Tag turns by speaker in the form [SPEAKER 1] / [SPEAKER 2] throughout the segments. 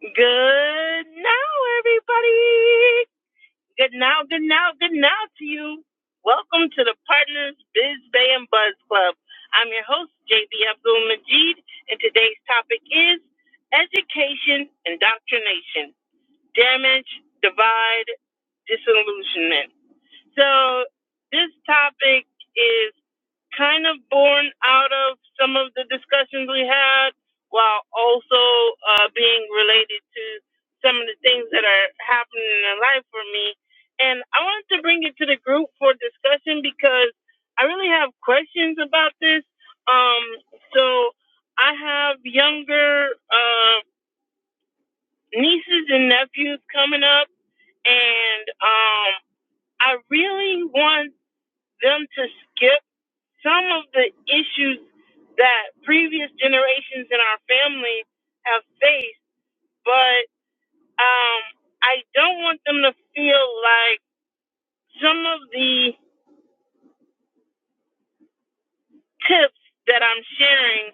[SPEAKER 1] Good now, everybody. Good now, good now, good now to you. Welcome to the Partners Biz Bay and Buzz Club. I'm your host, JB Abdul Majid, and today's topic is education indoctrination, damage, divide, disillusionment. So this topic is kind of born out of some of the discussions we had, while also uh, being related to some of the things that are happening in life for me. And I wanted to bring it to the group for discussion because I really have questions about this. Um, so I have younger uh, nieces and nephews coming up, and um, I really want them to skip some of the issues that previous generations in our family have faced, but um, I don't want them to feel like some of the tips that I'm sharing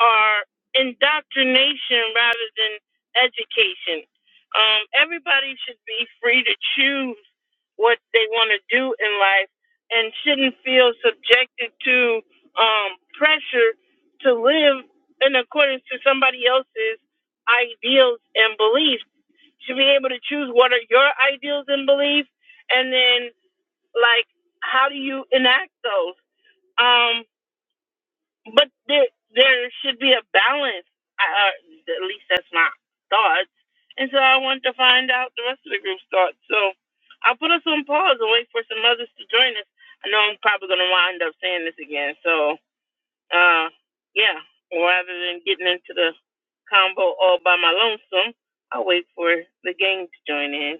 [SPEAKER 1] are indoctrination rather than education. Um, everybody should be free to choose what they want to do in life and shouldn't feel subjected to um, pressure to live in accordance to somebody else's ideals and beliefs. Should be able to choose what are your ideals and beliefs, and then like how do you enact those. Um, but there, there should be a balance. I, uh, at least that's my thoughts. And so I want to find out the rest of the group's thoughts. So I'll put us on pause and wait for some others to join us. I know I'm probably going to wind up saying this again. So, uh, yeah, rather than getting into the combo all by my lonesome, I'll wait for the gang to join in.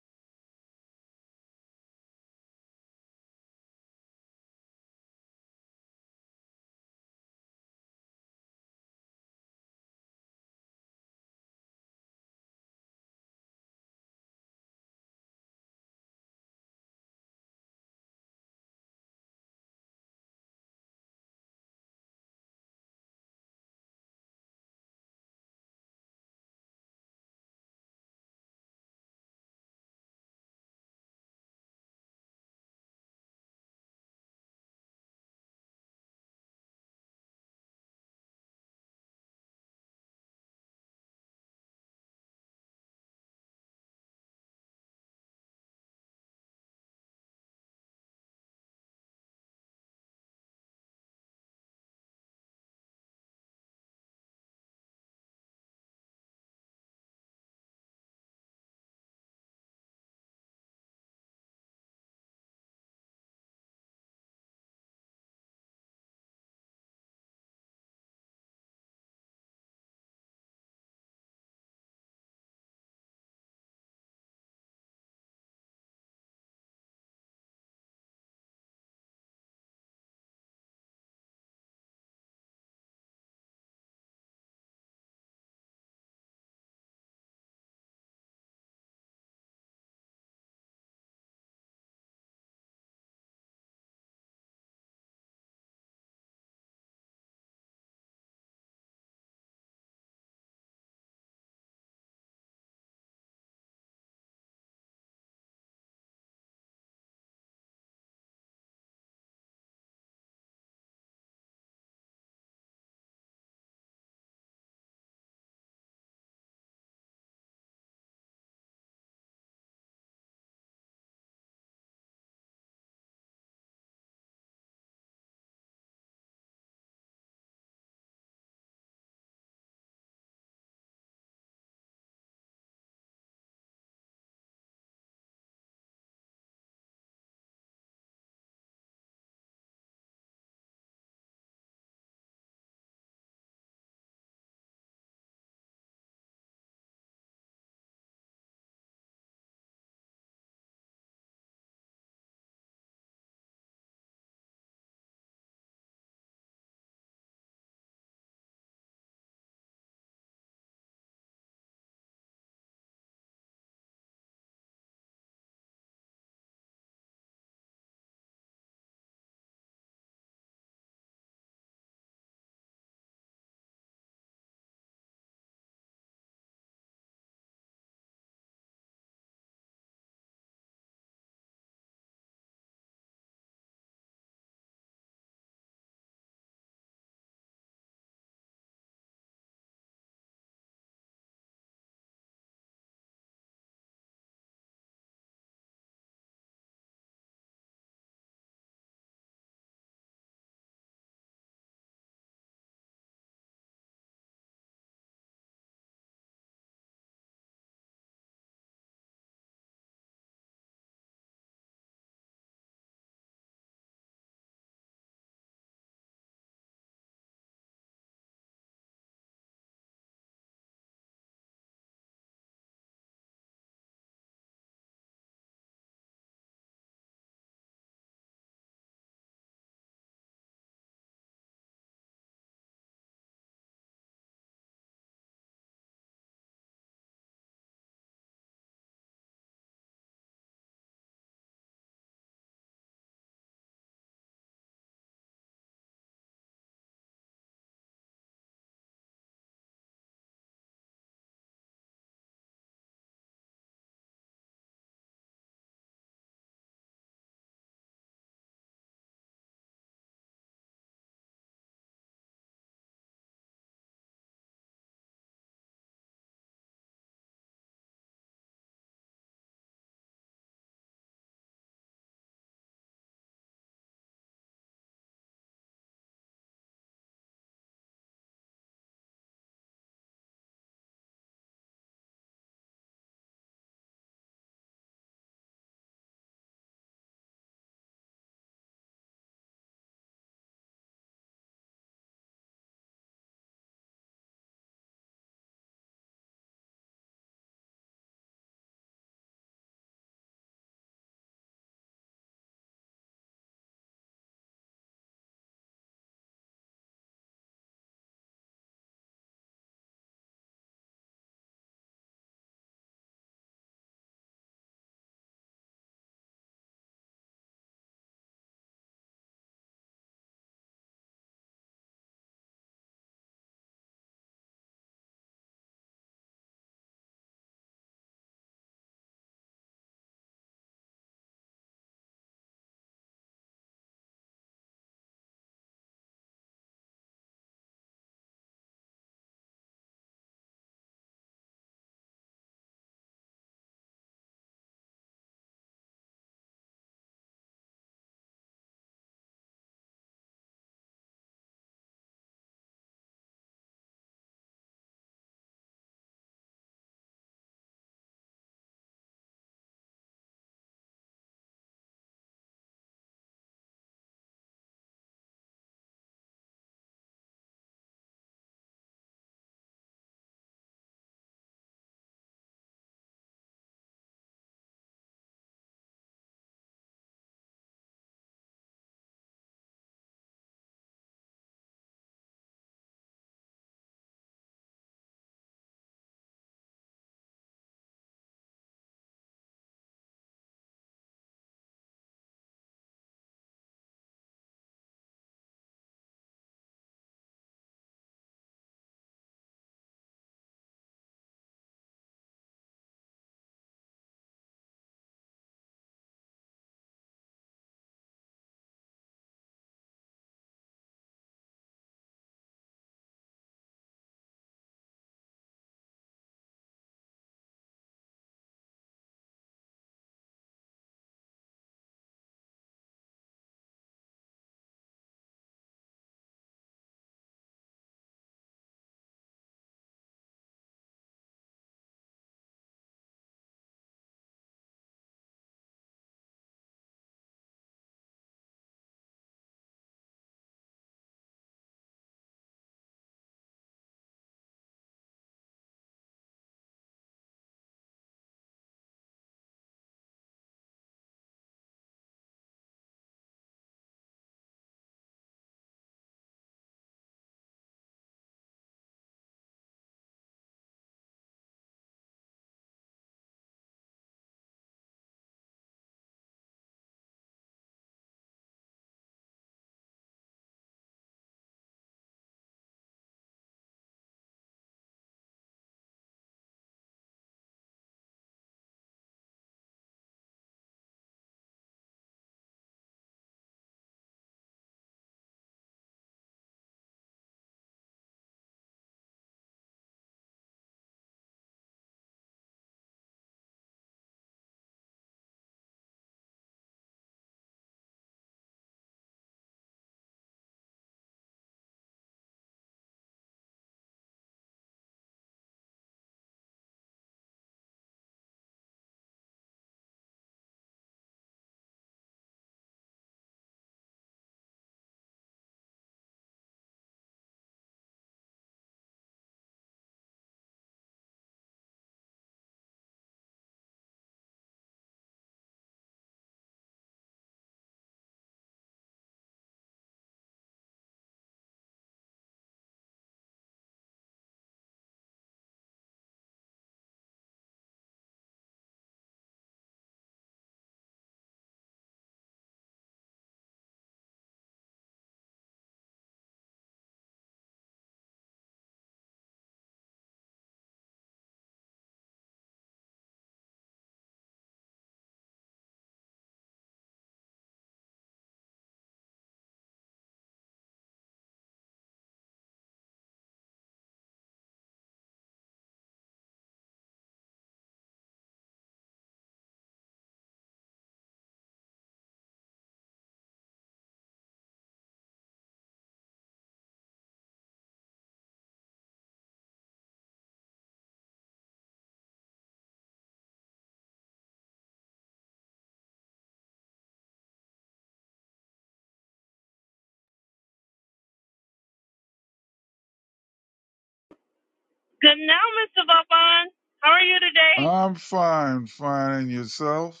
[SPEAKER 1] Good now, Mr. Vaughn. How are you today?
[SPEAKER 2] I'm fine, fine, and yourself?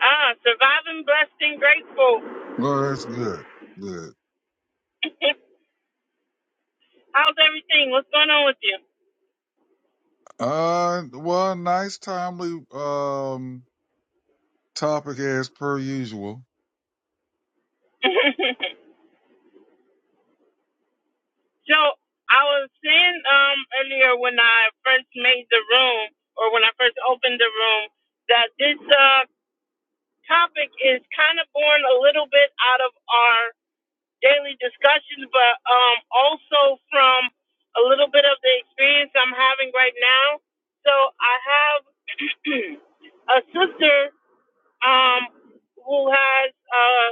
[SPEAKER 1] Ah, surviving, blessed, and grateful.
[SPEAKER 2] Well, that's good, good.
[SPEAKER 1] How's everything? What's going on with you?
[SPEAKER 2] Uh, well, nice, timely, um, topic as per usual.
[SPEAKER 1] so I was saying um earlier when I first made the room or when I first opened the room that this uh topic is kind of born a little bit out of our daily discussions but um also from a little bit of the experience I'm having right now. So I have a sister um who has uh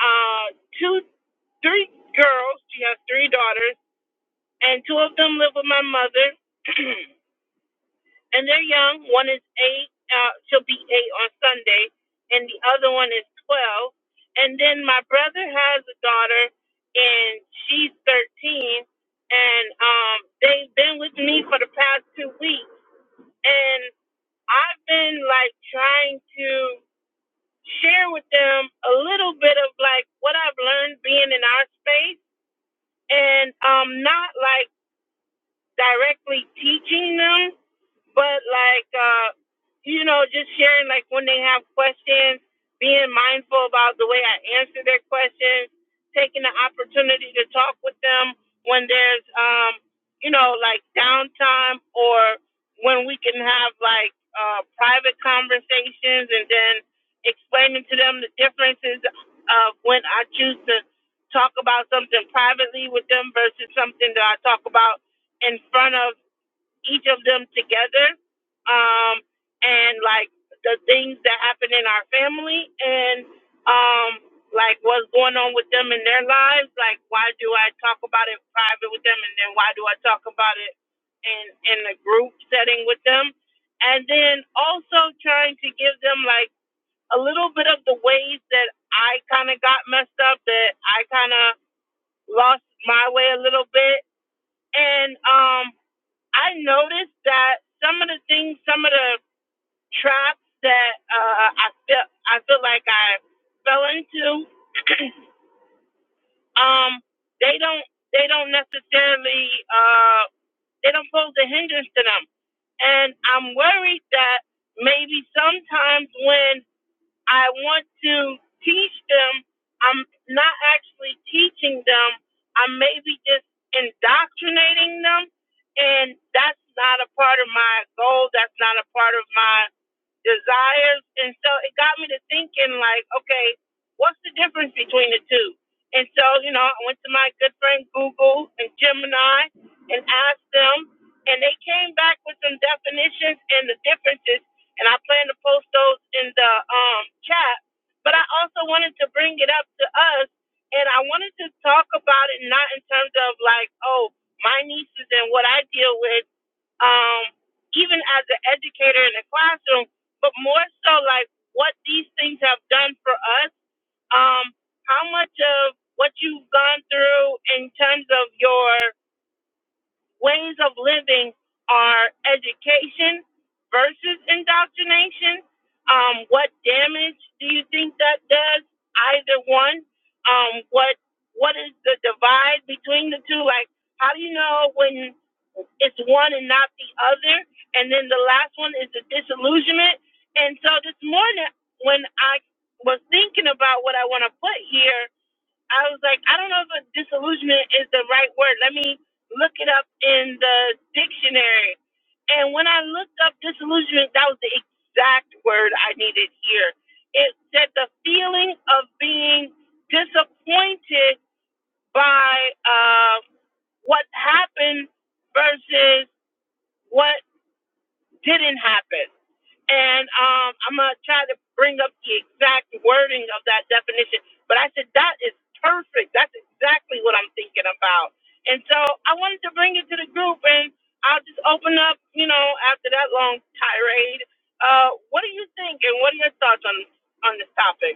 [SPEAKER 1] uh, two, three girls. She has three daughters, and two of them live with my mother, and they're young. One is eight. Uh, she'll be eight on Sunday, and the other one is twelve. And then my brother has a daughter, and she's thirteen. And um, they've been with me for the past two weeks, and I've been like trying to share with them a little bit of like what I've learned being in our space and um, not like directly teaching them, but like uh you know just sharing like when they have questions being mindful about the way i answer their questions taking the opportunity to talk with them when there's um you know like downtime or when we can have like uh private conversations and then explaining to them the differences of when i choose to talk about something privately with them versus something that i talk about in front of each of them together um and like the things that happen in our family and um like what's going on with them in their lives like why do i talk about it private with them and then why do i talk about it in in a group setting with them and then also trying to give them like a little bit of the ways that i kind of got messed up that i kind of lost my way a little bit and um I noticed that some of the things, some of the traps that uh, I feel I feel like I fell into, um, they don't they don't necessarily uh, they don't pose a hindrance to them, and I'm worried that maybe sometimes when I want to teach them. I'm not actually teaching them. I'm maybe just indoctrinating them. And that's not a part of my goal. That's not a part of my desires. And so it got me to thinking, like, okay, what's the difference between the two? And so, you know, I went to my good friend Google and Gemini and asked them, and they came back with some definitions and the differences and I plan to post those in the um, chat. But I also wanted to bring it up to us, and I wanted to talk about it not in terms of like, oh, my nieces and what I deal with, um, even as an educator in the classroom, but more so like what these things have done for us. Um, how much of what you've gone through in terms of your ways of living are education versus indoctrination. Um, what damage do you think that does either one? Um, what what is the divide between the two? Like, how do you know when it's one and not the other? And then the last one is the disillusionment. And so this morning, when I was thinking about what I want to put here, I was like, I don't know if a disillusionment is the right word. Let me look it up in the dictionary. And when I looked up disillusionment, that was the exact word I needed here. It said the feeling of being disappointed by uh, what happened versus what didn't happen and um, I'm gonna try to bring up the exact wording of that definition. But I said that is perfect. That's exactly what I'm thinking about. And so I wanted to bring it to the group, and I'll just open up. You know, after that long tirade, uh, what do you think, and what are your thoughts on on this topic?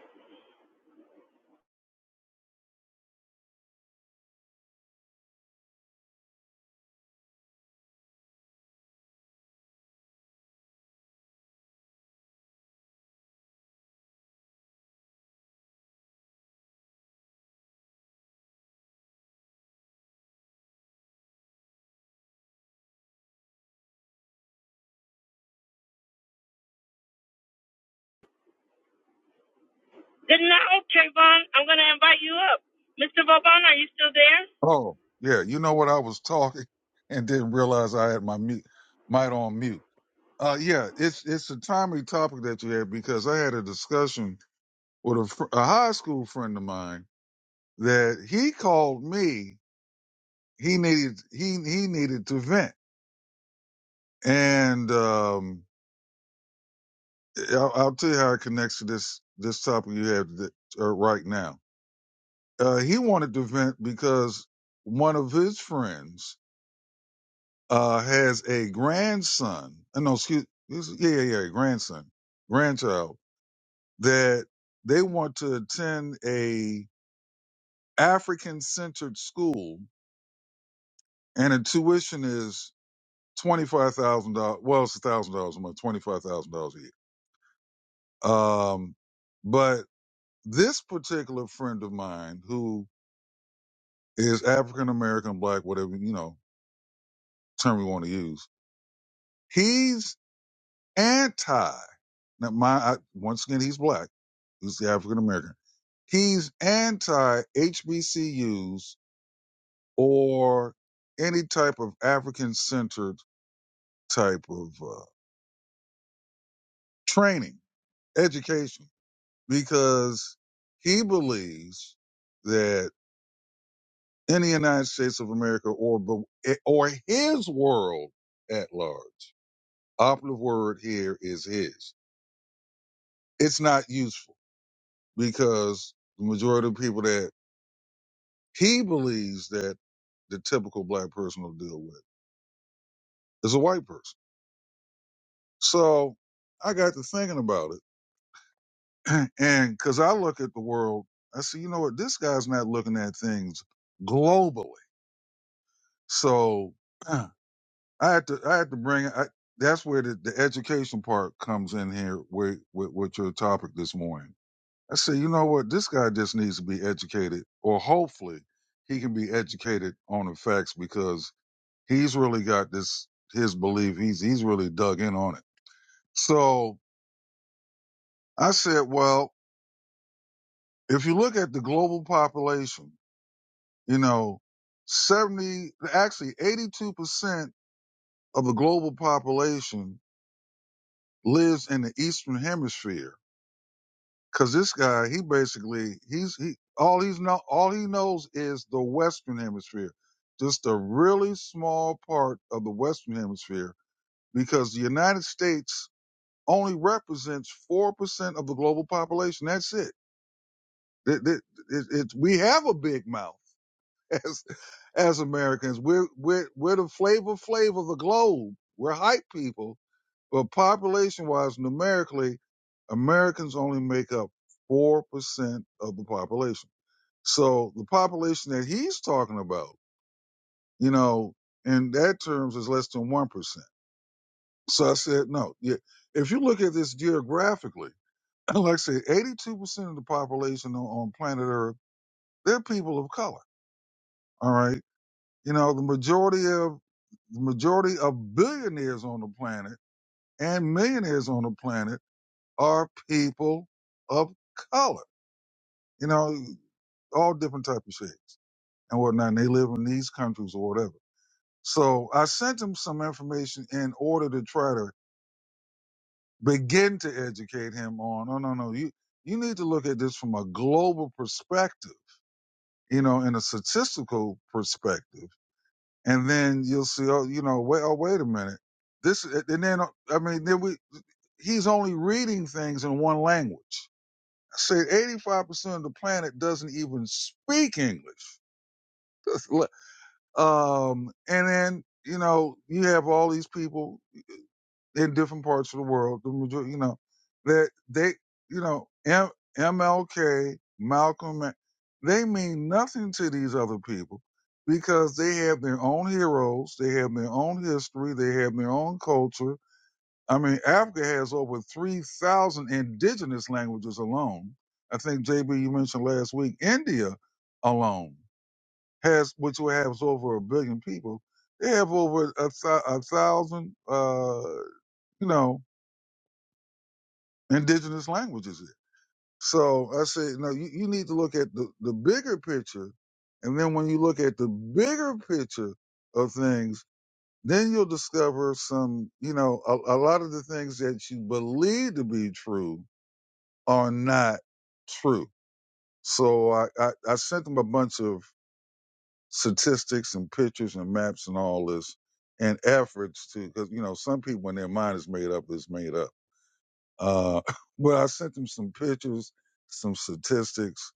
[SPEAKER 1] Then now, Trayvon, I'm gonna invite you up. Mr. Vauban, are you still there?
[SPEAKER 2] Oh, yeah, you know what? I was talking and didn't realize I had my mute, mic on mute. Uh, yeah, it's it's a timely topic that you had because I had a discussion with a, fr- a high school friend of mine that he called me. He needed he he needed to vent, and um, Yeah, I'll, I'll tell you how it connects to this this topic you have th- uh, right now. Uh, he wanted to vent because one of his friends uh, has a grandson. Uh, no, excuse, excuse- yeah, yeah, yeah, grandson, grandchild that they want to attend a African centered school, and the tuition is twenty five thousand dollars. Well, it's a thousand dollars a month, twenty five thousand dollars a year. Um, but this particular friend of mine who is African American, black, whatever you know term we want to use. He's anti. Now, my I, once again, he's black. He's the African American. He's anti HBCUs or any type of African centered type of uh, training, education, because he believes that in the United States of America or the- or his world at large operative word here is his. It's not useful because the majority of people that he believes that the typical black person will deal with is a white person. So I got to thinking about it. and cause I look at the world, I see, you know what? This guy's not looking at things globally. So I had to, I had to bring, I, that's where the, the education part comes in here with, with, with your topic this morning I said, you know what? This guy just needs to be educated, or hopefully he can be educated on the facts because he's really got this his belief. He's he's really dug in on it. So I said, well, if you look at the global population, you know, seventy actually eighty two percent of the global population lives in the eastern hemisphere. Cause this guy, he basically, he's he all he's know all he knows is the Western Hemisphere, just a really small part of the Western Hemisphere, because the United States only represents four percent of the global population. That's it. It, it, it, it. We have a big mouth as as Americans. We're we're we're the flavor flavor of the globe. We're hype people but population wise, numerically, Americans only make up 4% of the population. So the population that he's talking about, you know, in that terms is less than 1%. So I said, no, yeah. If you look at this geographically, like I said, 82% of the population on, on planet Earth, they're people of color. All right. You know, the majority of, the majority of billionaires on the planet and millionaires on the planet are people of color. You know, all different type of shades and whatnot. And they live in these countries or whatever. So I sent him some information in order to try to begin to educate him on. No, no, no. You you need to look at this from a global perspective. You know, in a statistical perspective, and then you'll see. Oh, you know, wait. Oh, wait a minute. This and then I mean, then we. He's only reading things in one language I said 85% of the planet doesn't even speak English. Um, and then, you know, you have all these people in different parts of the world, the majority, you know, that they, you know, M- MLK, Malcolm, they mean nothing to these other people because they have their own heroes, they have their own history, they have their own culture, I mean, Africa has over 3,000 indigenous languages alone. I think, JB, you mentioned last week, India alone has, which has over a billion people, they have over a, thou- a thousand, uh, you know, indigenous languages. Here. So I say, no, you, you need to look at the, the bigger picture. And then when you look at the bigger picture of things, then you'll discover some, you know, a, a lot of the things that you believe to be true are not true. So I, I, I sent them a bunch of statistics and pictures and maps and all this and efforts to, because, you know, some people when their mind is made up, is made up. Uh, but I sent them some pictures, some statistics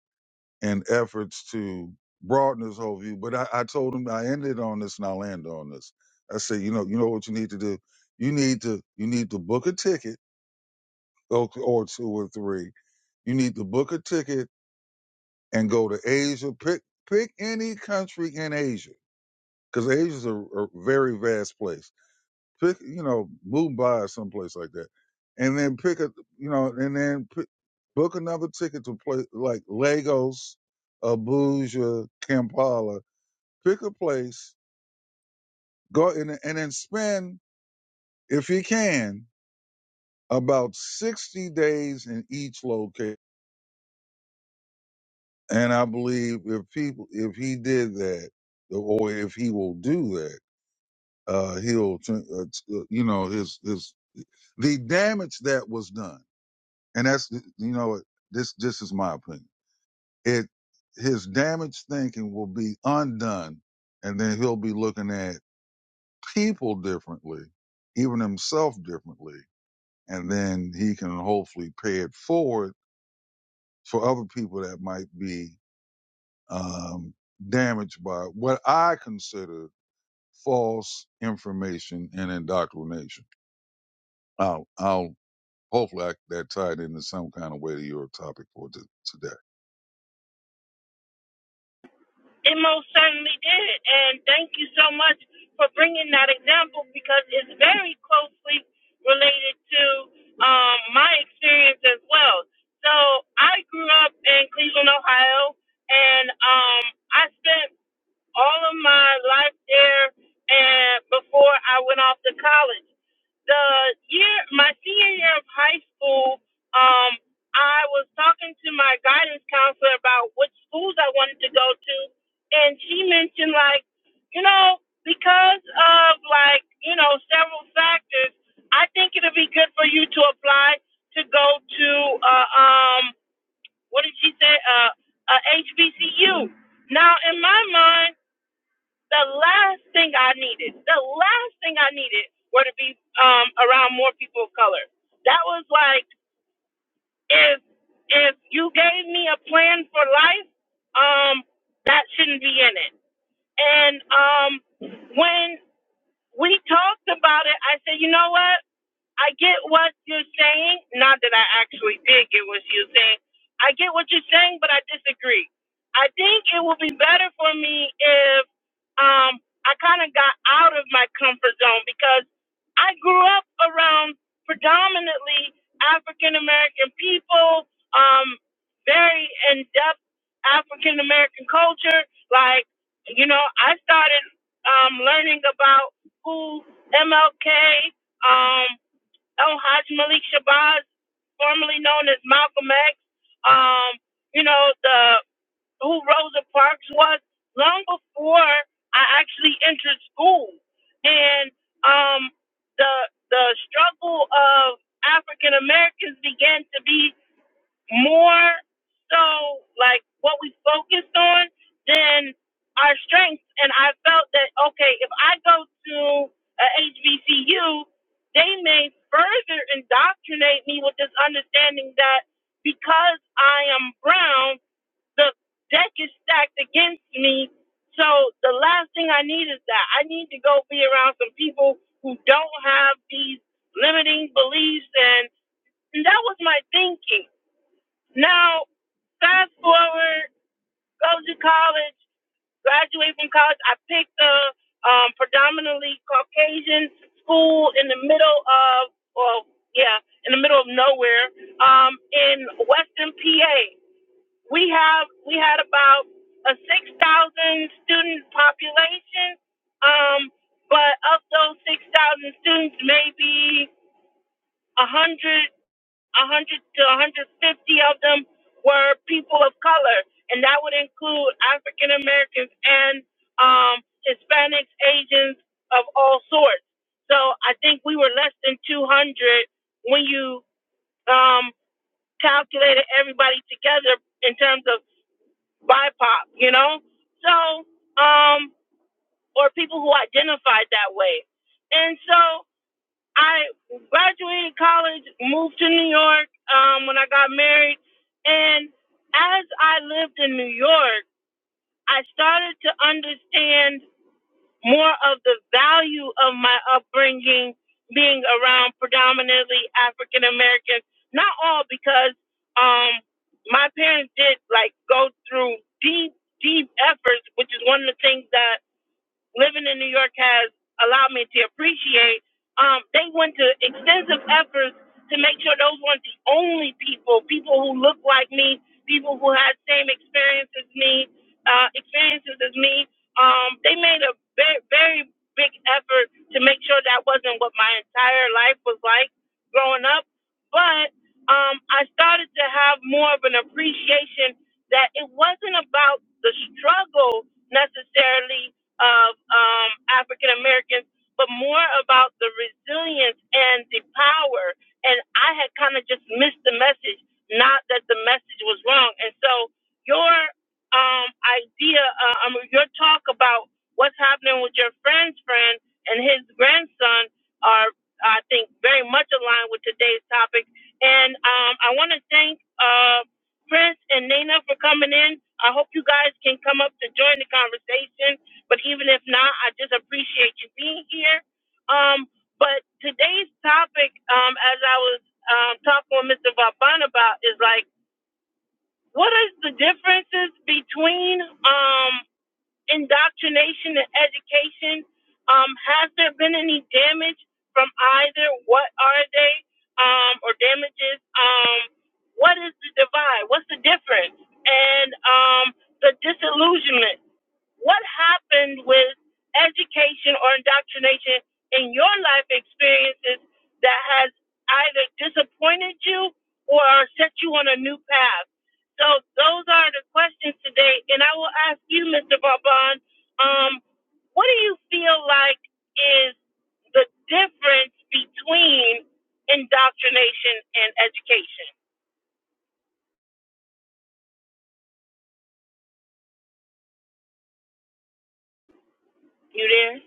[SPEAKER 2] and efforts to broaden this whole view. But I, I told them I ended on this and I'll end on this. I said, you know, you know what you need to do? You need to, you need to book a ticket or, or two or three. You need to book a ticket and go to Asia. Pick pick any country in Asia because Asia's a, a very vast place. Pick you know Mumbai or someplace like that, and then pick a you know and then pick, book another ticket to place like Lagos, Abuja, Kampala. Pick a place, go and and then spend if you can about sixty days in each location. And I believe if people if he did that, or if he will do that uh, he'll, uh, uh, you know, his, his, the damage that was done. And that's, you know, this, this is my opinion. It, his damaged thinking will be undone and then he'll be looking at people differently, even himself differently. And then he can hopefully pay it forward for other people that might be, um, damaged by what I consider false information and indoctrination. I'll I'll, Hopefully I, that tied into some kind of way to your topic for t- today.
[SPEAKER 1] It most certainly did. And thank you so much for bringing that example because it's very closely related to um, my experience as well. So I grew up in Cleveland, Ohio, and um, I spent all of my life there and before I went off to college. The year my senior year of high school, um, I was talking to my guidance counselor about which schools I wanted to go to and she mentioned like, you know, because of like, you know, several factors, I think it'll be good for you to apply to go to uh, um what did she say? Uh, uh HBCU. Now in my mind the last thing I needed, the last thing I needed were to be um, around more people of color. That was like if if you gave me a plan for life, um, that shouldn't be in it. And um, when we talked about it, I said, you know what? I get what you're saying. Not that I actually did get what you are saying. I get what you're saying, but I disagree. I think it would be better for me if um, I kind of got out of my comfort zone because I grew up around predominantly African American people, um, very in depth African American culture. Like, you know, I started um, learning about who MLK, um, Oh, Haj Malik Shabazz, formerly known as Malcolm X, um, you know, the who Rosa Parks was long before I actually entered school. And um the the struggle of African Americans began to be more so like what we focused on than our strengths. And I felt that okay, if I go to a HBCU, they may further indoctrinate me with this understanding that because I am brown, the deck is stacked against me. So the last thing I need is that I need to go be around some people who don't have these limiting beliefs and, and that was my thinking now, fast forward, go to college, graduate from college. I picked a um, predominantly Caucasian school in the middle of, well, yeah, in the middle of nowhere um, in Western PA. We have we had about a six thousand student population, um, but of those six thousand students, maybe a hundred 100 to 150 of them were people of color, and that would include African Americans and um, Hispanics, Asians of all sorts. So I think we were less than 200 when you um, calculated everybody together in terms of BIPOC, you know? So, um, or people who identified that way. And so I graduated college, moved to New York um, when I got married, and as I lived in New York, I started to understand more of the value of my upbringing being around predominantly African Americans. Not all, because um, my parents did like go through deep, deep efforts, which is one of the things that living in New York has allowed me to appreciate. Um, they went to extensive efforts to make sure those weren't the only people, people who look like me, people who had same experiences as me, uh, experiences as me. Um, they made a very, very big effort to make sure that wasn't what my entire life was like growing up. But um, I started to have more of an appreciation that it wasn't about the struggle necessarily of um, African Americans, but more about the resilience and the power. And I had kind of just missed the message, not that the message was wrong. And so your um, idea, uh, I mean, your talk about what's happening with your friend's friend and his grandson are, I think, very much aligned with today's topic. And um, I want to thank uh, Prince and Nina for coming in. I hope you guys can come up to join the conversation but even if not, I just appreciate you being here. Um, but today's topic, um, as I was um, talking with Mr. Vaban about, is like, what is the differences between um, indoctrination and education? Um, has there been any damage from either? What are they? Um, or damages? Um, what is the divide? What's the difference? And um, the disillusionment. What happened with education or indoctrination in your life experiences that has either disappointed you or set you on a new path? So those are the questions today, and I will ask you, Mr. Vaughn. Um, what do you feel like is the difference between indoctrination and education? You there?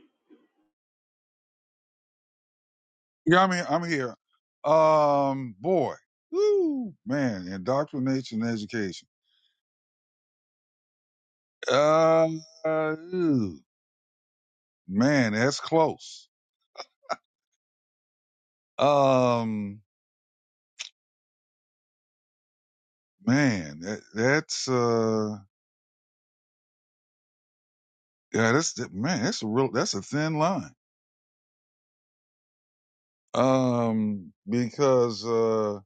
[SPEAKER 2] Yeah, I mean, I'm here. Um, boy, woo, man, indoctrination and education. Uh, ooh, man, that's close. Um, man, that, that's, uh, yeah, that's, that, man, that's a real, that's a thin line. Um, because, uh,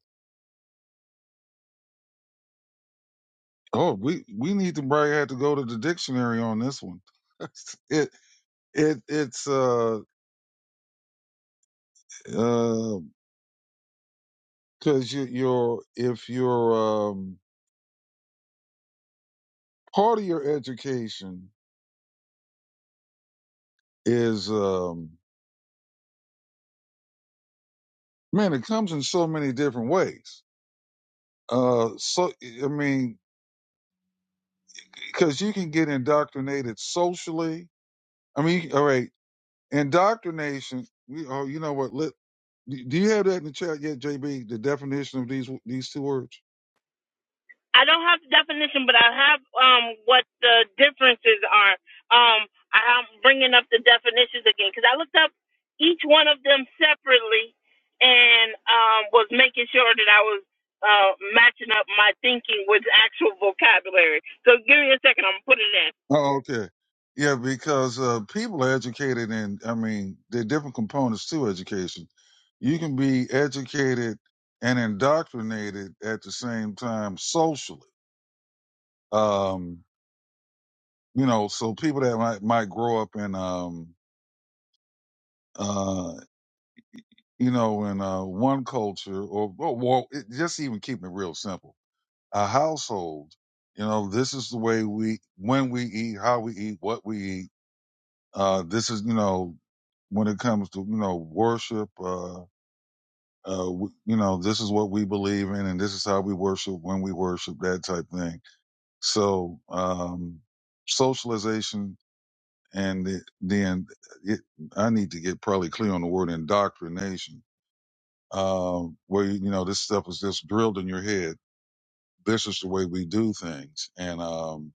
[SPEAKER 2] oh, we, we need to probably have to go to the dictionary on this one. it, it, it's, uh, because you, you're if your um, part of your education is um, man, it comes in so many different ways. Uh, so I mean, because you can get indoctrinated socially. I mean, all right, indoctrination. We, oh, you know what? Let, do do you have that in the chat yet, JB? The definition of these these two words.
[SPEAKER 1] I don't have the definition, but I have um what the differences are. Um, I'm bringing up the definitions again because I looked up each one of them separately and um was making sure that I was uh matching up my thinking with actual vocabulary. So give me a second. I'm gonna put it in.
[SPEAKER 2] Oh, okay. Yeah, because uh, people are educated in, I mean, there are different components to education. You can be educated and indoctrinated at the same time socially. Um, you know, so people that might, might grow up in, um, uh, you know, in uh, one culture or, or well, it, just even keeping it real simple, a household, you know, this is the way we, when we eat, how we eat, what we eat Uh, this is, you know, when it comes to, you know, worship, uh, uh, w- you know, this is what we believe in and this is how we worship when we worship, that type thing. So, um, socialization and the- then uh, it, I need to get probably clear on the word indoctrination, uh, where, you know, this stuff is just drilled in your head. This is the way we do things. And, um,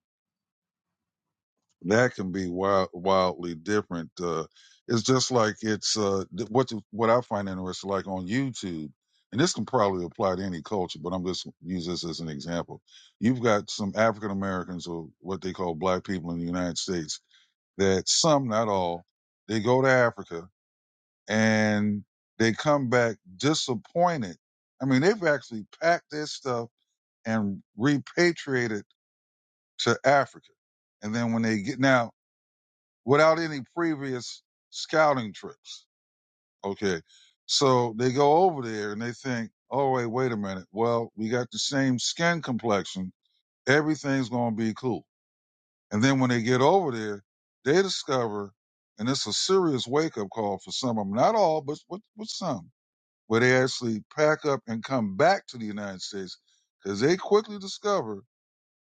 [SPEAKER 2] that can be wild, wildly different. Uh, it's just like it's uh, th- what what I find interesting, like on YouTube, and this can probably apply to any culture, but I'm just use this as an example. You've got some African Americans or what they call black people in the United States that some, not all, they go to Africa and they come back disappointed. I mean, they've actually packed their stuff and repatriated to Africa. And then when they get now, without any previous scouting trips. Okay. So they go over there and they think, all right, wait a minute. Well, we got the same skin complexion. Everything's going to be cool. And then when they get over there, they discover, and it's a serious wake up call for some of them, not all, but, but, but some, where they actually pack up and come back to the United States because they quickly discover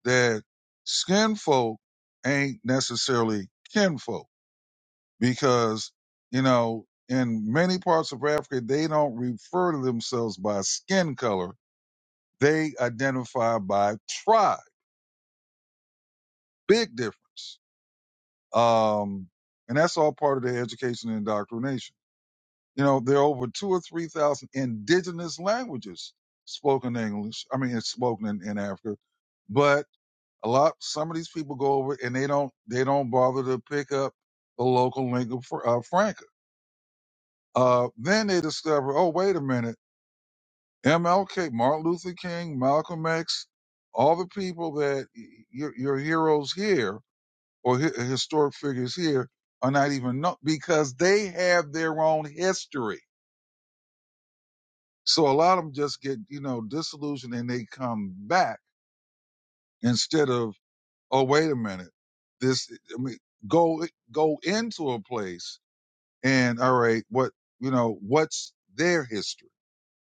[SPEAKER 2] that skin folk ain't necessarily kinfolk because you know in many parts of Africa they don't refer to themselves by skin color; they identify by tribe. Big difference, um, and that's all part of their education and indoctrination. You know, there are over two or three thousand indigenous languages spoken in English. I mean, it's spoken in, in Africa, but a lot some of these people go over and they don't they don't bother to pick up the local lingua fr- uh, franca. Uh, then they discover, oh wait a minute MLK, Martin Luther King, Malcolm X, all the people that your, your heroes here or hi- historic figures here are not even known because they have their own history. So a lot of them just get, you know, disillusioned and they come back instead of, oh, wait a minute. This, I mean, go, go into a place and all right, what, you know, what's their history?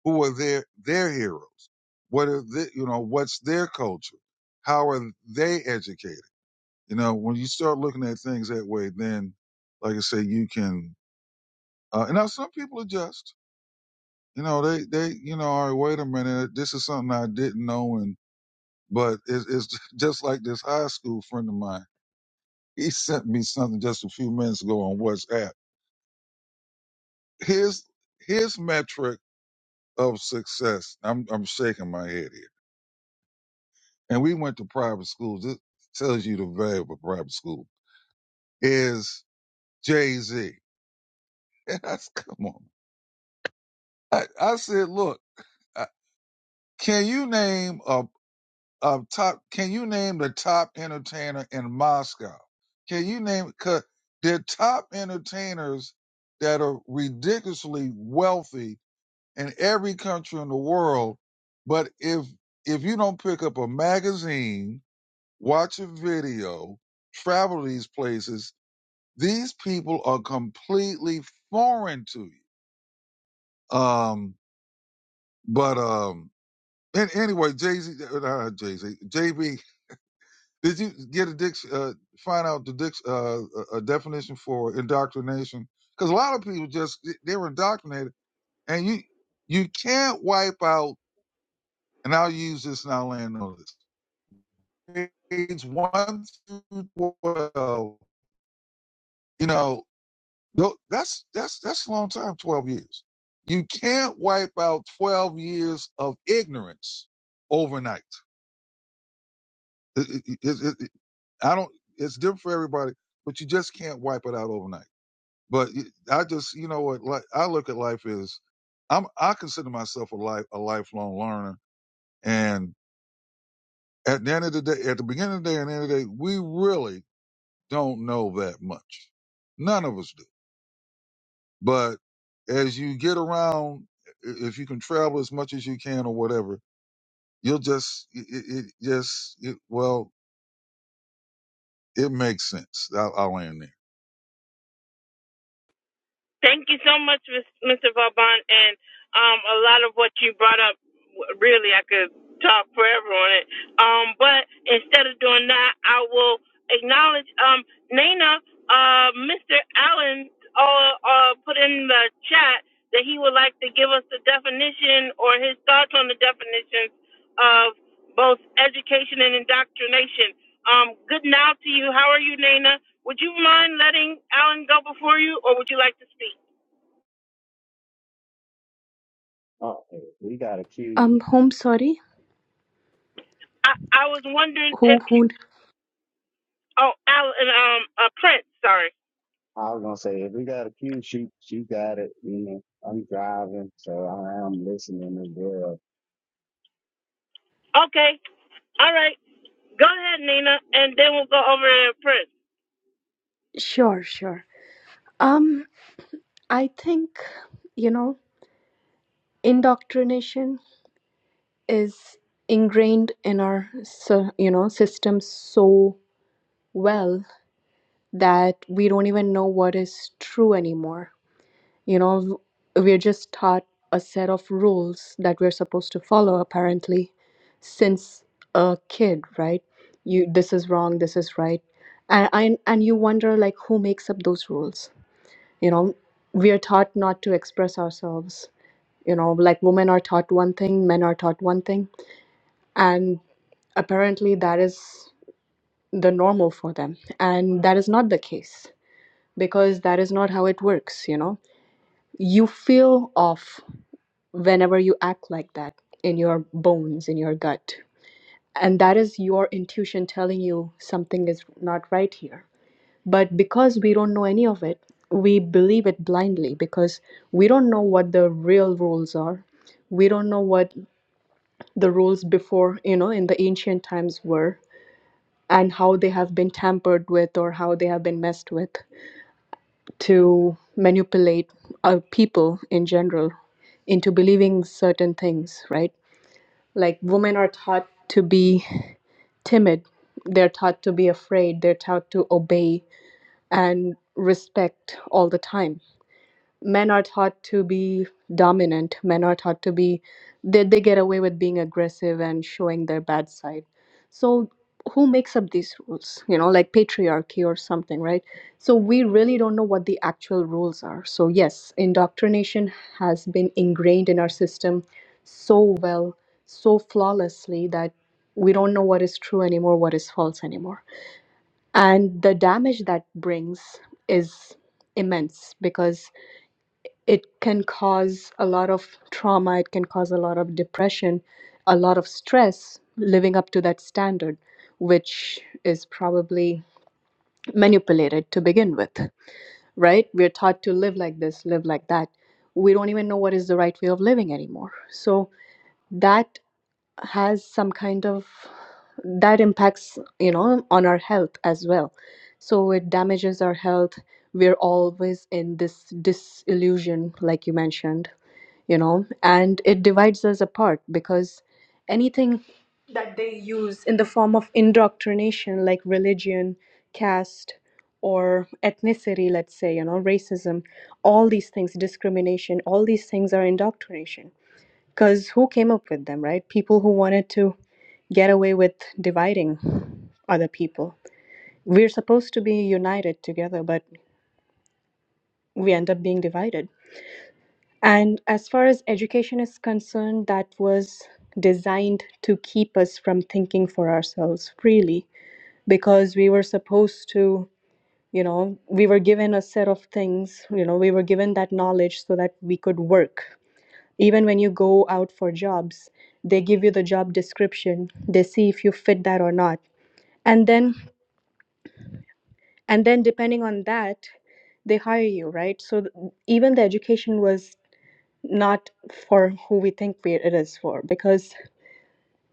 [SPEAKER 2] who are their their heroes what are the you know what's their culture how are they educated you know when you start looking at things that way then like i say you can uh, and now some people adjust you know they they you know all right wait a minute this is something i didn't know and but it's, it's just like this high school friend of mine he sent me something just a few minutes ago on whatsapp his his metric of success i'm i'm shaking my head here and we went to private schools. This tells you the value of a private school is Jay Z. And I s- come on. I, I said, look, uh, can you name a, a top? Can you name the top entertainer in Moscow? Can you name? Cause are top entertainers that are ridiculously wealthy in every country in the world, but if if you don't pick up a magazine, watch a video, travel to these places, These people are completely foreign to you. Um, but um, and anyway, Jay Z, uh, Jay Z, J B, did you get a dic- uh, find out the dic- uh, a definition for indoctrination? Because a lot of people just they're indoctrinated, and you you can't wipe out. And I'll use this and I'll land on this. Page one through twelve. You know, No, that's that's that's a long time, 12 years. You can't wipe out 12 years of ignorance overnight. It- it- it- it- I don't. It's different for everybody, but you just can't wipe it out overnight. But I just, you know what? Like I look at life as, I'm. I consider myself a life a lifelong learner, and at the end of the day, at the beginning of the day and the end of the day, we really don't know that much. None of us do. But as you get around, i- if you can travel as much as you can or whatever, you'll just, it, it it just, it, well, it makes sense. I'll, I'll end there.
[SPEAKER 1] Thank you so much, Mr. Vauban, and um, a lot of what you brought up. Really, I could talk forever on it. Um, but instead of doing that, I will acknowledge um, Nana. Uh, Mr. Allen uh, uh, put in the chat that he would like to give us the definition or his thoughts on the definitions of both education and indoctrination. Um, good now to you. How are you, Nana? Would you mind letting Alan go before you, or would you like to speak?
[SPEAKER 3] Oh, if we got a queue.
[SPEAKER 4] Um, home, sorry.
[SPEAKER 1] I, I was wondering
[SPEAKER 4] Who,
[SPEAKER 1] if you.
[SPEAKER 4] who?
[SPEAKER 1] Oh, Alan, um, uh, Prince. Sorry.
[SPEAKER 3] I was gonna say if we got a queue, she she got it. You know, I'm driving, so I am listening as well.
[SPEAKER 1] Okay. All right. Go ahead, Nina, and then we'll go over to Prince.
[SPEAKER 4] Sure, sure. Um, I think, you know, indoctrination is ingrained in our, so, you know, system so well that we don't even know what is true anymore. You know, we're just taught a set of rules that we're supposed to follow, apparently, since a kid, right? You, this is wrong, this is right. And, and, and you wonder, like, who makes up those rules? you know we are taught not to express ourselves you know like women are taught one thing men are taught one thing and apparently that is the normal for them and that is not the case because that is not how it works you know you feel off whenever you act like that in your bones in your gut and that is your intuition telling you something is not right here But because we don't know any of it, we believe it blindly because we don't know what the real rules are. We don't know what the rules before, you know, in the ancient times were and how they have been tampered with or how they have been messed with to manipulate uh, people in general into believing certain things, right? Like women are taught to be timid, they're taught to be afraid, they're taught to obey and respect all the time men are taught to be dominant men are taught to be they, they get away with being aggressive and showing their bad side so who makes up these rules you know like patriarchy or something right so we really don't know what the actual rules are so yes indoctrination has been ingrained in our system so well so flawlessly that we don't know what is true anymore what is false anymore and the damage that brings is immense because it can cause a lot of trauma it can cause a lot of depression a lot of stress living up to that standard which is probably manipulated to begin with right we're taught to live like this live like that we don't even know what is the right way of living anymore so that has some kind of that impacts you know on our health as well so it damages our health we're always in this disillusion like you mentioned you know, and it divides us apart because anything that they use in the form of indoctrination, like religion, caste, or ethnicity, let's say, you know, racism, all these things, discrimination, all these things are indoctrination. Because who came up with them, right? People who wanted to get away with dividing other people. We're supposed to be united together, but we end up being divided. And as far as education is concerned, that was designed to keep us from thinking for ourselves freely because we were supposed to, you know, we were given a set of things, you know, we were given that knowledge so that we could work. Even when you go out for jobs, they give you the job description, they see if you fit that or not. And then and then depending on that, they hire you, right? So th- even the education was not for who we think we, it is for because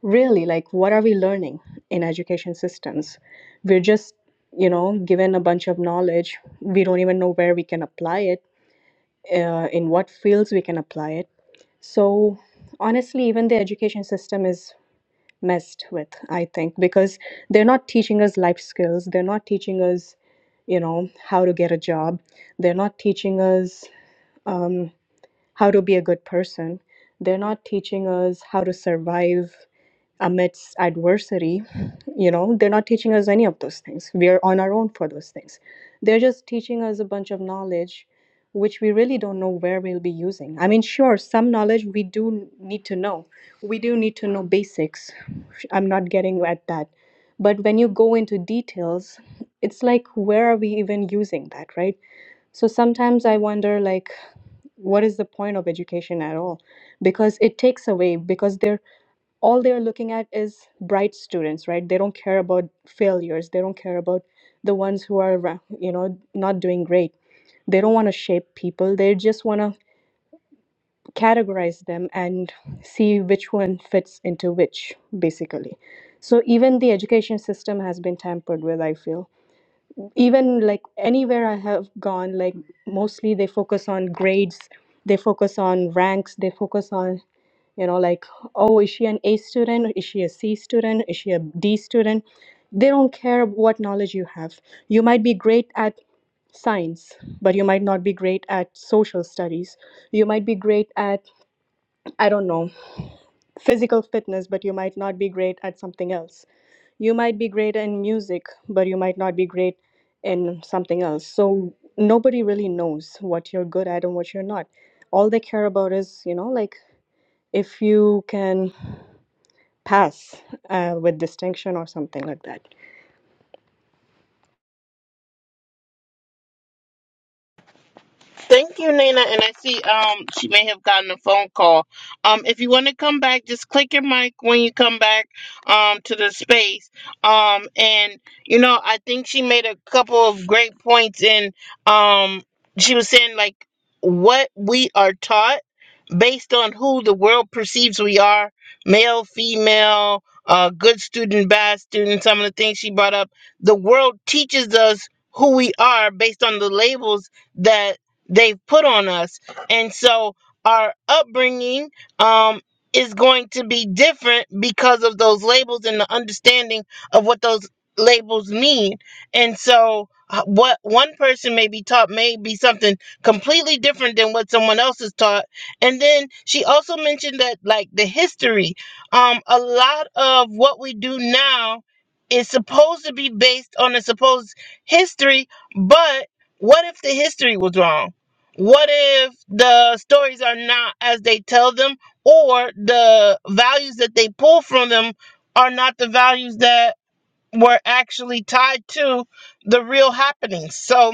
[SPEAKER 4] really like what are we learning in education systems we're just you know given a bunch of knowledge we don't even know where we can apply it uh, in what fields we can apply it so honestly even the education system is messed with i think because they're not teaching us life skills they're not teaching us you know how to get a job they're not teaching us um, how to be a good person. They're not teaching us how to survive amidst adversity. You know, they're not teaching us any of those things. We are on our own for those things. They're just teaching us a bunch of knowledge which we really don't know where we'll be using. I mean, sure, some knowledge we do need to know. We do need to know basics. I'm not getting at that. But when you go into details, it's like, where are we even using that, right? So sometimes I wonder, like, what is the point of education at all because it takes away because they're all they're looking at is bright students right they don't care about failures they don't care about the ones who are ra- you know not doing great they don't want to shape people they just want to categorize them and see which one fits into which basically so even the education system has been tampered with i feel even like anywhere i have gone like mostly they focus on grades they focus on ranks they focus on you know like oh is she an a student is she a c student is she a d student they don't care what knowledge you have you might be great at science but you might not be great at social studies you might be great at i don't know physical fitness but you might not be great at something else you might be great in music, but you might not be great in something else. So nobody really knows what you're good at and what you're not. All they care about is, you know, like if you can pass uh, with distinction or something like that.
[SPEAKER 1] Thank you, Nina. And I see um she may have gotten a phone call. Um, if you want to come back, just click your mic when you come back um to the space. Um, and you know I think she made a couple of great points. In um, she was saying like what we are taught based on who the world perceives we are, male, female. Uh, good student, bad student. Some of the things she brought up, the world us who we are based on the labels that they've put on us. And so our upbringing um, is going to be different because of those labels and the understanding of what those labels mean. And so uh, what one person may be taught may be something completely different than what someone else is taught. And then she also mentioned that like the history, um, a lot of what we do now is supposed to be based on a supposed history, but what if the history was wrong? What if the stories are not as they tell them, or the values that they pull from them are not the values that were actually tied to the real happenings? So,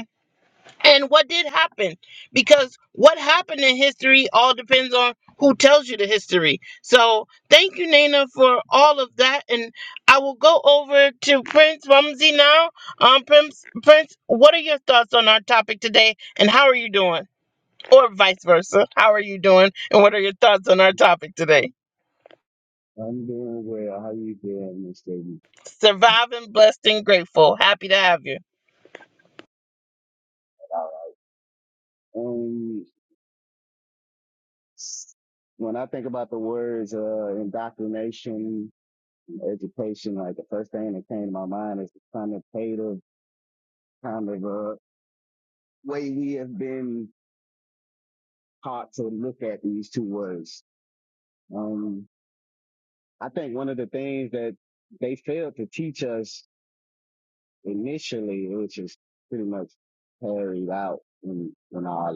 [SPEAKER 1] and what did happen because what happened in history all depends on who tells you the history so thank you nana for all of that and i will go over to prince rumsey now um prince prince what are your thoughts on our topic today and how are you doing or vice versa how are you doing and what are your thoughts on our topic today
[SPEAKER 3] I'm doing well. How you doing, Miss Katie?
[SPEAKER 1] surviving blessed and grateful happy to have you
[SPEAKER 3] Um, s- when I think about the words uh, indoctrination, education, like the first thing that came to my mind is the connotative kind of uh, way we have been taught to look at these two words. Um, I think one of the things that they failed to teach us initially it was just pretty much carried out in, in our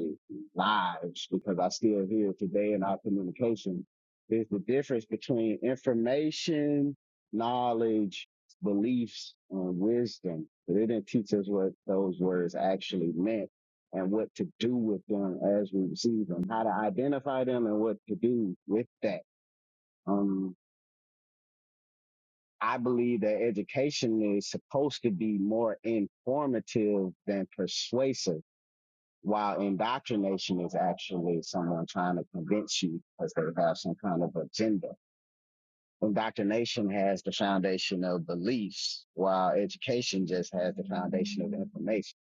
[SPEAKER 3] lives because I still hear today in our communication is the difference between information, knowledge, beliefs, and wisdom. But it didn't teach us what those words actually meant and what to do with them as we receive them, how to identify them and what to do with that. Um, I believe that education is supposed to be more informative than persuasive, while indoctrination is actually someone trying to convince you because they have some kind of agenda. Indoctrination has the foundation of beliefs, while education just has the foundation of information.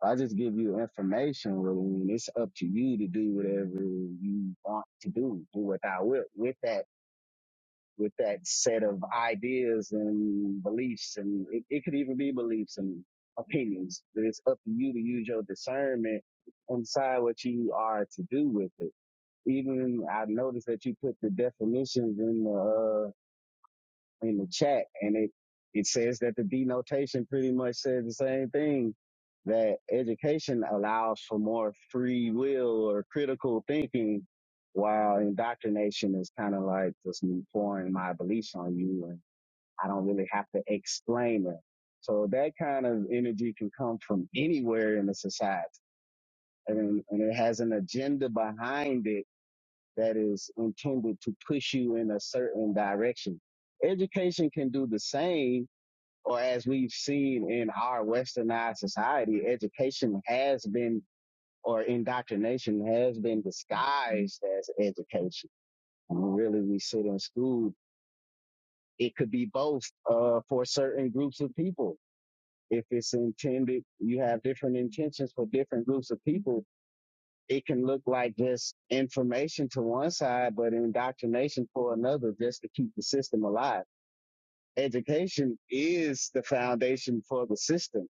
[SPEAKER 3] So I just give you information, really, and it's up to you to do whatever you want to do, do what I will with that with that set of ideas and beliefs and it, it could even be beliefs and opinions but it's up to you to use your discernment and decide what you are to do with it even i noticed that you put the definitions in the. uh, in the chat and it, it says that the denotation pretty much says the same thing that education allows for more free will or critical thinking while indoctrination is kind of like just me pouring my beliefs on you and I don't really have to explain it. So that kind of energy can come from anywhere in the society and, and it has an agenda behind it that is intended to push you in a certain direction. Education can do the same, or as we've seen in our westernized society, education has been, or indoctrination has been disguised as education. And really, we sit in school. It could be both uh, for certain groups of people. If it's intended, you have different intentions for different groups of people it can look like just information to one side, but indoctrination for another, just to keep the system alive. Education is the foundation for the system.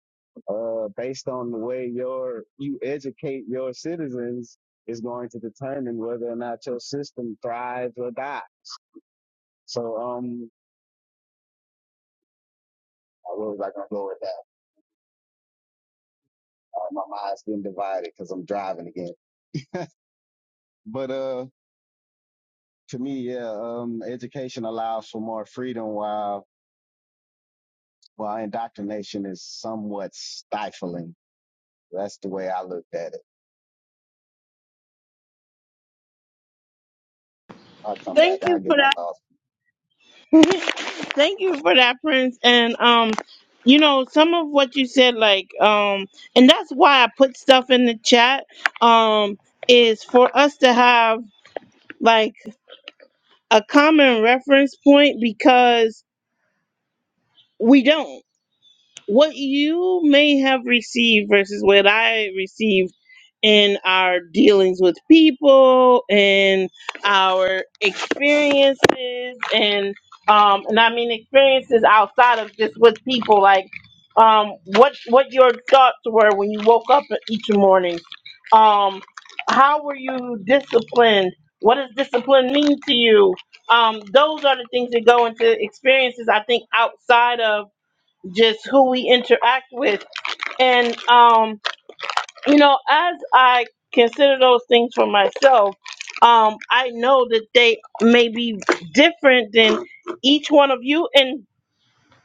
[SPEAKER 3] Uh, based on the way your you educate your citizens is going to determine whether or not your system thrives or dies. So, um, where was I gonna go with that? Uh, my mind's been divided because I'm driving again. But uh, to me, yeah, um, education allows for more freedom while Well, indoctrination is somewhat stifling. That's the way I looked at it. I'll come back.
[SPEAKER 1] Thank
[SPEAKER 3] I'll
[SPEAKER 1] you
[SPEAKER 3] get
[SPEAKER 1] for that.
[SPEAKER 3] my thoughts.
[SPEAKER 1] Thank you for that, Prince. And um, you know, some of what you said, like um, and that's why I put stuff in the chat. Um, is for us to have like a common reference point because we don't. what you may have received versus what I received in our dealings with people and our experiences and um and I mean experiences outside of just with people like um what what your thoughts were when you woke up each morning um how were you disciplined what does discipline mean to you um those are the things that go into experiences I think outside of just who we interact with. And um, you know, as I consider those things for myself, um, I know that they may be different than each one of you, and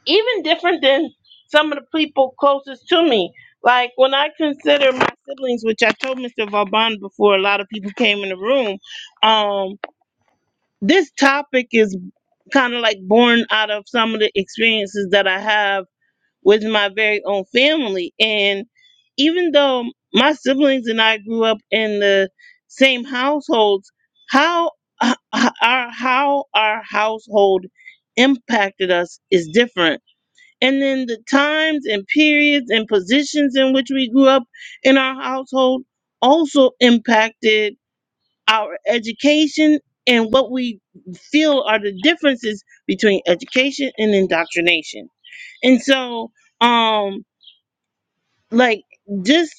[SPEAKER 1] even different than some of the people closest to me. Like when I consider my siblings, which I told Mr. Vauban before a lot of people came in the room, um, this topic is kind of like born out of some of the experiences that I have with my very own family. And even though my siblings and I grew up in the same households, how h- h- our how our household impacted us is different. And then the times and periods and positions in which we grew up in our household also impacted our education and what we feel are the differences between education and indoctrination. And so, um, like just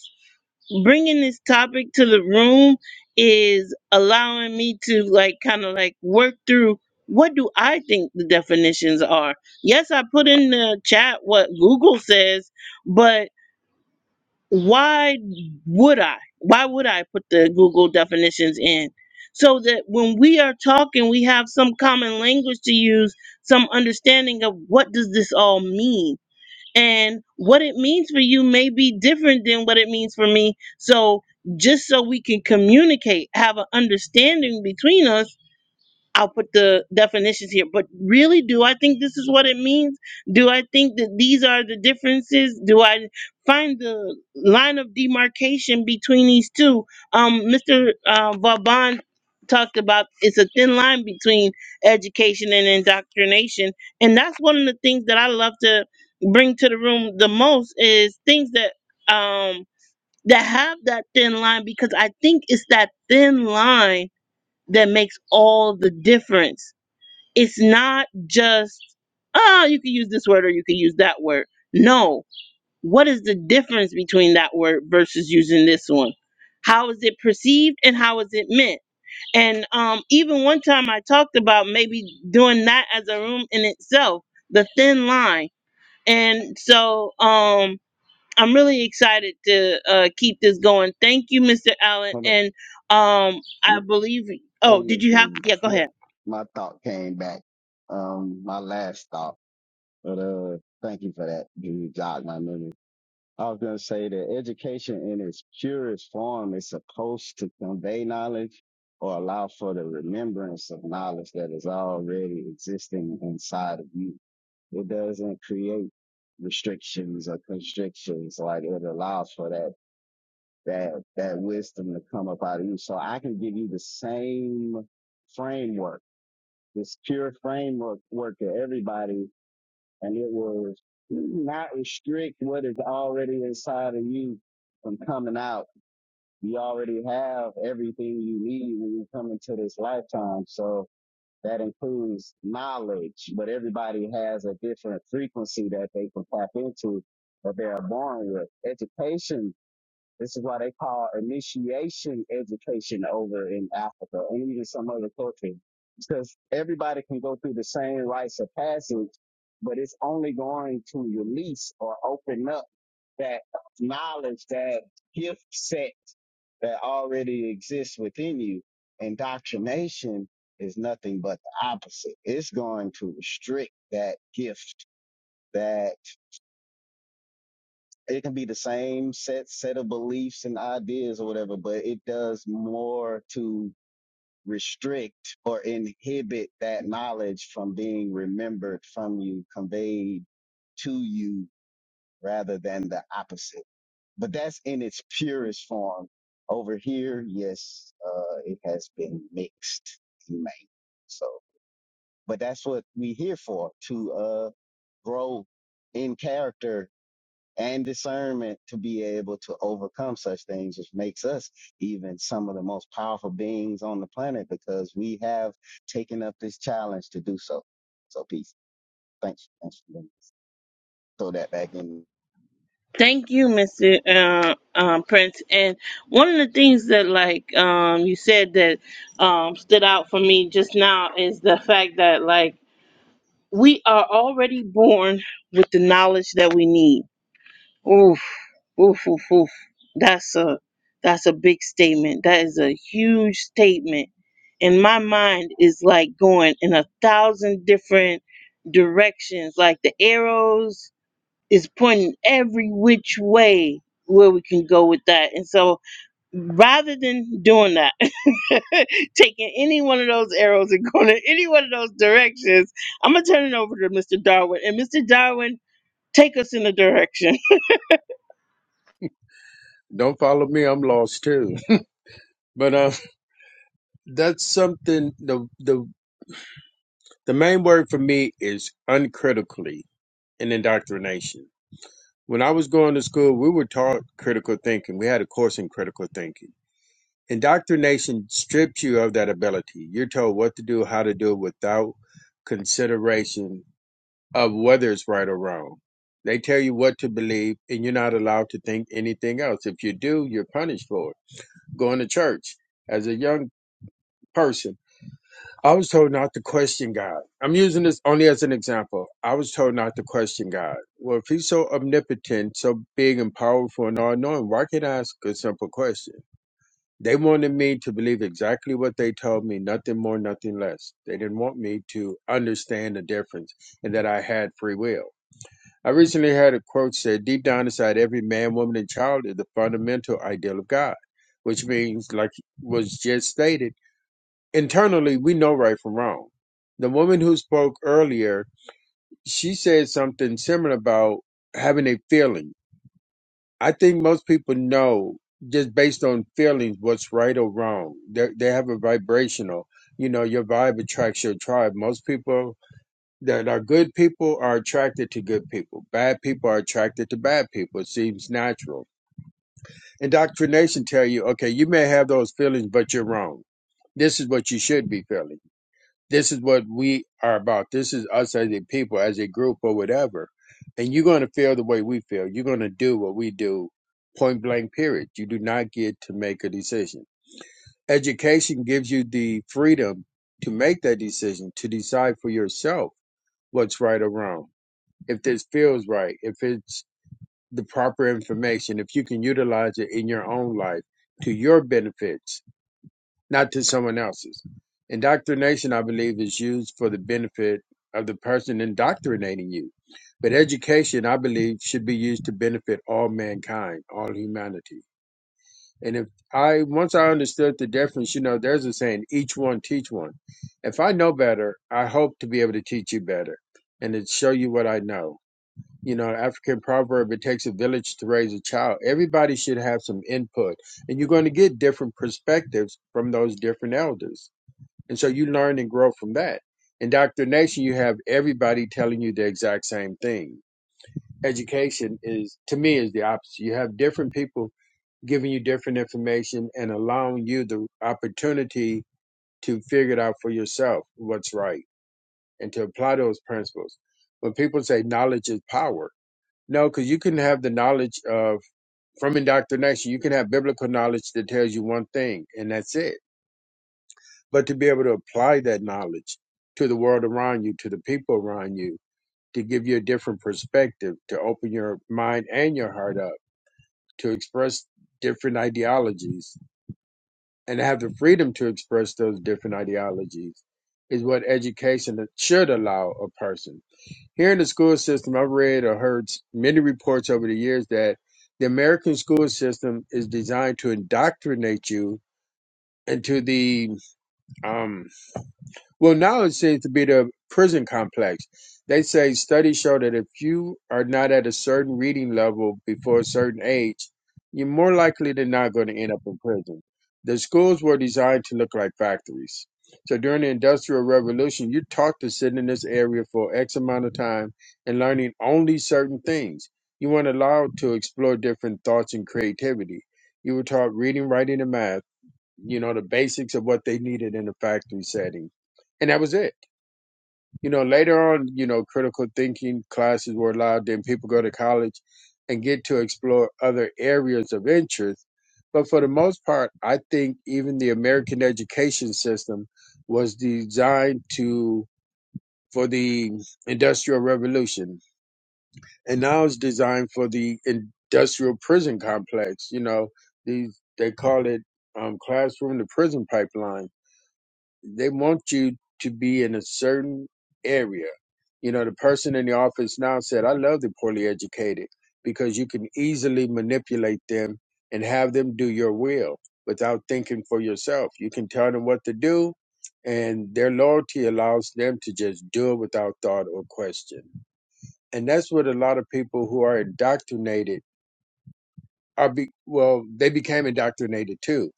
[SPEAKER 1] bringing this topic to the room is allowing me to like kind of like work through what do i think the definitions are yes i put in the chat what google says but why would i why would i put the google definitions in so that when we are talking we have some common language to use some understanding of what does this all mean and what it means for you may be different than what it means for me so just so we can communicate have an understanding between us I'll put the definitions here, but really, do I think this is what it means? Do I think that these are the differences? Do I find the line of demarcation between these two? Um, Mr. Uh, Vauban talked about it's a thin line between education and indoctrination, and that's one of the things that I love to bring to the room the most is things that um that have that thin line because I think it's that thin line that makes all the difference. It's not just, oh, you can use this word or you can use that word. No. What is the difference between that word versus using this one? How is it perceived and how is it meant? And um, even one time I talked about maybe doing that as a room in itself, the thin line. And so um, I'm really excited to uh, keep this going. Thank you, Mr. Allen.
[SPEAKER 3] Hold up.
[SPEAKER 1] And um, I
[SPEAKER 3] You,
[SPEAKER 1] believe,
[SPEAKER 3] hey,
[SPEAKER 1] oh, did
[SPEAKER 3] Miss
[SPEAKER 1] you have,
[SPEAKER 3] Debbie.
[SPEAKER 1] yeah, go ahead.
[SPEAKER 3] Yep. My thought came back. Um, my last thought. But, uh, thank you for that. You jogged my memory. I was going to say that education in its purest form is supposed to convey knowledge or allow for the remembrance of knowledge that is already existing inside of you It doesn't create restrictions or constrictions. Like it allows for that that that wisdom to come up out of you. So I can give you the same framework, this pure framework work to everybody, and it will not restrict what is already inside of you from coming out. You already have everything you need when you come into this lifetime. So that includes knowledge, but everybody has a different frequency that they can tap into that they are born with. Education, this is why they call initiation education over in Africa and even some other cultures. Because everybody can go through the same rites of passage, but it's only going to release or open up that knowledge, that gift set that already exists within you. Indoctrination is nothing but the opposite. It's going to restrict that gift. That it can be the same set set of beliefs and ideas or whatever, but it does more to restrict or inhibit that knowledge from being remembered from you, conveyed to you, rather than the opposite. but that's in its purest form. Over here, yes, uh, it has been mixed and made. So, but that's what we here for to uh, grow in character and discernment to be able to overcome such things, which makes us even some of the most powerful beings on the planet because we have taken up this challenge to do so. So, peace. Thanks. Thanks. for letting me Throw that back in.
[SPEAKER 1] Thank you, Mr. Uh, um, Prince. And one of the things that, like, um, you said that um, stood out for me just now is the fact that, like, we are already born with the knowledge that we need. Oof, oof, oof, oof. That's a that's a big statement. That is a huge statement. And my mind is like going in a thousand different directions, like the arrows is pointing every which way where we can go with that. And so rather than doing that, taking any one of those arrows and going in any one of those directions, I'm going to turn it over to Mr. Darwin. And Mr. Darwin, take us in the direction.
[SPEAKER 5] Don't follow me. I'm lost too. But uh, that's something. The the the main word for me is uncritically in indoctrination. When I was going to school, we were taught critical thinking. We had a course in critical thinking. Indoctrination strips you of that ability. You're told what to do, how to do it without consideration of whether it's right or wrong. They tell you what to believe, and you're not allowed to think anything else. If you do, you're punished for it. Going to church as a young person I was told not to question God. I'm using this only as an example. I was told not to question God. Well, if he's so omnipotent, so big and powerful and all knowing, why can't I ask a simple question? They wanted me to believe exactly what they told me, nothing more, nothing less. They didn't want me to understand the difference and that I had free will. I recently heard a quote said, Deep down inside every man, woman, and child is the fundamental ideal of God, which means, like was just stated, internally we know right from wrong. The woman who spoke earlier, she said something similar about having a feeling. I think most people know just based on feelings what's right or wrong. They they have a vibrational, you know, your vibe attracts your tribe. Most people that are good people are attracted to good people. Bad people are attracted to bad people. It seems natural. Indoctrination tell you, okay, you may have those feelings, but you're wrong. This is what you should be feeling this is what we are about. This is us as a people, as a group, or whatever. And you're going to feel the way we feel. You're going to do what we do, point blank, period. You do not get to make a decision. Education gives you the freedom to make that decision, to decide for yourself what's right or wrong. If this feels right, if it's the proper information, if you can utilize it in your own life to your benefits not to someone else's. Indoctrination, I believe, is used for the benefit of the person indoctrinating you. But education, I believe, should be used to benefit all mankind, all humanity. And if I once I understood the difference, you know, there's a saying, each one teach one. If I know better, I hope to be able to teach you better and to show you what I know. You know, African proverb, it takes a village to raise a child. Everybody should have some input, and you're going to get different perspectives from those different elders and so you learn and grow from that. Indoctrination, you have everybody telling you the exact same thing. Education is, to me, is the opposite. You have different people giving you different information and allowing you the opportunity to figure it out for yourself what's right and to apply those principles. When people say knowledge is power, no, because you can have the knowledge of from indoctrination. You can have biblical knowledge that tells you one thing, and that's it but to be able to apply that knowledge to the world around you, to the people around you, to give you a different perspective, to open your mind and your heart up, to express different ideologies, and have the freedom to express those different ideologies is what education should allow a person. Here in the school system, I've read or heard many reports over the years that the American school system is designed to indoctrinate you into the um, Well, now it seems to be the prison complex. They say studies show that if you are not at a certain reading level before a certain age, you're more likely than not going to end up in prison. The schools were designed to look like factories. So during the Industrial Revolution, you're taught to sit in this area for X amount of time and learning only certain things. You weren't allowed to explore different thoughts and creativity. You were taught reading, writing, and math you know, the basics of what they needed in the factory setting. And that was it. You know, later on, you know, critical thinking classes were allowed, then people go to college and get to explore other areas of interest. But for the most part, I think even the American education system was designed to for the industrial revolution and now it's designed for the industrial prison complex you know these they call it um, classroom to prison pipeline they want you to be in a certain area. You know, the person in the office now said, I love the poorly educated because you can easily manipulate them and have them do your will without thinking for yourself. You can tell them what to do, and their loyalty allows them to just do it without thought or question. And that's what a lot of people who are indoctrinated are, be- well, they became indoctrinated too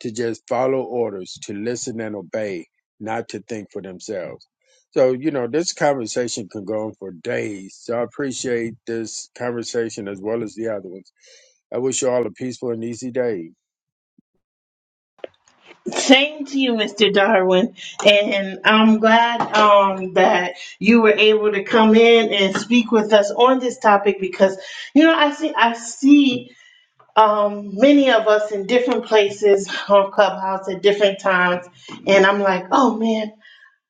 [SPEAKER 5] to just follow orders, to listen and obey, not to think for themselves. So, you know, this conversation can go on for days. So I appreciate this conversation as well as the other ones. I wish you all a peaceful and easy day.
[SPEAKER 1] Same to you, Mr. Darwin. And I'm glad um, that you were able to come in and speak with us on this topic because, you know, I see, I see um, many of us in different places on Clubhouse at different times. And I'm like, oh man,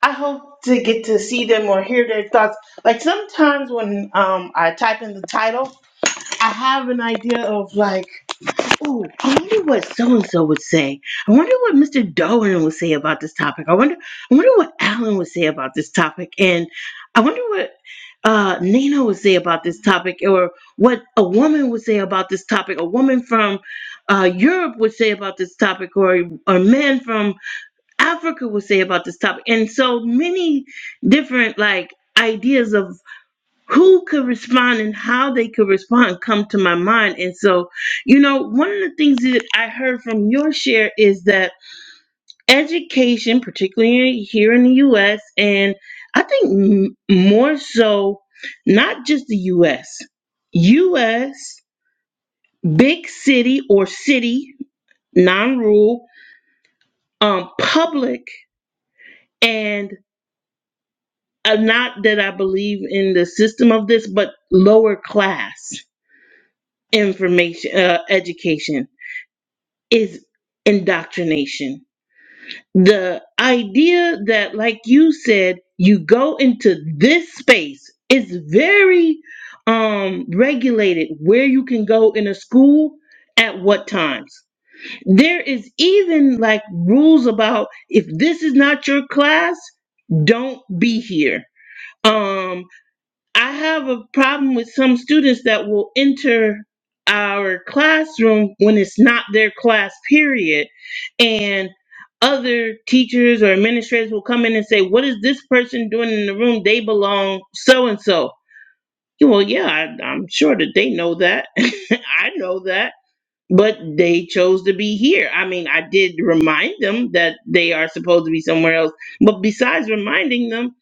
[SPEAKER 1] I hope to get to see them or hear their thoughts. Like sometimes when um, I type in the title, I have an idea of like, Oh, I wonder what so and so would say. I wonder what Mr. Darwin would say about this topic. I wonder, I wonder what Alan would say about this topic, and I wonder what uh, Nina would say about this topic, or what a woman would say about this topic. A woman from uh, Europe would say about this topic, or a man from Africa would say about this topic, and so many different like ideas of who could respond and how they could respond come to my mind. And so, you know, one of the things that I heard from your share is that education, particularly here in the US, and I think m- more so, not just the US, US, big city or city, non rural, um, public, and uh, not that I believe in the system of this, but lower class information, uh, education is indoctrination. The idea that, like you said, you go into this space is very um, regulated where you can go in a school at what times. There is even like rules about if this is not your class, don't be here. Um, I have a problem with some students that will enter our classroom when it's not their class period and other teachers or administrators will come in and say what is this person doing in the room they belong so and so well yeah I, i'm sure that they know that i know that but they chose to be here i mean i did remind them that they are supposed to be somewhere else but besides reminding them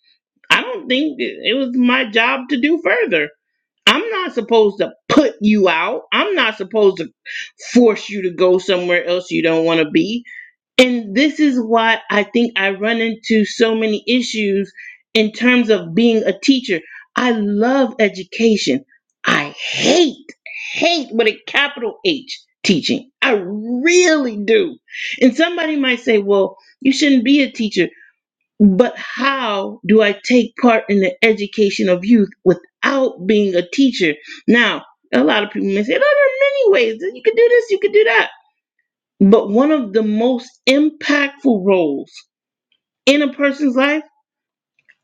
[SPEAKER 1] i don't think it it was my job to do further I'm not supposed to put you out. I'm not supposed to force you to go somewhere else you don't want to be. And this is why I think I run into so many issues in terms of being a teacher. I love education. I hate, hate with a capital H teaching. I really do. And somebody might say, well, you shouldn't be a teacher. But how do I take part in the education of youth without being a teacher? Now, a lot of people may say, oh, there are many ways. You could do this, you could do that. But one of the most impactful roles in a person's life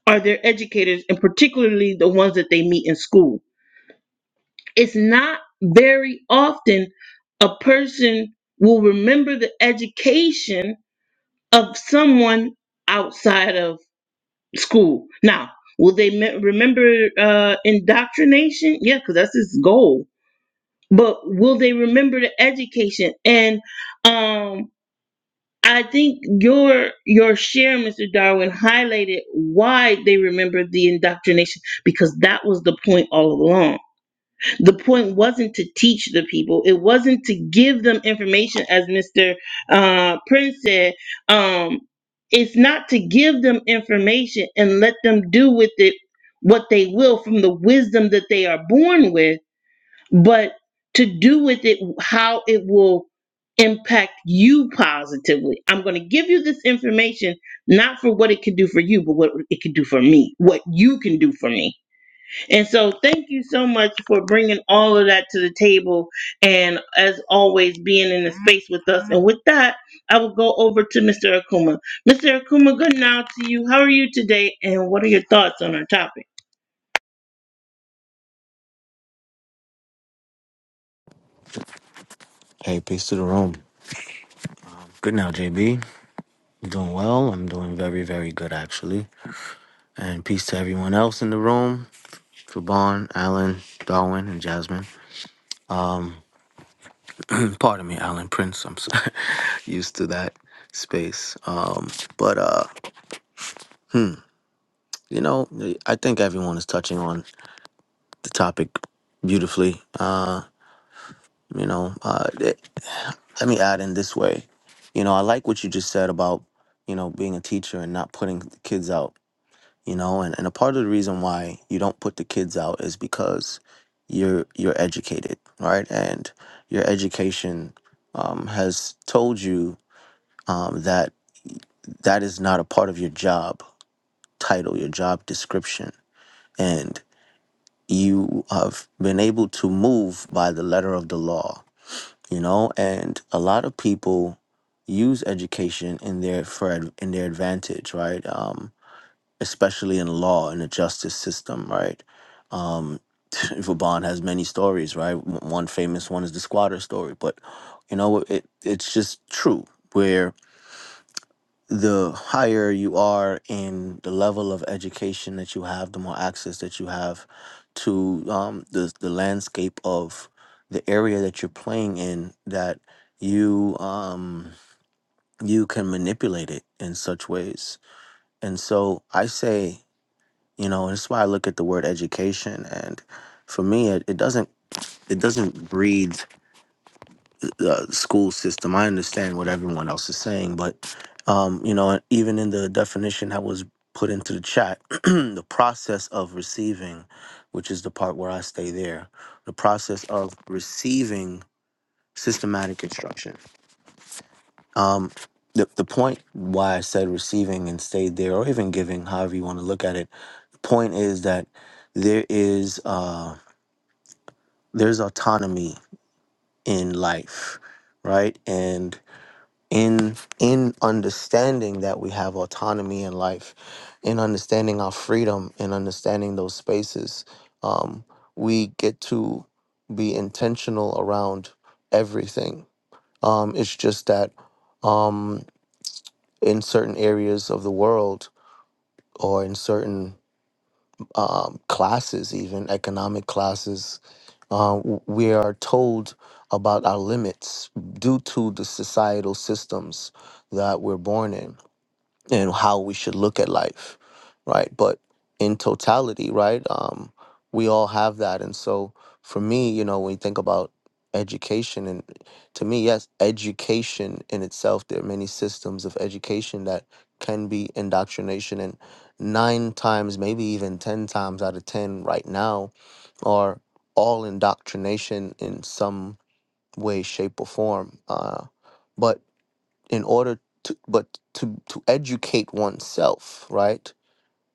[SPEAKER 1] are their educators, and particularly the ones that they meet in school. It's not very often a person will remember the education of someone outside of school. Now, will they me- remember uh, indoctrination? Yeah, because that's his goal. But will they remember the education? And um, I think your your share, Mr. Darwin, highlighted why they remember the indoctrination because that was the point all along the point wasn't to teach the people. It wasn't to give them information, as Mr. Uh, Prince said. Um, it's not to give them information and let them do with it what they will from the wisdom that they are born with, but to do with it how it will impact you positively. I'm going to give you this information not for what it can do for you, but what it can do for me, what you can do for me and so, thank you so much for bringing all of that to the table and, as always, being in the space with us. And with that, I will go over to Mr. Akuma. Mr. Akuma, good now to you. How are you today? And what are your thoughts on our topic?
[SPEAKER 6] Hey, peace to the room. Good now, JB. You doing well? I'm doing very, very good actually. And peace to everyone else in the room. Trubon, Alan, Darwin, and Jasmine. Pardon me, Alan Prince. I'm so used to that space. Um, but uh, you know, I think everyone is touching on the topic beautifully. Uh, you know, uh, th- let me add in this way. You know, I like what you just said about you know being a teacher and not putting the kids out you know and, and a part of the reason why you don't put the kids out is because you're you're educated right and your education um, has told you um, that that is not a part of your job title your job description and you have been able to move by the letter of the law you know and a lot of people use education in their for ad- in their advantage right Um, especially in law in the justice system, right? Um, Vaban has many stories, right? W- One famous one is the squatter story, but you know, it it's just true where the higher you are in the level of education that you have, the more access that you have to um, the the landscape of the area that you're playing in that you um you can manipulate it in such ways. And so I say you know and it's why i look at the word education and for me it, it doesn't it doesn't breed the school system i understand what everyone else is saying but um you know even in the definition that was put into the chat the process of receiving which is the part where i stay there the process of receiving systematic instruction um the, the point why i said receiving and stayed there or even giving however you want to look at it the point is that there is Uh, there's autonomy in life right and in in understanding that we have autonomy in life in understanding our freedom in understanding those spaces um, we get to be intentional around everything um, it's just that um, in certain areas of the world or in certain um, classes, even economic classes, uh, w- we are told about our limits due to the societal systems that we're born in and how we should look at life, right? But in totality, right, um, we all have that. And so for me, you know, when you think about education, and to me, yes, education in itself, there are many systems of education that can be indoctrination. And nine times, maybe even 10 times out of 10 right now are all indoctrination in some way, shape, or form. Uh, but in order to but to to educate oneself right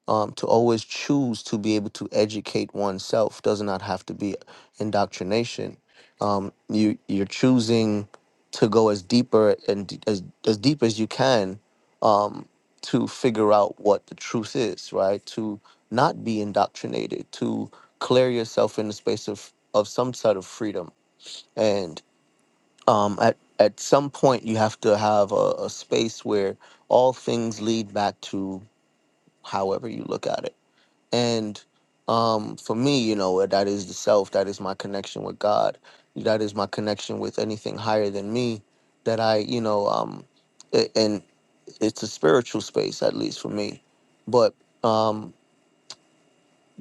[SPEAKER 6] um, to always choose to be able to educate oneself does not have to be indoctrination um, you you're choosing to go as deeper and d- as as deep as you can um, to figure out what the truth is right to not be indoctrinated to clear yourself in the space of of some sort of freedom um, at at some point you have to have a, a space where all things lead back to however you look at it. And um, for me, you know, that is the self. That is my connection with God. That is my connection with anything higher than me. That I, you know, um, a- and it's a spiritual space at least for me. But um,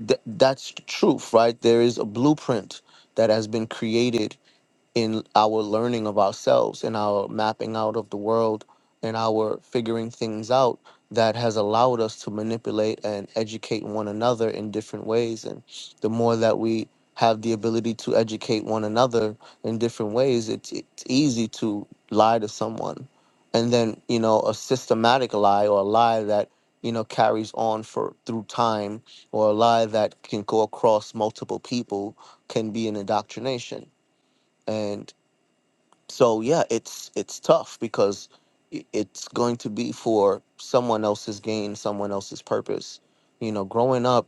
[SPEAKER 6] th- that's the truth, right? There is a blueprint that has been created in our learning of ourselves in our mapping out of the world and our figuring things out that has allowed us to manipulate and educate one another in different ways and the more that we have the ability to educate one another in different ways it's, it's easy to lie to someone and then you know a systematic lie or a lie that you know carries on for through time or a lie that can go across multiple people can be an indoctrination and so yeah it's it's tough because i- it's going to be for someone else's gain someone else's purpose you know growing up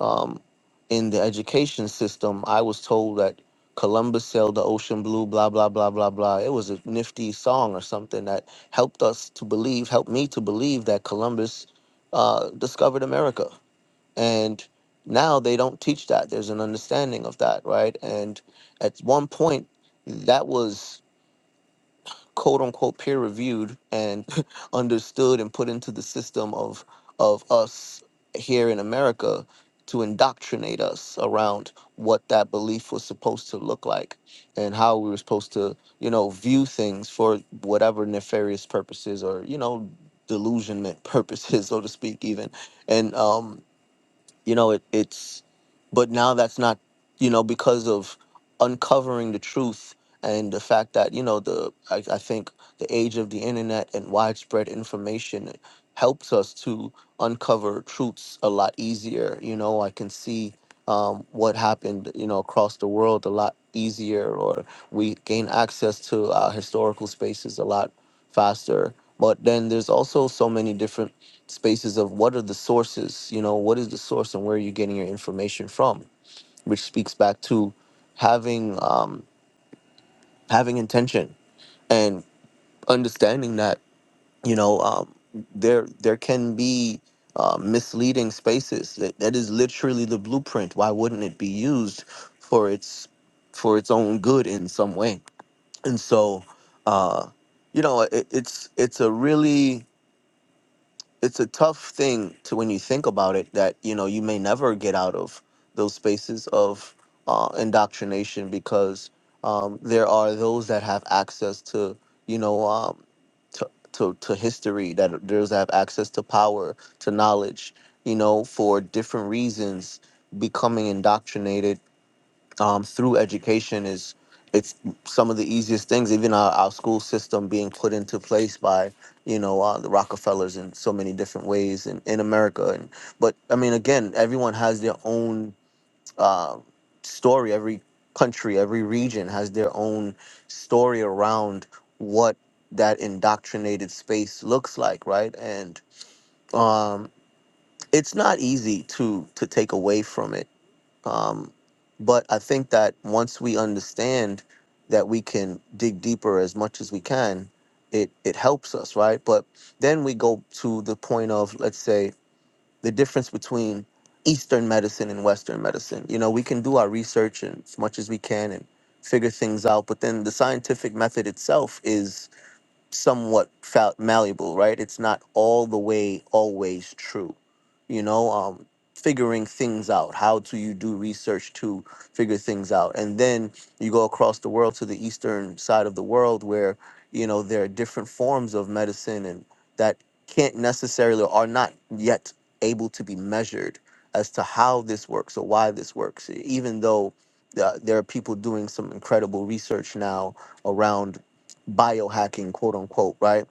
[SPEAKER 6] um, in the education system i was told that columbus sailed the ocean blue blah blah blah blah blah it was a nifty song or something that helped us to believe helped me to believe that columbus uh, discovered america and now they don't teach that there's an understanding of that right and at one point that was quote unquote peer reviewed and understood and put into the system of of us here in America to indoctrinate us around what that belief was supposed to look like and how we were supposed to, you know, view things for whatever nefarious purposes or, you know, delusionment purposes, so to speak, even. And um you know it, it's but now that's not you know because of uncovering the truth and the fact that you know the I, I think the age of the internet and widespread information helps us to uncover truths a lot easier you know i can see um, what happened you know across the world a lot easier or we gain access to our historical spaces a lot faster but then there's also so many different spaces of what are the sources, you know, what is the source and where are you getting your information from, which speaks back to having um, having intention and understanding that you know um, there there can be uh, misleading spaces that, that is literally the blueprint. Why wouldn't it be used for its for its own good in some way? And so, uh, you know, it, it's it's a really it's a tough thing to when you think about it that you know you may never get out of those spaces of uh, indoctrination because um, there are those that have access to you know um, to, to to history that those that have access to power to knowledge you know for different reasons becoming indoctrinated um, through education is it's some of the easiest things even our, our school system being put into place by you know uh, the rockefellers in so many different ways in, in america and but i mean again everyone has their own uh, story every country every region has their own story around what that indoctrinated space looks like right and um, it's not easy to to take away from it um, but I think that once we understand that we can dig deeper as much as we can, it it helps us, right? But then we go to the point of let's say the difference between Eastern medicine and Western medicine. You know, we can do our research and as much as we can and figure things out, but then the scientific method itself is somewhat fa- malleable, right? It's not all the way always true, you know. Um, figuring things out. How do you do research to figure things out? And then you go across the world to the eastern side of the world, where you know there are different forms of medicine and that can't necessarily are not yet able to be measured as to how this works or why this works even though uh, there are people doing some incredible research now around biohacking, quote unquote, right?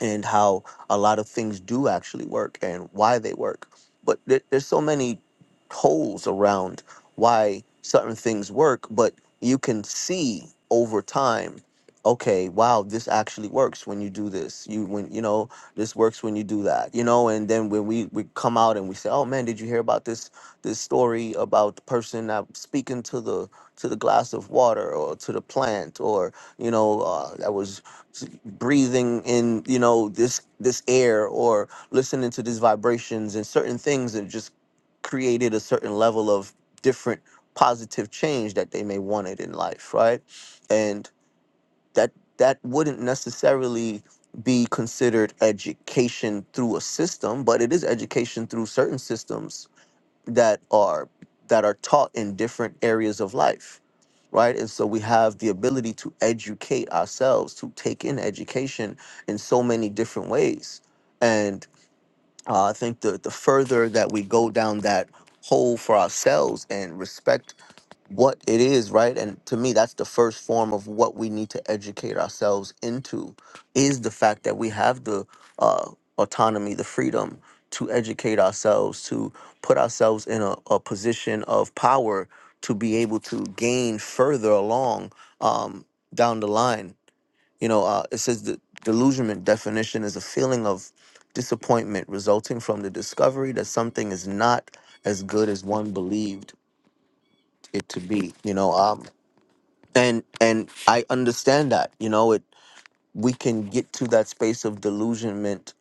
[SPEAKER 6] And how a lot of things do actually work and why they work. But there, there's so many holes around why certain things work, but you can see over time, okay, wow, this actually works when you do this. You when you know, this works when you do that. You know, and then when we, we come out and we say, Oh man, did you hear about this this story about the person that speaking to the to the glass of water or to the plant or you know, uh, that was s- breathing in you know this this air or listening to these vibrations and certain things that just created a certain level of different positive change that they may wanted in life right and that that wouldn't necessarily be considered education through a system but it is education through certain systems that are that are taught in different areas of life right and so we have the ability to educate ourselves to take in education in so many different ways and uh, i think the the further that we go down that hole for ourselves and respect what it is, right? And to me, that's the first form of what we need to educate ourselves into is the fact that we have the uh, autonomy, the freedom to educate ourselves, to put ourselves in a, a position of power to be able to gain further along um, down the line. You know, uh, it says the delusionment definition is a feeling of disappointment resulting from the discovery that something is not as good as one believed it to be. You know, um, and and i understand that you know it we can get to that space of delusionment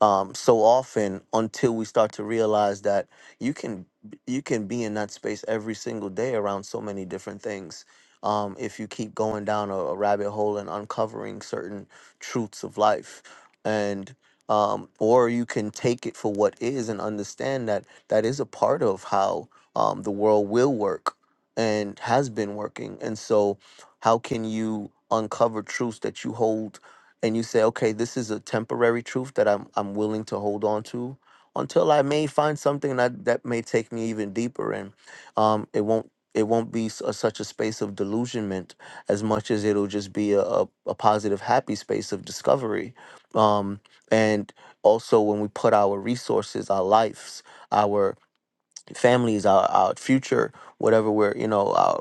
[SPEAKER 6] um, so often until we start to realize that you can you can be in that space every single day around so many different things. Um, if you keep going down a, a rabbit hole and uncovering certain truths of life, and um, or you can take it for what is and understand that that is a part of how um, the world will work and has been working. And so, how can you uncover truths that you hold? and you say, okay, this is a temporary truth that I'm I'm willing to hold on to until I may find something that that may take me even deeper, and um, it won't it won't be s- a, such a space of delusionment as much as it'll just be a, a, a positive, happy space of discovery. Um, and also, when we put our resources, our lives, our families, our, our future, whatever we're you know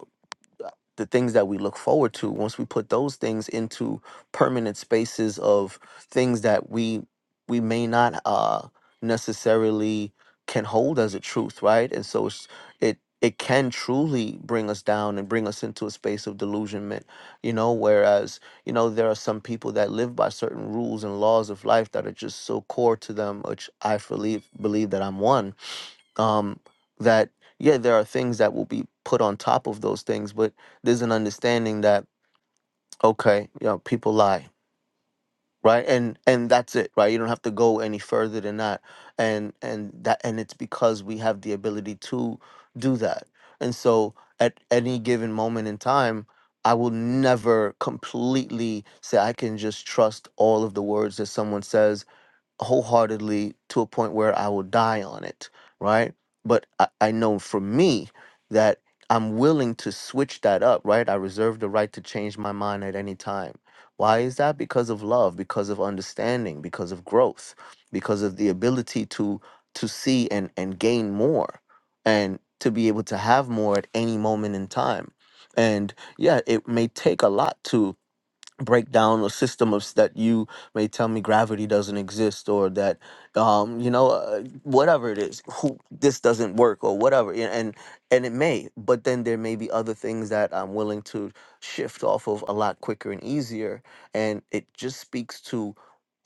[SPEAKER 6] the things that we look forward to once we put those things into permanent spaces of things that we we may not uh necessarily can hold as a truth right and so it's, it it can truly bring us down and bring us into a space of delusionment you know whereas you know there are some people that live by certain rules and laws of life that are just so core to them which i believe believe that i'm one um, that yeah, there are things that will be put on top of those things, but there's an understanding that okay, you know, people lie, right? And and that's it, right? You don't have to go any further than that, and and that and it's because we have the ability to do that, and so at any given moment in time. I will never completely say I can just trust all of the words that someone says wholeheartedly to a point where I will die on it, right? But I, I know for me that I'm willing to switch that up, right? I reserve the right to change my mind at any time. Why is that? Because of love, because of understanding, because of growth, because of the ability to to see and and gain more and to be able to have more at any moment in time. And yeah, it may take a lot to break down a system of s- that you may tell me gravity doesn't exist or that um you know uh, whatever it is who, this doesn't work or whatever yeah, and and it may but then there may be other things that I'm willing to shift off of a lot quicker and easier and it just speaks to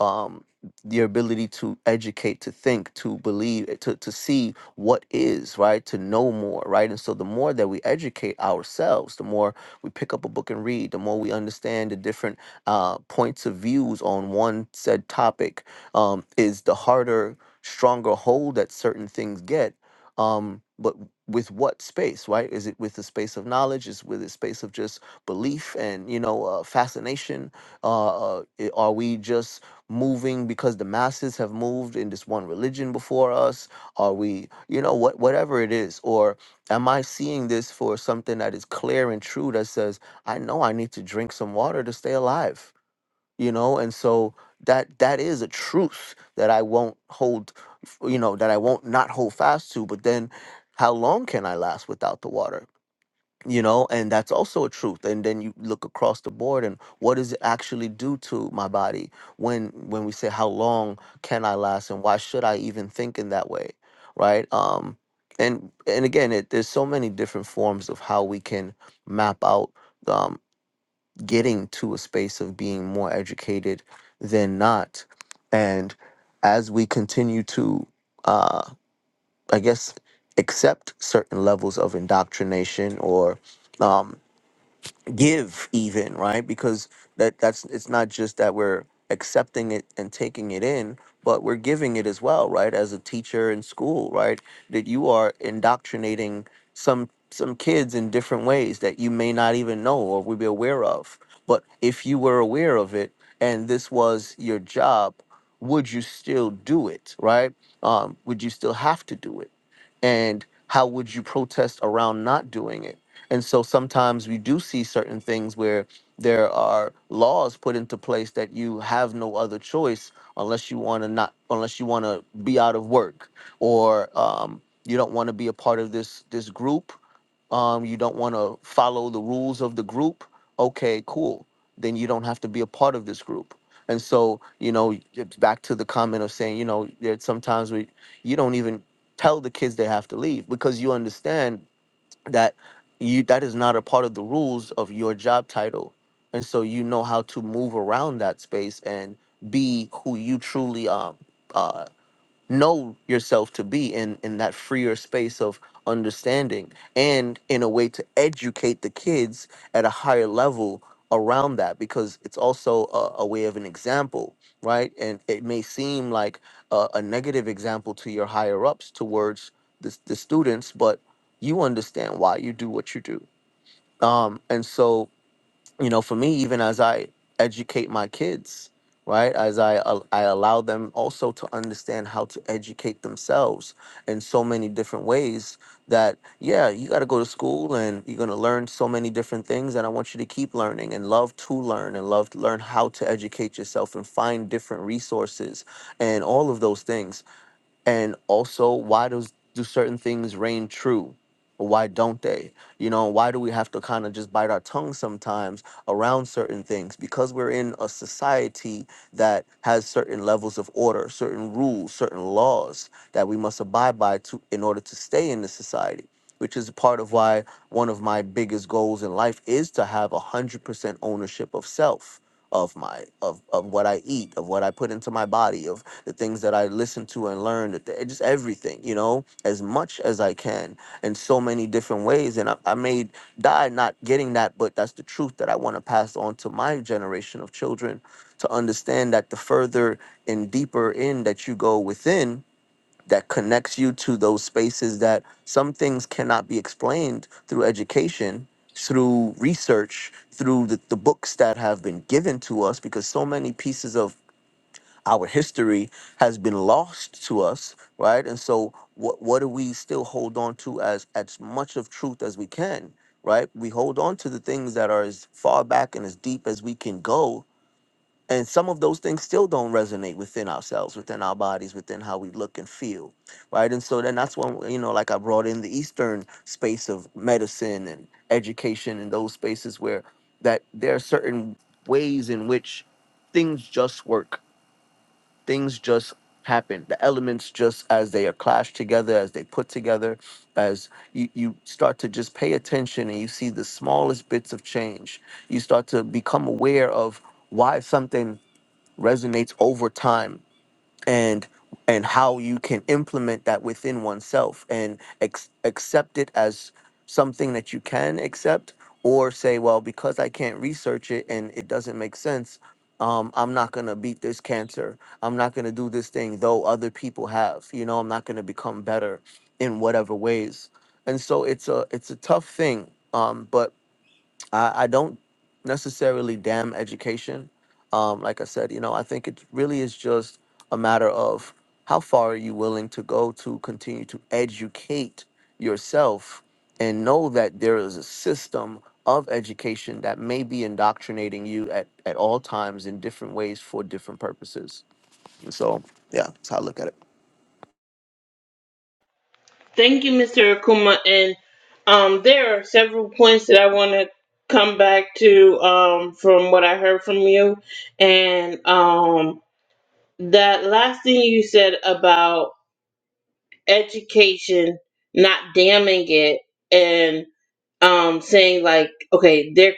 [SPEAKER 6] um your ability to educate to think to believe eh, to to see what is right to know more right and so the more that we educate ourselves the more we pick up a book and read, the more we understand the different uh, points of views on one said topic, um, is the harder, stronger hold that certain things get. Um, but with what space, right? Is it with the space of knowledge? Is with a space of just belief and you know uh, fascination? Uh, uh, i- are we just moving because the masses have moved in this one religion before us? Are we, you know, what whatever it is, or Am I seeing this for something that is clear and true that says, I know I need to drink some water to stay alive? You know, and so that that is a truth that I won't hold, you know, that I won't not hold fast to. But then how long can I last without the water? you know and that's also a truth and then you look across the board and what does it actually do to my body when when we say how long can i last and why should i even think in that way right um and and again it, there's so many different forms of how we can map out um getting to a space of being more educated than not and as we continue to uh i guess accept certain levels of indoctrination or um, give even right because that that's it's not just that we're accepting it and taking it in but we're giving it as well right as a teacher in school right that you are indoctrinating some some kids in different ways that you may not even know or would be aware of but if you were aware of it and this was your job would you still do it right um would you still have to do it and how would you protest around not doing it and so sometimes we do see certain things where there are laws put into place that you have no other choice unless you want to not unless you want to be out of work or um, you don't want to be a part of this this group. Um, you don't want to follow the rules of the group. Okay, cool. Then you don't have to be a part of this group. And so you know, it's back to the comment of saying you know, there sometimes we you don't even tell the kids they have to leave because you understand that you that is not a part of the rules of your job title and so you know how to move around that space and be who you truly are know yourself to be in in that freer space of understanding and in a way to educate the kids at a higher level around that because it's also a, a way of an example right and it may seem like a, a negative example to your higher ups towards the, the students but you understand why you do what you do um and so you know, for me, even as I educate my kids, right, as I al- I allow them also to understand how to educate themselves in so many different ways. That yeah, you got to go to school and you're gonna learn so many different things, and I want you to keep learning and love to learn and love to learn how to educate yourself and find different resources and all of those things and also why does do certain things reign true why don't they you know why do we have to kind of just bite our tongue sometimes around certain things because we're in a society that has certain levels of order certain rules certain laws that we must abide by to in order to stay in the society which is part of why one of my biggest goals in life is to have 100% ownership of self of my of, of what i eat of what i put into my body the things that I listen to and learn, the th- just everything, you know, as much as I can in so many different ways. And I, I may die not getting that, but that's the truth that I want to pass on to my generation of children to understand that the further and deeper in that you go within, that connects you to those spaces that some things cannot be explained through education through research through the, the books that have been given to us because so many pieces of our history has been lost to us, right? And so, what what do we still hold on to as as much of truth as we can, right? We hold on to the things that are as far back and as deep as we can go, and some of those things still don't resonate within ourselves, within our bodies, within how we look and feel, right? And so then that's when you know, like I brought in the Eastern space of medicine and education and those spaces where that there are certain ways in which things just work things just happen the elements just as they are clashed together as they put together as you, you start to just pay attention and you see the smallest bits of change you start to become aware of why something resonates over time and and how you can implement that within oneself and ex- accept it as something that you can accept or say well because i can't research it and it doesn't make sense um, i'm not going to beat this cancer i'm not going to do this thing though other people have you know i'm not going to become better in whatever ways and so it's a it's a tough thing um, but I, I don't necessarily damn education. Um, like I said, you know, I think it really is just a matter of how far are you willing to go to continue to educate yourself and know that there is a system of education that may be indoctrinating you at, at all times in different ways for different purposes. And so, yeah, that's how I look at it.
[SPEAKER 1] Thank you, Mr. Akuma. And um, there are several points that I want to come back to um, from what I heard from you. And um, that last thing you said about. education, not damning it and um, saying like, okay, there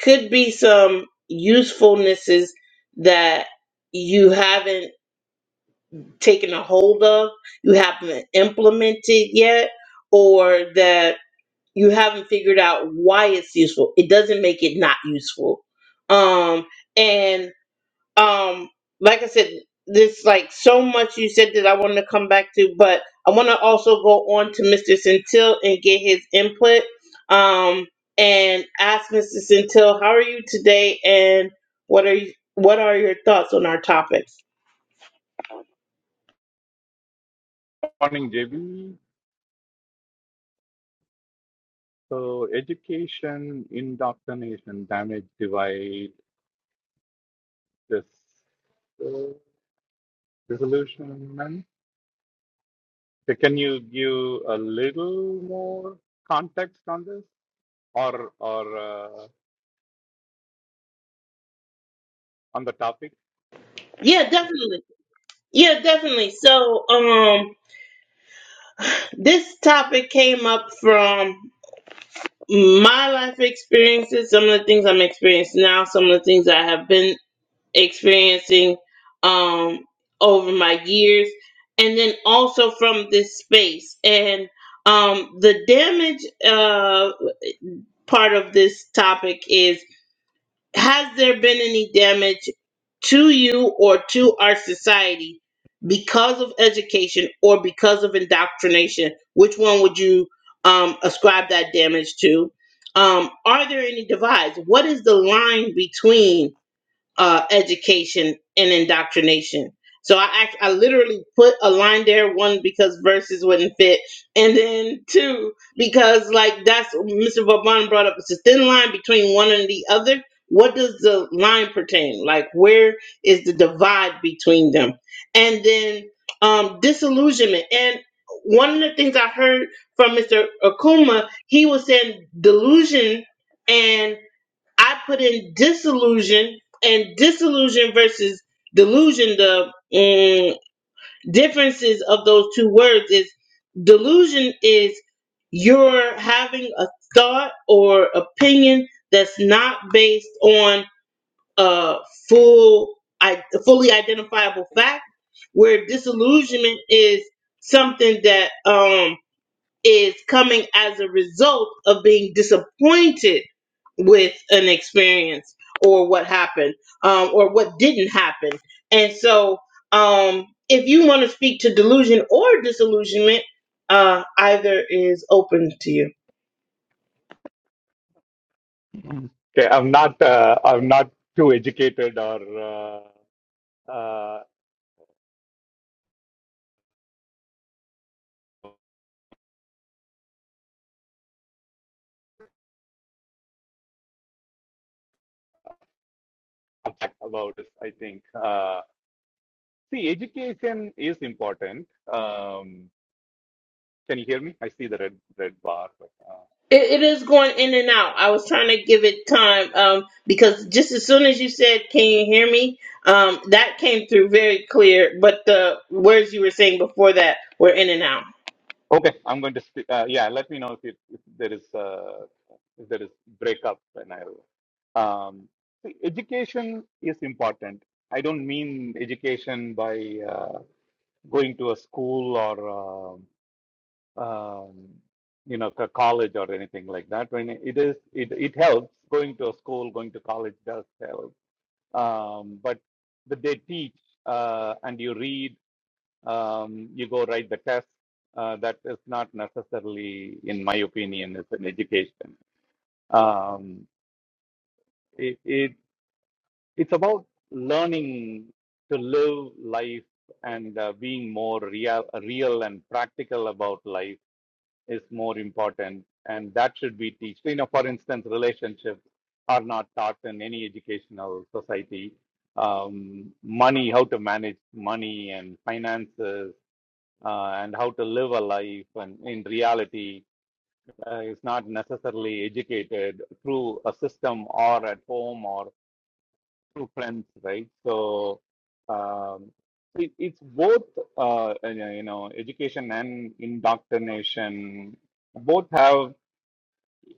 [SPEAKER 1] could be some usefulnesses that you haven't taken a hold of, you haven't implemented yet, or that you haven't figured out why it's useful. It doesn't make it not useful. Um, and um like i said there's like so much you said that i want to come back to but i want to also go on to mr centil and get his input um and ask mr centil how are you today and what are you what are your thoughts on our topics
[SPEAKER 7] Morning, JB. So, education, indoctrination, damage, divide, this uh, disillusionment. So Can you give a little more context on this, or or uh, on the topic?
[SPEAKER 1] yeah definitely yeah definitely so um this topic came up from my life experiences some of the things i'm experiencing now some of the things i have been experiencing um, over my years, and then also from this space. And um, the damage uh, part of this topic is Has there been any damage to you or to our society because of education or because of indoctrination? Which one would you um, ascribe that damage to? Um, are there any divides? What is the line between? uh, education and indoctrination. So I act, I literally put a line there one because verses wouldn't fit, and then two because like that's Mr. Vauban brought up. It's a thin line between one and the other. What does the line pertain? Like where is the divide between them? And then um, disillusionment. And one of the things I heard from Mr. Akuma, he was saying delusion and. I put in disillusion and disillusion versus delusion. The mm, differences of those two words is delusion is you're having a thought or opinion that's not based on a full, I, fully identifiable fact. Where disillusionment is something that um is coming as a result of being disappointed with an experience or what happened um, or what didn't happen. And so, um, if you want to speak to delusion or disillusionment, uh, either is open to you.
[SPEAKER 7] Mm. Okay, I'm not uh, I'm not too educated or uh, uh, about this. I think uh, see, education is important. Um, can you hear me? I see the red red bar.
[SPEAKER 1] It, it is going in and out. I was trying to give it time um, because just as soon as you said, "Can you hear me?" Um, that came through very clear, but the words you were saying before that were in and out.
[SPEAKER 7] Okay, I'm going to speak. Uh, yeah, let me know if, it, if there is uh, if there is breakup, and I'll. Um, see, education is important. I don't mean education by uh, going to a school or um, um, you know a college or anything like that. When it is, it it helps. Going to a school, going to college does help. Um, but that they teach uh, and you read um, you go write the test. Uh, that is not necessarily, in my opinion, is an education. Um, it, it it's about learning to live life and uh, being more real, real and practical about life is more important, and that should be taught. You know, for instance, relationships are not taught in any educational society. Um, money, how to manage money and finances uh, and how to live a life and in reality uh, is not necessarily educated through a system or at home or through friends, right? So um, it, it's both, uh, uh, you know, education and indoctrination both have,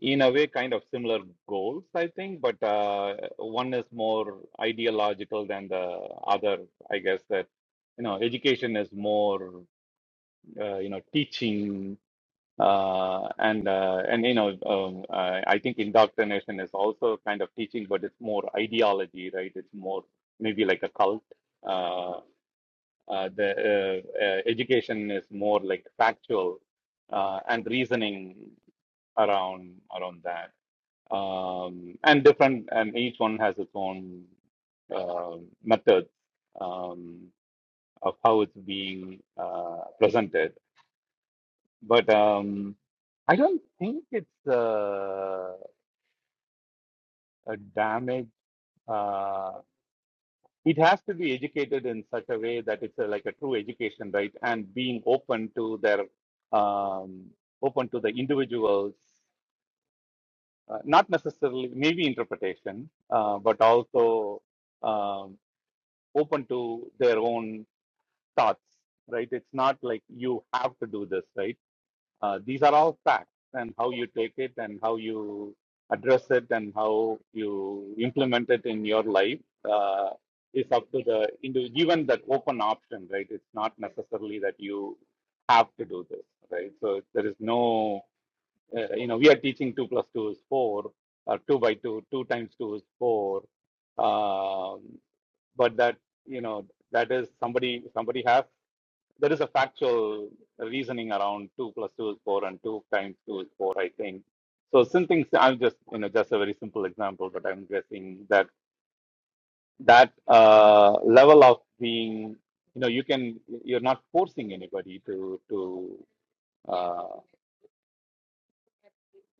[SPEAKER 7] in a way, kind of similar goals, I think, but uh, one is more ideological than the other, I guess, that you know education is more uh, you know teaching uh, and uh, and you know um, uh, I think indoctrination is also kind of teaching, but it's more ideology, right? It's more maybe like a cult. Uh, uh, the uh, uh, education is more like factual uh, and reasoning around around that, um, and different, and each one has its own uh, methods um, of how it's being uh, presented but um, I don't think it's uh, a damage. Uh, it has to be educated in such a way that it's a, like a true education, right? And being open to their um, open to the individuals, uh, not necessarily maybe interpretation, uh, but also um, open to their own thoughts, right? It's not like you have to do this, right? Uh, these are all facts, and how you take it, and how you address it, and how you implement it in your life uh, is up to the individual. Given that open option, right? It's not necessarily that you have to do this, right? So there is no, uh, you know, we are teaching two plus two is four, or two by two, two times two is four, um, but that you know that is somebody somebody has there is a factual reasoning around two plus two is four and two times two is four, I think. So Something I'm just you know just a very simple example, but I'm guessing that that uh, level of being you know you can you're not forcing anybody to to uh,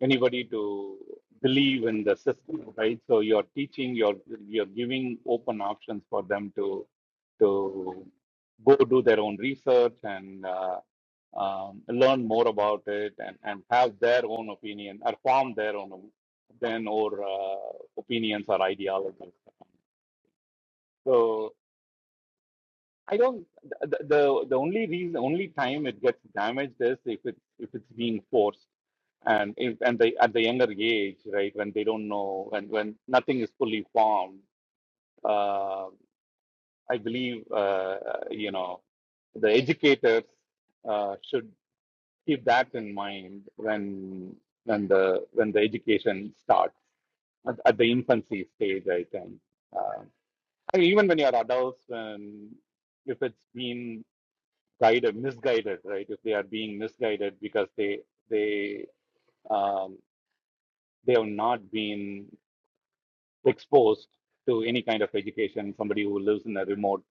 [SPEAKER 7] anybody to believe in the system, right? So you're teaching, you're you're giving open options for them to to go do their own research and uh, um, learn more about it and, and have their own opinion or form their own then or uh, opinions or ideologies. So I don't the, the the only reason only time it gets damaged is if it's if it's being forced and if and they at the younger age right when they don't know when when nothing is fully formed. Uh, I believe uh, you know the educators uh, should keep that in mind when when the when the education starts at, at the infancy stage i think uh, I mean, even when you're adults when if it's been guided misguided right if they are being misguided because they they um, they have not been exposed to any kind of education. Somebody who lives in a remote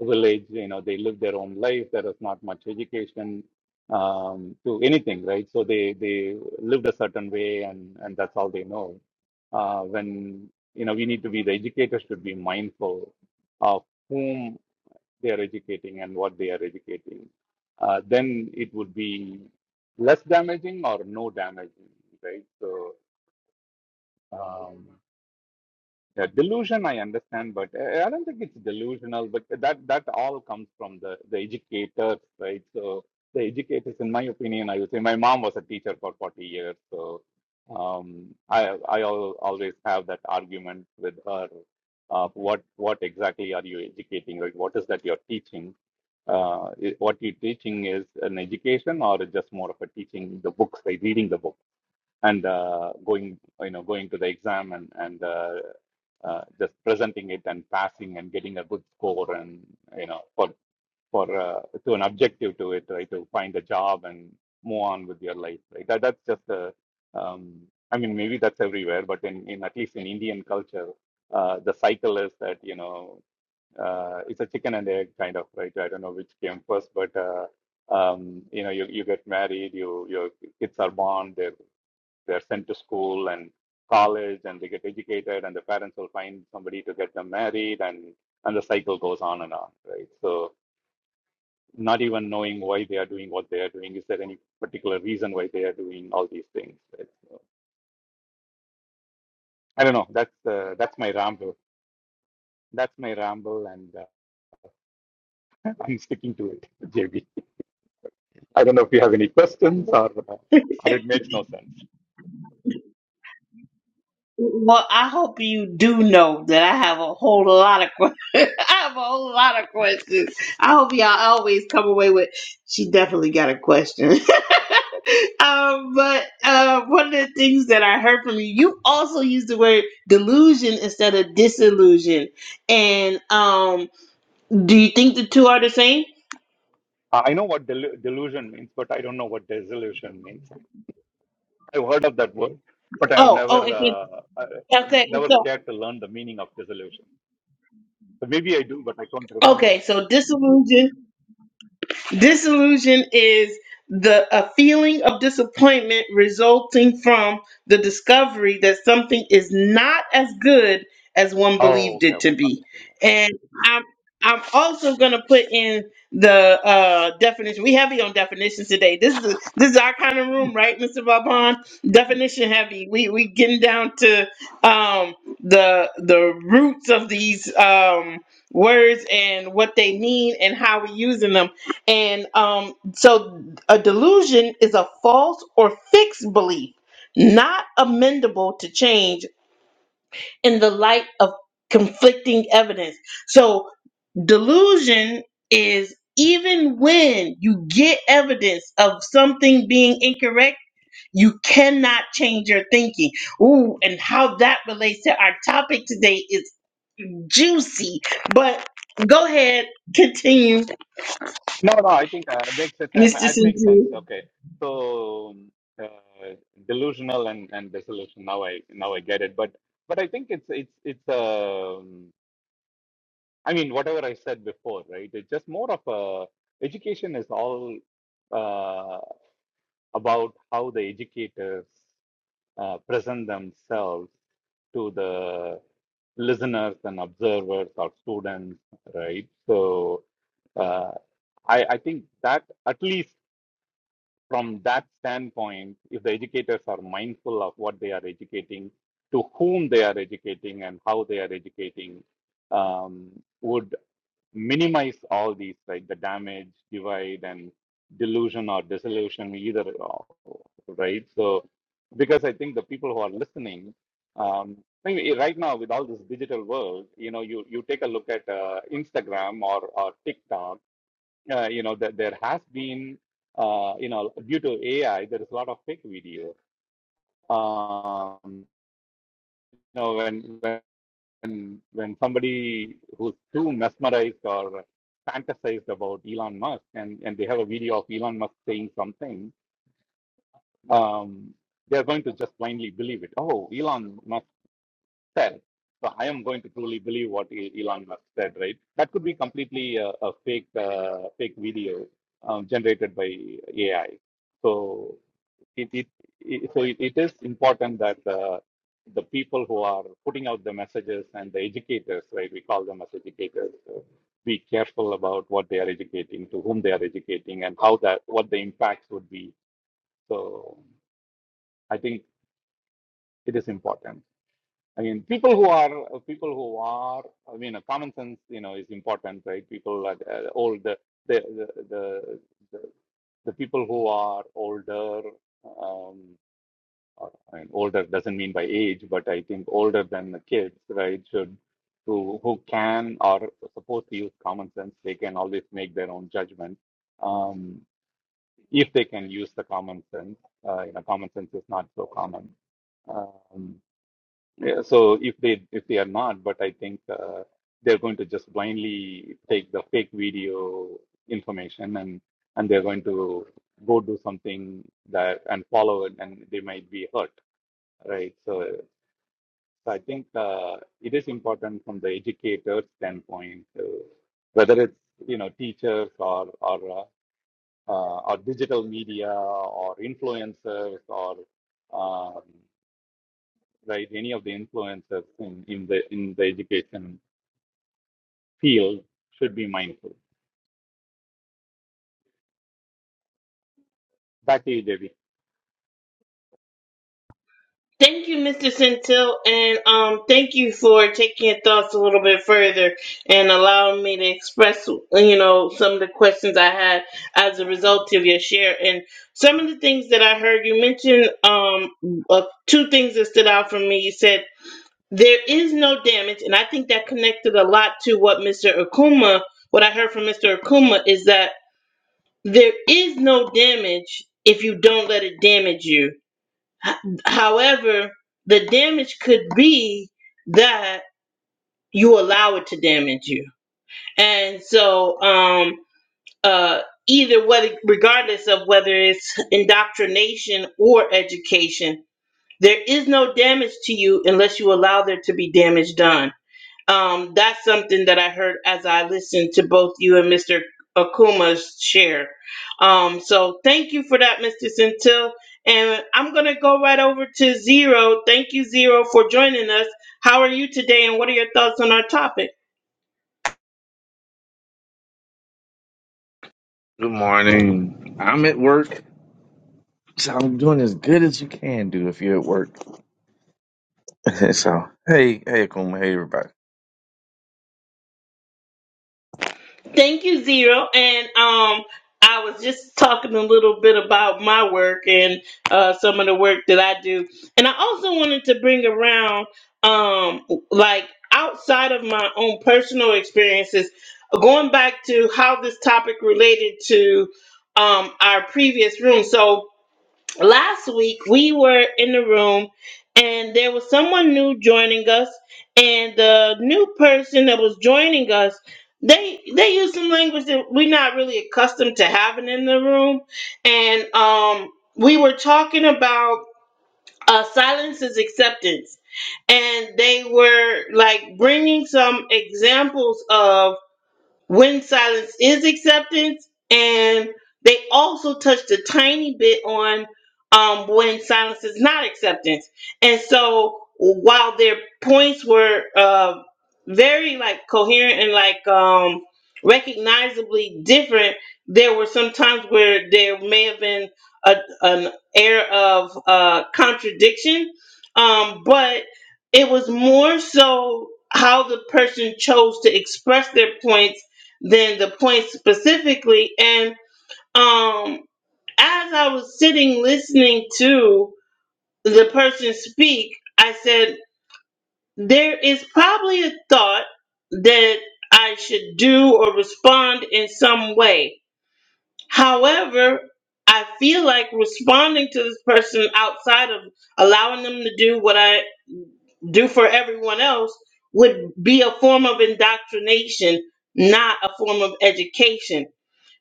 [SPEAKER 7] village, you know, they live their own life. There is not much education um, to anything, right? So they they lived a certain way, and and that's all they know. Uh, when you know, we need to be the educators should be mindful of whom they are educating and what they are educating. Uh, then it would be less damaging or no damaging, right? So. Um, yeah, delusion I understand, but I I don't think it's delusional. But that that all comes from the the educators, right? So the educators, in my opinion, I would say my mom was a teacher for 40 years, so um, I I al always have that argument with her. Uh, what what exactly are you educating? Like, what is that you're teaching? Uh, i- what you're teaching is an education, or just more of a teaching the books, like reading the books? and uh, going you know going to the exam and and uh, uh, just presenting it and passing and getting a good score and you know for for uh, to an objective to it right to find a job and move on with your life right that, that's just a um, I mean maybe that's everywhere but in, in at least in Indian culture uh, the cycle is that you know uh, it's a chicken and egg kind of right I don't know which came first but uh, um, you know you, you get married you your kids are born they're they're sent to school and college and they get educated and the parents will find somebody to get them married and, and the cycle goes on and on, right? So not even knowing why they are doing what they are doing. Is there any particular reason why they are doing all these things? Right? So, I don't know. That's uh, that's my ramble. That's my ramble, and uh, I'm sticking to it, JB. I don't know if you have any questions or uh, or it makes no sense.
[SPEAKER 1] Well, I hope you do know that I have a whole lot of questions. I have a whole lot of questions. I hope y'all always come away with. She definitely got a question. um, but uh, one of the things that I heard from you, you also used the word delusion instead of disillusion. And um, do you think the two are the same?
[SPEAKER 7] I know what del- delusion means, but I don't know what disillusion means. I've heard of that word, but I have
[SPEAKER 1] Oh,
[SPEAKER 7] never
[SPEAKER 1] oh, okay,
[SPEAKER 7] uh, I
[SPEAKER 1] okay.
[SPEAKER 7] never
[SPEAKER 1] So,
[SPEAKER 7] cared to learn the meaning of disillusion. So maybe I do, but I can't remember
[SPEAKER 1] okay,
[SPEAKER 7] it.
[SPEAKER 1] so disillusion. Disillusion is the a feeling of disappointment resulting from the discovery that something is not as good as one
[SPEAKER 7] Oh,
[SPEAKER 1] believed
[SPEAKER 7] okay,
[SPEAKER 1] it
[SPEAKER 7] okay,
[SPEAKER 1] to
[SPEAKER 7] got
[SPEAKER 1] be.
[SPEAKER 7] it.
[SPEAKER 1] And I'm I'm also going to put in the uh, definition. We heavy on definitions today. This is this is our kind of room, right, Mr. Vaughn? Definition heavy. We we getting down to um, the the roots of these um, words and what they mean and how we using them and um, so a delusion is a false or fixed belief, not amendable to change in the light of conflicting evidence. So delusion is even when you get evidence of something being incorrect, you cannot change your thinking. Ooh, and how that relates to our topic today is juicy. But go ahead, continue,
[SPEAKER 7] No, no, I think uh, makes sense. Um,
[SPEAKER 1] Mr.
[SPEAKER 7] It makes sense.
[SPEAKER 1] Sintu.
[SPEAKER 7] Okay. So um, uh, delusional and and disillusion. Now I now I get it. But but I think it's it's it's um I mean whatever I said before, right? It's just more of a education is all uh, about how the educators uh, present themselves to the listeners and observers or students, right? So uh, I I think that at least. from that standpoint, if the educators are mindful of what they are educating, to whom they are educating, and how they are educating, um, would minimize all these, right? The damage, divide, and delusion or disillusion, either, right? So, because I think the people who are listening, um, I mean, right now with all this digital world, you know, you you take a look at uh, Instagram or or TikTok uh, you know that there has been uh, you know due to AI there is a lot of fake video. Um, you know when when when somebody who's too mesmerized or fantasized about Elon Musk and and they have a video of Elon Musk saying something, um, they are going to just blindly believe it. Oh, Elon Musk Fair. So I am going to truly believe what E- Elon Musk said, right? That could be completely a, a fake, uh, fake video um, generated by AI. So it, it, it so it, it is important that uh, the people who are putting out the messages and the educators, right? We call them as educators. uh, be careful about what they are educating, to whom they are educating, and how that what the impacts would be. So I think it is important. I mean, people who are people who are. I mean, uh, common sense, you know, is important, right? People like uh, old, the the, the the the people who are older. Um, or, I mean, older doesn't mean by age, but I think older than the kids, right? Should who who can or supposed to use common sense, they can always make their own judgment. Um, if they can use the common sense, uh, you know, common sense is not so common. Um, yeah, so if they if they are not, but I think uh, they're going to just blindly take the fake video information and and they're going to go do something that and follow it, and they might be hurt, right? So, so I think uh, it is important from the educator standpoint, uh, whether it's you know teachers or or uh, uh, or digital media or influencers or. um, right? Any of the influencers in, in the in the education field should be mindful. Back to you, JB.
[SPEAKER 1] Thank you, Mr. Centil, and um, thank you for taking your thoughts a little bit further and allowing me to express, you know, some of the questions I had as a result of your share. And some of the things that I heard you mention, um, uh, two things that stood out for me. You said there is no damage, and I think that connected a lot to what Mr. Akuma, what I heard from Mr. Akuma, is that there is no damage if you don't let it damage you However, the damage could be that you allow it to damage you. And so, um, uh, either whether, regardless of whether it's indoctrination or education, there is no damage to you unless you allow there to be damage done. Um, that's something that I heard as I listened to both you and Mr. Akuma's share. Um, so thank you for that, Mr. Centil. And I'm going to go right over to Zero. Thank you, Zero, for joining us. How are you today, and what are your thoughts on our topic?
[SPEAKER 8] Good morning. I'm at work, so I'm doing as good as you can do if you're at work. so, hey, hey, Akuma, hey, everybody.
[SPEAKER 1] Thank you, Zero. And um, I was just talking a little bit about my work and uh, some of the work that I do. And I also wanted to bring around, um, like outside of my own personal experiences, going back to how this topic related to um, our previous room. So last week we were in the room and there was someone new joining us and the new person that was joining us they they used some language that we're not really accustomed to having in the room and um we were talking about uh silence is acceptance and they were like bringing some examples of when silence is acceptance and they also touched a tiny bit on um, when silence is not acceptance and so while their points were uh, very like coherent and like um, recognizably different there were some times where there may have been a, an air of uh, contradiction um, but it was more so how the person chose to express their points than the point specifically. And um, as I was sitting listening to the person speak, I said, There is probably a thought that I should do or respond in some way. However, I feel like responding to this person outside of allowing them to do what I do for everyone else would be a form of indoctrination, not a form of education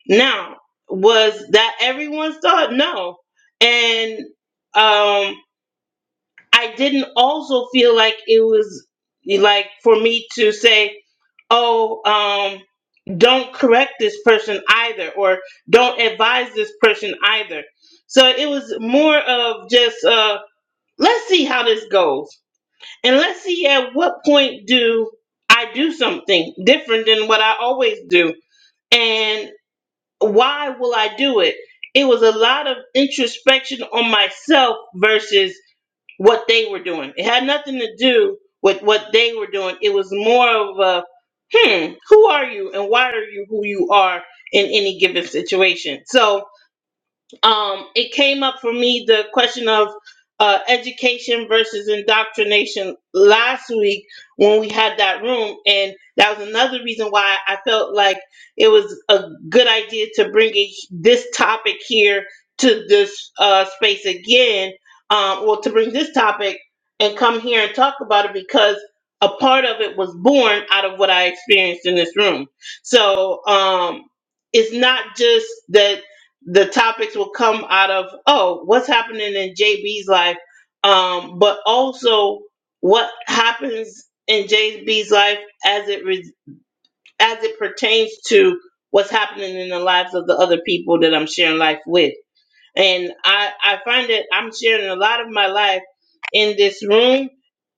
[SPEAKER 1] Now, was that everyone's thought? No. And um I didn't also feel like it was like for me to say, "Oh, um don't correct this person either or don't advise this person either." So it was more of just uh let's see how this goes. And let's see at what point do I do something different than what I always do. and why will I do it? It was a lot of introspection on myself versus what they were doing. It had nothing to do with what they were doing. It was more of a, hmm, who are you and why are you who you are in any given situation? So, um, it came up for me the question of uh, education versus indoctrination last week when we had that room, and that was another reason why I felt like it was a good idea to bring it, this topic here to this uh, space again. Um, well, to bring this topic and come here and talk about it because a part of it was born out of what I experienced in this room. So um, it's not just that the topics will come out of oh what's happening in JB's life um but also what happens in JB's life as it re- as it pertains to what's happening in the lives of the other people that I'm sharing life with and I I find that I'm sharing a lot of my life in this room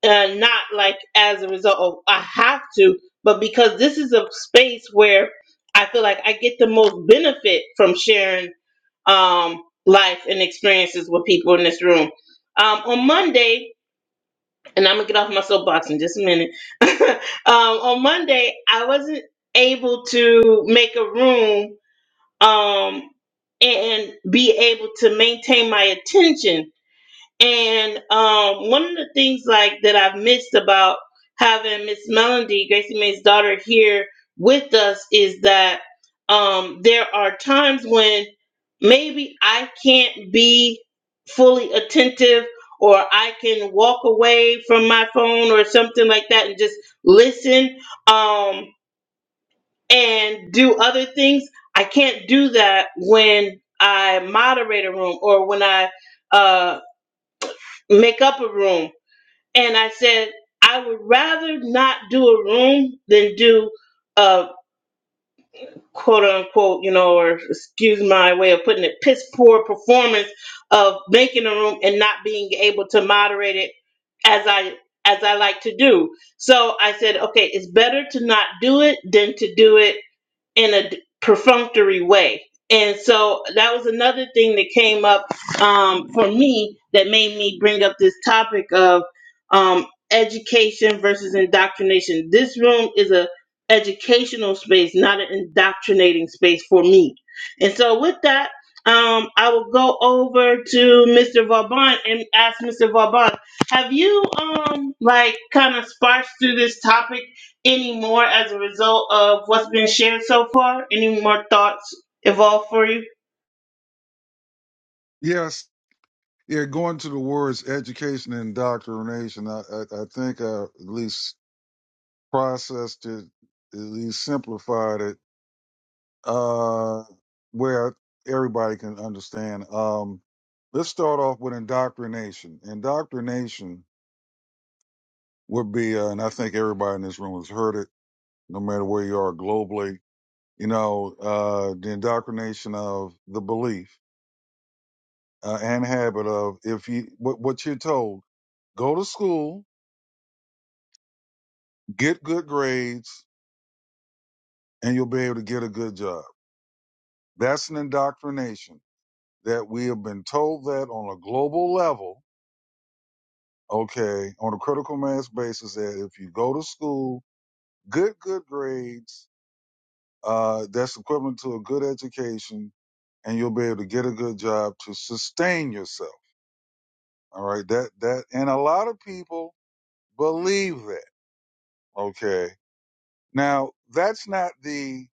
[SPEAKER 1] uh, not like as a result of I have to but because this is a space where I feel like I get the most benefit from sharing um, life and experiences with people in this room. Um, on Monday, and I'm gonna get off my soapbox in just a minute. um, on Monday, I wasn't able to make a room um, and be able to maintain my attention and um, one of the things like that I've missed about having Miss Melody, Gracie Mae's daughter, here with us is that um, there are times when maybe I can't be fully attentive or I can walk away from my phone or something like that and just listen um, and do other things. I can't do that when I moderate a room or when I uh, make up a room and I said, I would rather not do a room than do a quote unquote, you know, or excuse my way of putting it, piss poor performance of making a room and not being able to moderate it as I as I like to do. So I said, okay, it's better to not do it than to do it in a d- perfunctory way. And so that was another thing that came up um, for me that made me bring up this topic of um, education versus indoctrination. This room is a educational space, not an indoctrinating space for me. And so with that, um, I will go over to Mr. Vauban and ask Mr. Vauban, have you um like kind of sparsed through this topic any more as a result of what's been shared so far? Any more thoughts evolve for you?
[SPEAKER 2] Yes. Yeah. Going to the words education and indoctrination, I, I, I think I at least processed it, at least simplified it, uh, where everybody can understand. Um, let's start off with indoctrination. Indoctrination would be, uh, and I think everybody in this room has heard it no matter where you are globally. You know, uh, the indoctrination of the belief uh, and habit of if you what, what you're told, go to school, get good grades, and you'll be able to get a good job. That's an indoctrination that we have been told that on a global level, okay, on a critical mass basis, that if you go to school, good good grades, uh, that's equivalent to a good education, and you'll be able to get a good job to sustain yourself All right. That, that, and a lot of people believe that. Okay. Now that's not the,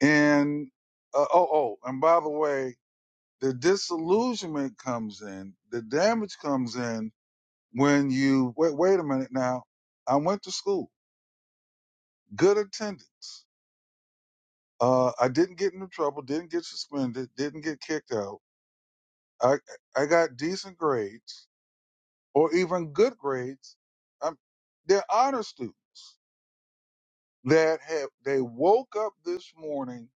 [SPEAKER 2] and, uh, oh, oh, and by the way, the disillusionment comes in, the damage comes in when you, wait, wait a minute now. I went to school, good attendance. Uh, I didn't get into trouble, didn't get suspended, didn't get kicked out. I, I got decent grades or even good grades. I'm, they're honor students. that have they woke up this morning.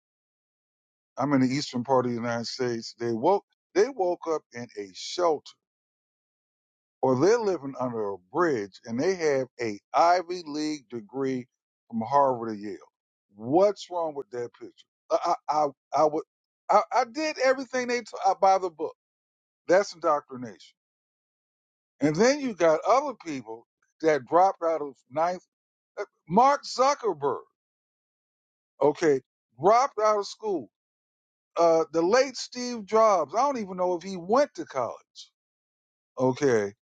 [SPEAKER 2] I'm in the eastern part of the United States. They woke they woke up in a shelter or they're living under a bridge and they have a Ivy League degree from Harvard or Yale. What's wrong with that picture? I I I, I would I, I did everything they t- I, by the book. That's indoctrination. And then you got other people that dropped out of ninth. uh, Mark Zuckerberg, okay, dropped out of school uh, the late Steve Jobs, I don't even know if he went to college. Okay.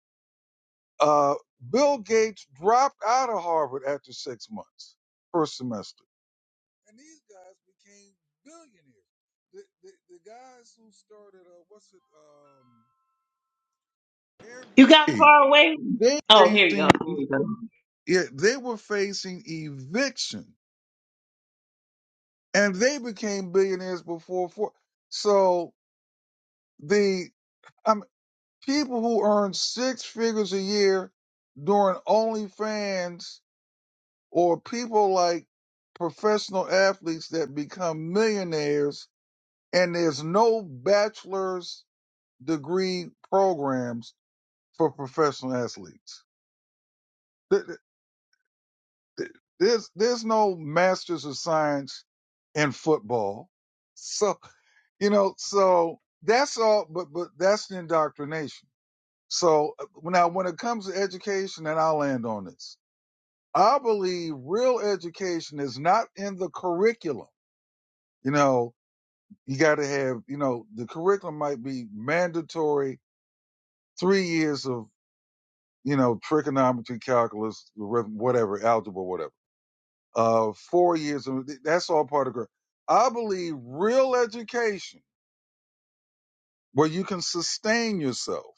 [SPEAKER 2] Uh, Bill Gates dropped out of Harvard after six months, first semester. And these guys became billionaires. The, the, the guys who started, uh, what's it,
[SPEAKER 1] You got
[SPEAKER 2] um, Airbnb,
[SPEAKER 1] far away?
[SPEAKER 2] they
[SPEAKER 1] Oh, here you
[SPEAKER 2] facing, e-
[SPEAKER 1] go.
[SPEAKER 2] yeah, they were facing eviction and they became billionaires before, four. so the, I'm. people who earn six figures a year doing OnlyFans or people like professional athletes that become millionaires and there's no bachelor's degree programs for professional athletes. There's, there's no master's of science in football. So, you know, so that's all, but, but that's the indoctrination So uh, now, when it comes to education, and I'll land on this, I believe real education is not in the curriculum. You know, you got to have, you know, the curriculum might be mandatory three years of, you know, trigonometry, calculus, arith- whatever, algebra, whatever. Uh, four years of that's all part of. cur- I believe real education where you can sustain yourself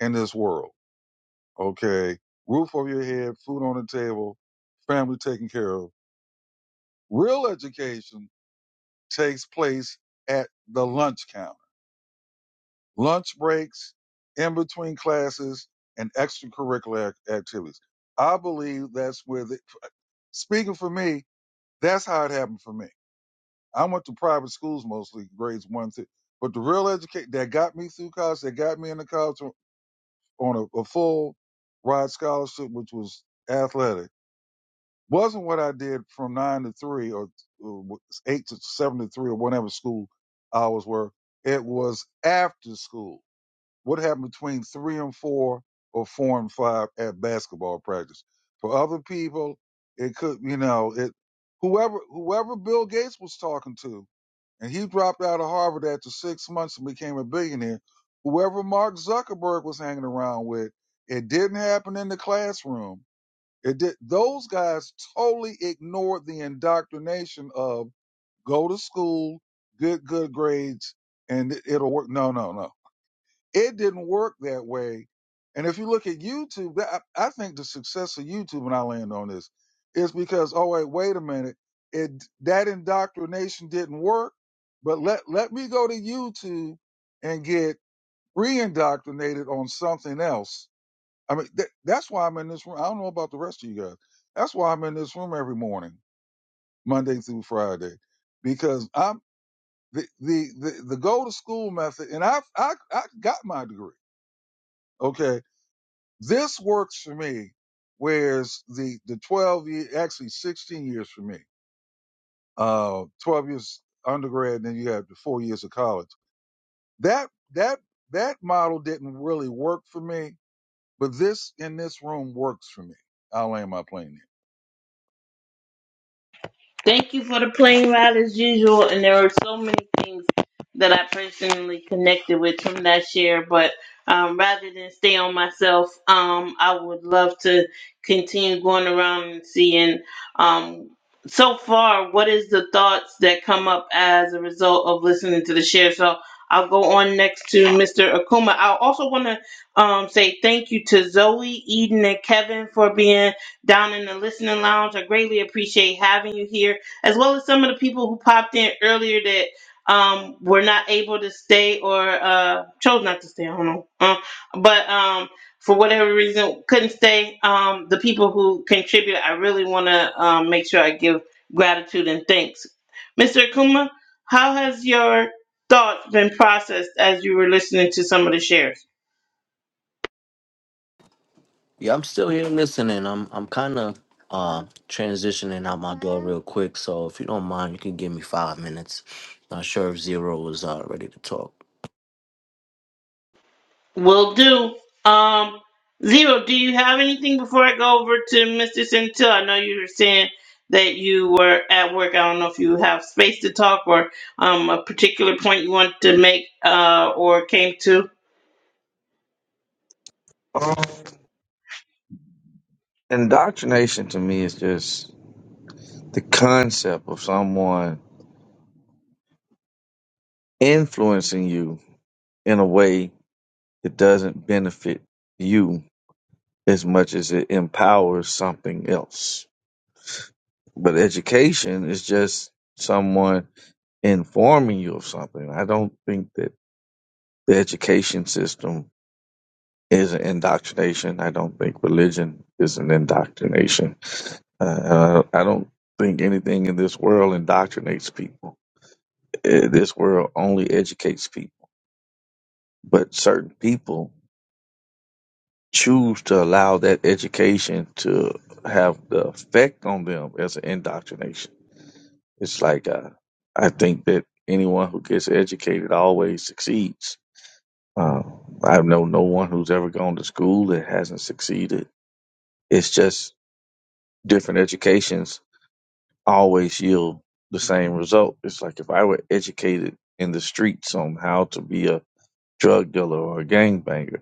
[SPEAKER 2] in this world okay, roof over your head, food on the table, family taken care of. Real education takes place at the lunch counter, lunch breaks, in between classes, and extracurricular ac- activities. I believe that's where the, speaking for me, that's how it happened for me. I went to private schools mostly, grades one through, but the real education that got me through college, that got me into college on a, a full ride scholarship, which was athletic Wasn't what I did from nine to three or uh, eight to seven to three or whatever school hours were. It was after school. What happened between three and four or four and five at basketball practice? For other people, it could, you know, it, whoever, whoever Bill Gates was talking to, and he dropped out of Harvard after six months and became a billionaire. Whoever Mark Zuckerberg was hanging around with, it didn't happen in the classroom it did, those guys totally ignored the indoctrination of go to school, good good grades, and it- it'll work. No, no, no. It didn't work that way. And if you look at YouTube, that- I, I think the success of YouTube, and I land on this, is because oh wait, wait a minute, it that indoctrination didn't work, but let let me go to YouTube and get re-indoctrinated on something else I mean, th- that's why I'm in this room. I don't know about the rest of you guys. That's why I'm in this room every morning, Monday through Friday, because I'm the the the, the go to school method, and I I I got my degree. Okay, this works for me. Whereas the the 12 year, actually 16 years for me, uh, 12 years undergrad, and then you have the four years of college. That that that model didn't really work for me, but this in this room works for me. I'll land my plane there.
[SPEAKER 1] Thank you for the plane ride as usual. And there were so many things that I personally connected with from that share. But um, rather than stay on myself, um, I would love to continue going around and seeing. Um, so far, what is the thoughts that come up as a result of listening to the share? So I'll go on next to Mr. Akuma. I also want to um, say thank you to Zoe, Eden, and Kevin for being down in the listening lounge. I greatly appreciate having you here, as well as some of the people who popped in earlier that um, were not able to stay or uh, chose not to stay. I don't know, um, but um, for whatever reason couldn't stay. Um, the people who contributed, I really want to um, make sure I give gratitude and thanks. Mr. Akuma, how has your thoughts been processed as you were listening to some of the shares?
[SPEAKER 6] Yeah, I'm still here listening. I'm I'm kind of uh, transitioning out my door real quick, so if you don't mind, you can give me five minutes. Not sure if Zero is uh, ready to talk.
[SPEAKER 1] Will do. Um, Zero, do you have anything before I go over to Mr. Centil? I know you were saying that you were at work. I don't know if you have space to talk or um, a particular point you want to make uh, or came to.
[SPEAKER 8] Um, indoctrination to me is just the concept of someone influencing you in a way that doesn't benefit you as much as it empowers something else. But education is just someone informing you of something. I don't think that the education system is an indoctrination. I don't think religion is an indoctrination. Uh, I don't think anything in this world indoctrinates people. Eh, This world only educates people, but certain people choose to allow that education to have the effect on them as an indoctrination. It's like uh, I think that anyone who gets educated always succeeds. Uh, I know no one who's ever gone to school that hasn't succeeded. It's just different educations always yield the same result. It's like if I were educated in the streets on how to be a drug dealer or a gangbanger,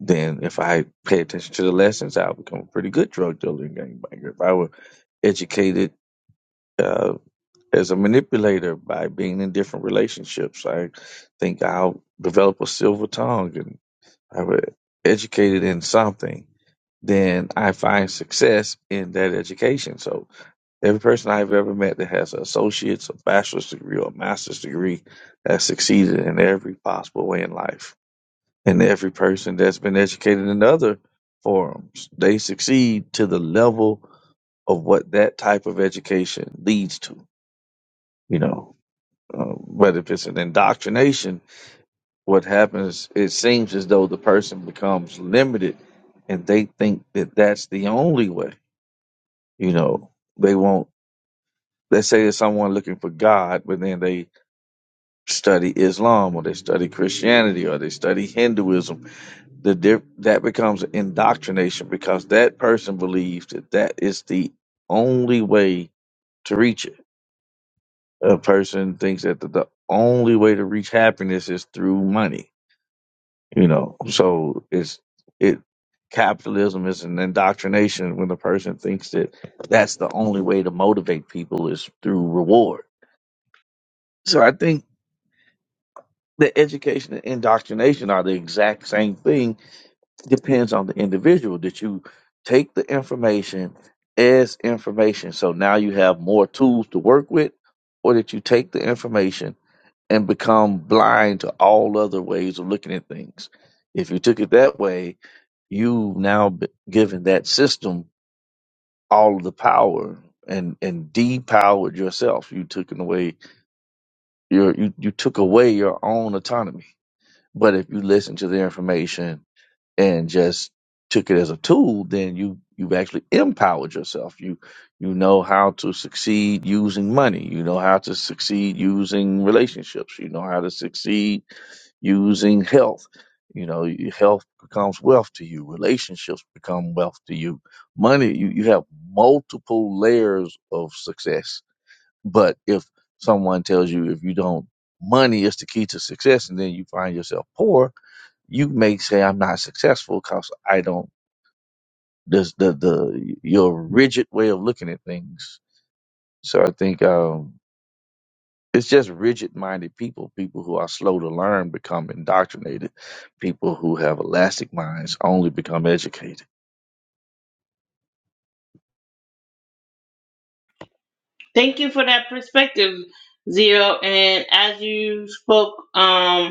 [SPEAKER 8] then if I pay attention to the lessons, I'll become a pretty good drug dealer and gangbanger. If I were educated uh, as a manipulator by being in different relationships, I think I'll develop a silver tongue and I were educated in something, then I find success in that education. So Every person I've ever met that has an associate's, a bachelor's degree, or a master's degree has succeeded in every possible way in life. And every person that's been educated in other forums, they succeed to the level of what that type of education leads to. You know, uh, but if it's an indoctrination, what happens, it seems as though the person becomes limited and they think that that's the only way. You know, they won't, let's say there's someone looking for God, but then they study Islam or they study Christianity or they study Hinduism, the diff- that becomes indoctrination because that person believes that that is the only way to reach it. A person thinks that the, the only way to reach happiness is through money, you know. So it's it capitalism is an indoctrination when the person thinks that that's the only way to motivate people is through reward. So I think that education and indoctrination are the exact same thing depends on the individual that you take the information as information so now you have more tools to work with or that you take the information and become blind to all other ways of looking at things if you took it that way you've now b- given that system all of the power and and depowered yourself you took in away your you, you took away your own autonomy but if you listen to the information and just took it as a tool, then you you've actually empowered yourself. You you know how to succeed using money. You know how to succeed using relationships. You know how to succeed using health. You know, your health becomes wealth to you. Relationships become wealth to you. Money, you, you have multiple layers of success. But if someone tells you if you don't, money is the key to success, and then you find yourself poor, you may say I'm not successful because I don't. This the the your rigid way of looking at things. So I think um, it's just rigid-minded people, people who are slow to learn, become indoctrinated. People who have elastic minds only become educated.
[SPEAKER 1] Thank you for that perspective, Zero. And as you spoke, um,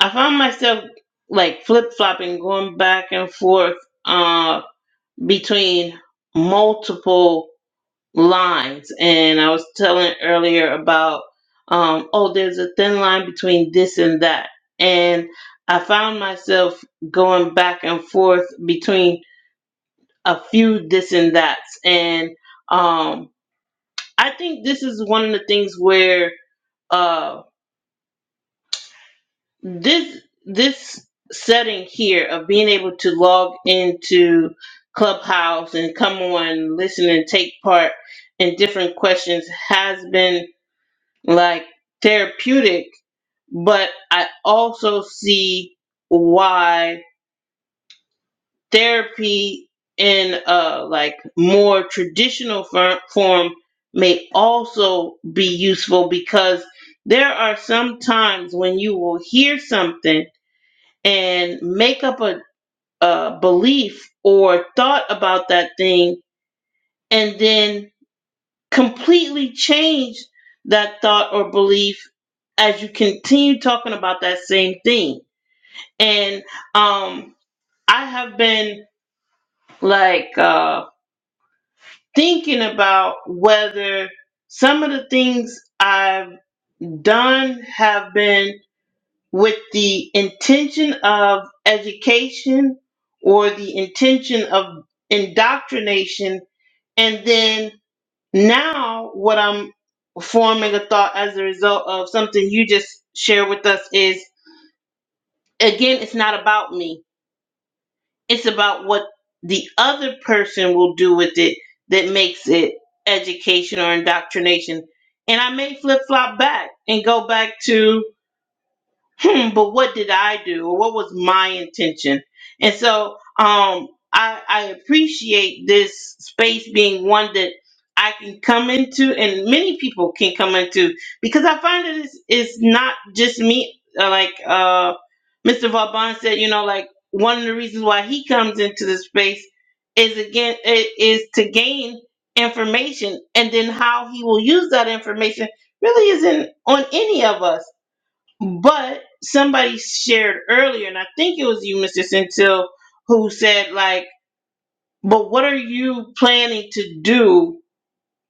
[SPEAKER 1] I found myself like flip flopping, going back and forth uh, between multiple lines. And I was telling earlier about, um, oh, there's a thin line between this and that. And I found myself going back and forth between a few this and that's. And um, I think this is one of the things where. Uh, this this setting here of being able to log into clubhouse and come on listen and take part in different questions has been like therapeutic but i also see why therapy in a like more traditional fir- form may also be useful because there are some times when you will hear something and make up a, a belief or thought about that thing and then completely change that thought or belief as you continue talking about that same thing and um i have been like uh thinking about whether some of the things i've done have been with the intention of education or the intention of indoctrination. And then now, what I'm forming a thought as a result of something you just shared with us is again, it's not about me, it's about what the other person will do with it that makes it education or indoctrination. And I may flip flop back and go back to hmm, but what did I do or what was my intention? And so um I I appreciate this space being one that I can come into and many people can come into because I find that it's it's not just me uh, like uh Mr. Vauban said, you know, like one of the reasons why he comes into the space is again i- is to gain information and then how he will use that information really isn't on any of us but somebody shared earlier, and I think it was you, Mr. Centil, who said, like, but what are you planning to do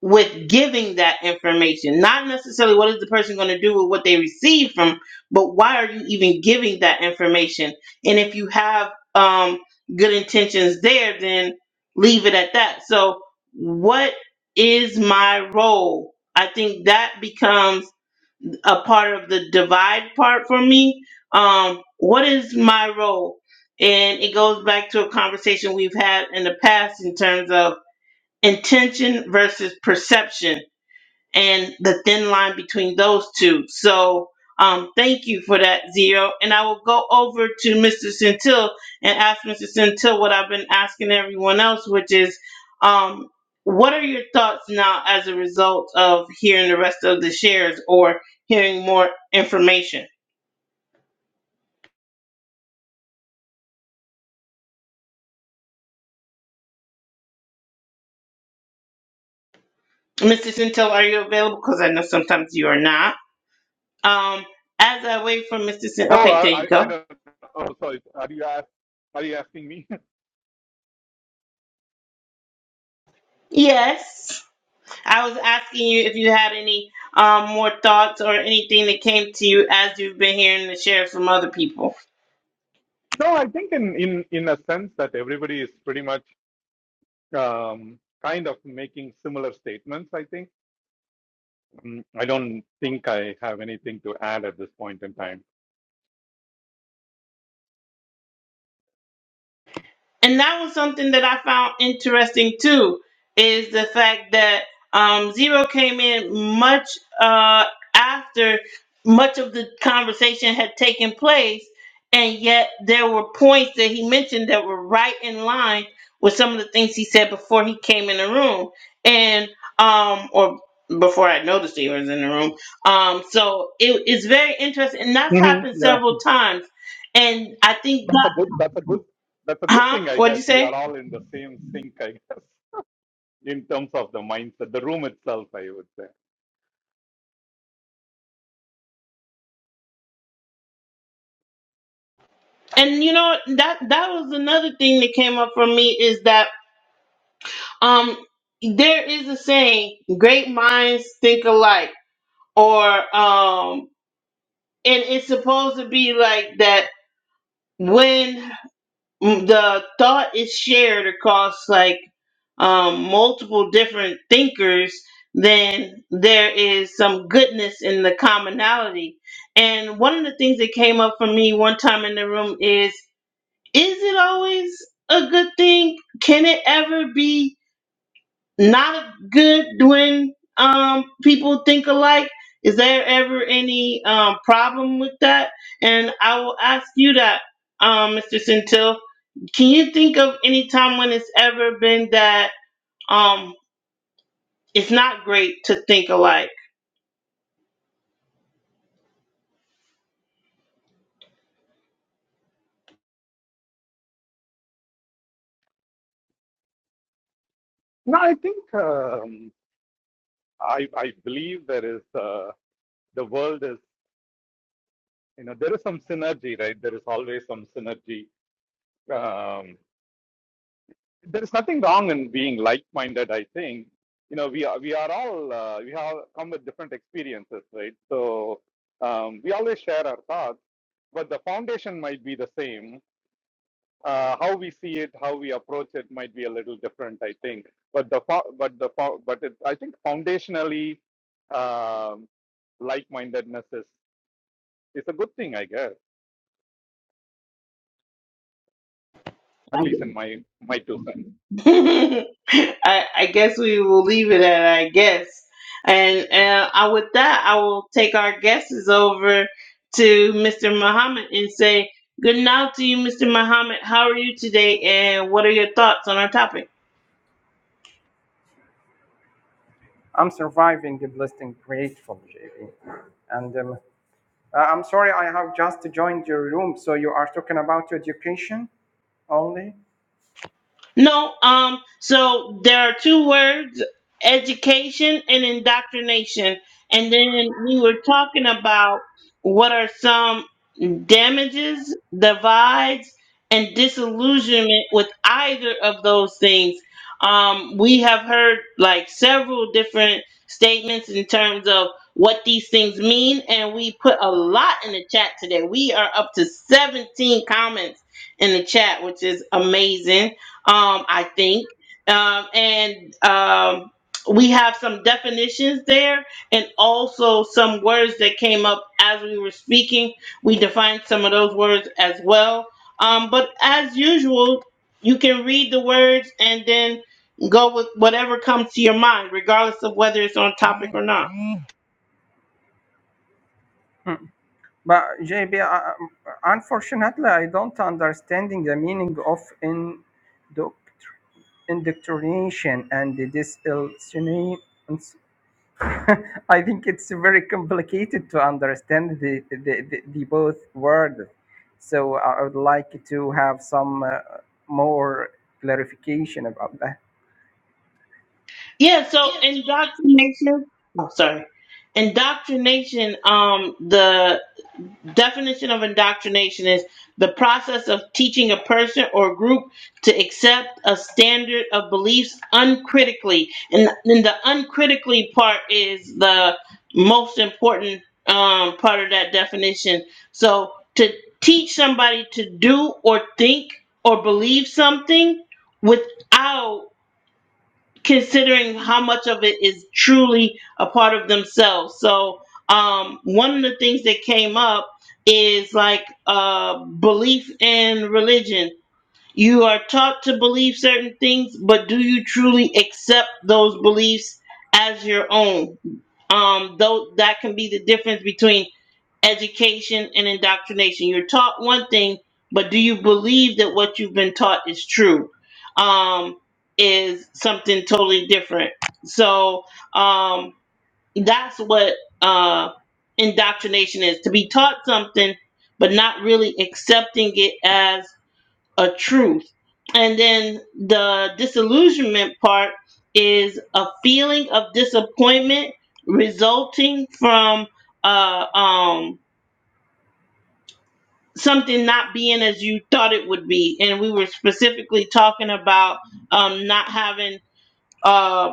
[SPEAKER 1] with giving that information? Not necessarily what is the person going to do with what they receive from, but why are you even giving that information? And if you have um, good intentions there, then leave it at that. So, what is my role? I think that becomes a part of the divide part for me. Um, what is my role? And it goes back to a conversation we've had in the past in terms of intention versus perception and the thin line between those two. So um, thank you for that, Zero. And I will go over to Mr. Centil and ask Mr. Centil what I've been asking everyone else, which is um, what are your thoughts now as a result of hearing the rest of the shares or hearing more information? Mr. Centil, are you available? Because I know sometimes you are not. Um, as I wait for Mr.
[SPEAKER 7] No,
[SPEAKER 1] Centil, okay, there
[SPEAKER 7] I, I
[SPEAKER 1] you go.
[SPEAKER 7] don't. Oh, sorry. Are you ask, Are you asking me?
[SPEAKER 1] Yes. I was asking you if you had any um, more thoughts or anything that came to you as you've been hearing the shares from other people.
[SPEAKER 7] no, I think in in in a sense that everybody is pretty much um, kind of making similar statements. I think. Mm, I don't think I have anything to add at this point in time.
[SPEAKER 1] and that was something that I found interesting too, is the fact that um, Zero came in much uh, after much of the conversation had taken place, and yet there were points that he mentioned that were right in line with some of the things he said before he came in the room, and um, or before I noticed he was in the room. Um, so it is very interesting, and that's
[SPEAKER 7] hmm
[SPEAKER 1] happened
[SPEAKER 7] yeah,
[SPEAKER 1] several times. And I think,
[SPEAKER 7] that's a
[SPEAKER 1] that,
[SPEAKER 7] good. That's a good. That's a good
[SPEAKER 1] huh?
[SPEAKER 7] thing, I
[SPEAKER 1] What'd
[SPEAKER 7] guess.
[SPEAKER 1] you
[SPEAKER 7] We
[SPEAKER 1] say?
[SPEAKER 7] are all in the same sink, I guess. in terms of the mindset, the room itself, I would say.
[SPEAKER 1] and you know that that was another thing that came up for me is that um there is a saying great minds think alike or um and it's supposed to be like that when the thought is shared across like um multiple different thinkers then there is some goodness in the commonality and one of the things that came up for me one time in the room is is it always a good thing? Can it ever be not good when um, people think alike? Is there ever any um, problem with that? And I will ask you that, um, Mr. Centil. Can you think of any time when it's ever been that um, it's not great to think alike?
[SPEAKER 7] No, I think um, I I believe there is uh, the world is you know there is some synergy, right? There is always some synergy. Um, there is nothing wrong in being like-minded. I think you know we are we are all uh, we have come with different experiences, right? So um, we always share our thoughts, but the foundation might be the same uh, how we see it, how we approach it might be a little different, I think. But the fo- but the fo- but it, I think foundationally, um, like-mindedness is is a good thing, I guess. At least in my my two cents.
[SPEAKER 1] I, I guess we will leave it at I guess. And, and I, with that, I will take our guesses over to Mr. Muhammad and say, Good night to you, Mr. Muhammad. How are you today? And what are your thoughts on our topic?
[SPEAKER 9] I'm surviving the blessing grateful, JB. And um, uh, I'm sorry, I have just joined your room. So you are talking about education only?
[SPEAKER 1] No, um, so there are two words, education and indoctrination. And then we were talking about what are some damages, divides, and disillusionment with either of those things. Um, we have heard like several different statements in terms of what these things mean, and we put a lot in the chat today. We are up to 17 comments in the chat, which is amazing um, I think. Um, and um, we have some definitions there and also some words that came up as we were speaking. We defined some of those words as well. Um, but as usual, you can read the words and then go with whatever comes to your mind, regardless of whether it's on topic or not.
[SPEAKER 9] Hmm. But JB, uh, uh, unfortunately, I don't understanding the meaning of in indoctrination and the disillusionment I think it's very complicated to understand the, the, the, the both words. So I I would like to have some uh, more clarification about that.
[SPEAKER 1] Yeah, so indoctrination. Oh, sorry. Indoctrination. Um, the definition of indoctrination is the process of teaching a person or group to accept a standard of beliefs uncritically. And then the uncritically part is the most important um, part of that definition. So to teach somebody to do or think or believe something without considering how much of it is truly a part of themselves. So, um, one of the things that came up is like uh, belief in religion. You are taught to believe certain things, but do you truly accept those beliefs as your own? Um, though that can be the difference between education and indoctrination. You're taught one thing, but do you believe that what you've been taught is true? Um, is something totally different. So um, that's what uh, indoctrination is to be taught something, but not really accepting it as a truth. And then the disillusionment part is a feeling of disappointment resulting from uh, um, something not being as you thought it would be and we were specifically talking about um not having uh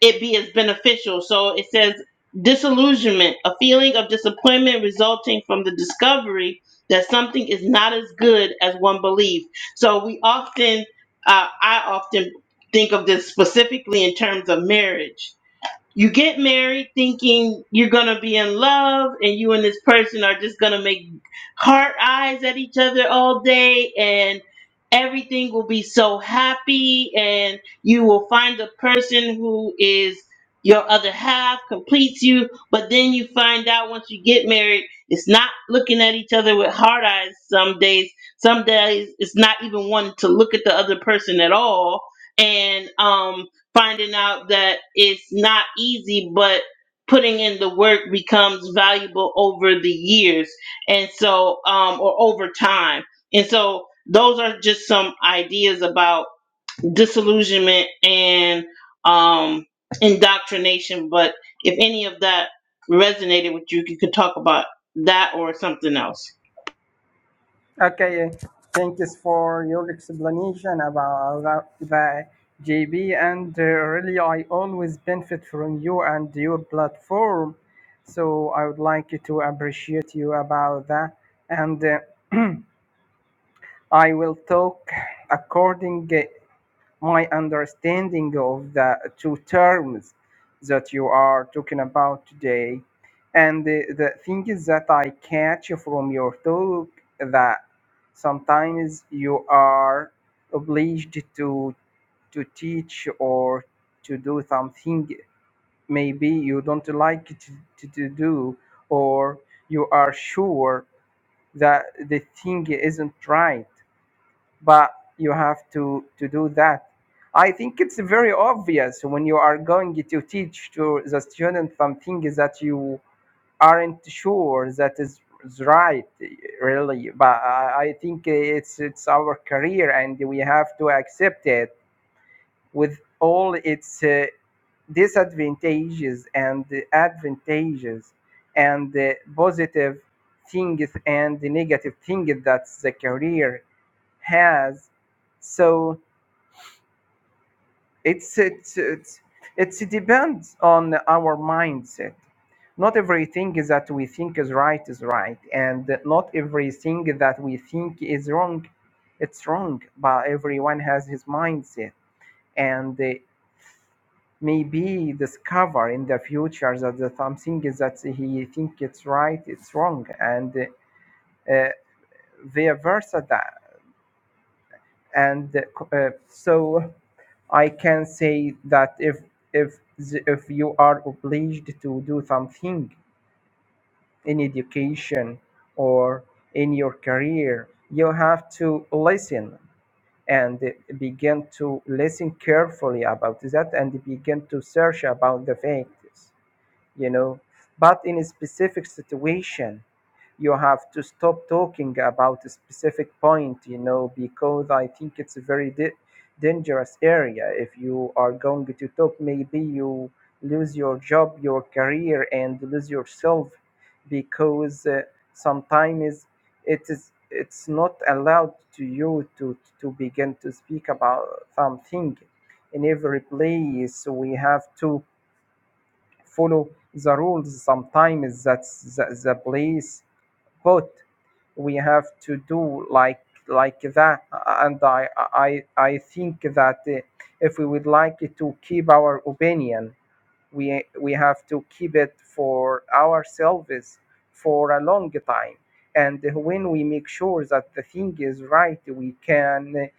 [SPEAKER 1] it be as beneficial so it says disillusionment a feeling of disappointment resulting from the discovery that something is not as good as one believed so we often uh, i often think of this specifically in terms of marriage you get married thinking you're gonna be in love and you and this person are just gonna make heart eyes at each other all day and everything will be so happy and you will find the person who is your other half completes you but then you find out once you get married it's not looking at each other with heart eyes some days some days it's not even wanting to look at the other person at all and um finding out that it's not easy, but putting in the work becomes valuable over the years and so um or over time. And so those are just some ideas about disillusionment and um indoctrination. But if any of that resonated with you, you could talk about that or something else.
[SPEAKER 9] Okay, thank you for your explanation about the, the JB, and uh, really, I always benefit from you and your platform. So I would like to appreciate you about that, and uh, I will talk according. uh, my understanding of the two terms that you are talking about today. And the, the thing is that I catch from your talk that sometimes you are obliged to to teach or to do something maybe you don't like to, to, to do or you are sure that the thing isn't right but you have to to do that i think it's very obvious when you are going to teach to the student something that you aren't sure that is is right really but i I think it's it's our career and we have to accept it with all its uh, disadvantages and advantages and the positive things and the negative things that the career has so it's it's it's it's depends on our mindset not everything that we think is right is right and not everything that we think is wrong it's wrong but everyone has his mindset and they maybe discover in the future that the something is that he think it's right it's wrong and uh, vice versa that and uh, so I can say that if if the- if you are obliged to do something in education or in your career, you have to listen and begin to listen carefully about that and begin to search about the facts you know but in a specific situation you have to stop talking about a specific point you know because i think it's a very di- dangerous area if you are going to talk maybe you lose your job your career and lose yourself because uh, sometimes it is it's not allowed to you to to begin to speak about something in every place we have to follow the rules sometimes that's the, the place but we have to do like like that and i i i think that uh, if we would like to keep our opinion we we have to keep it for ourselves for a long time and when we make sure that the thing is right we can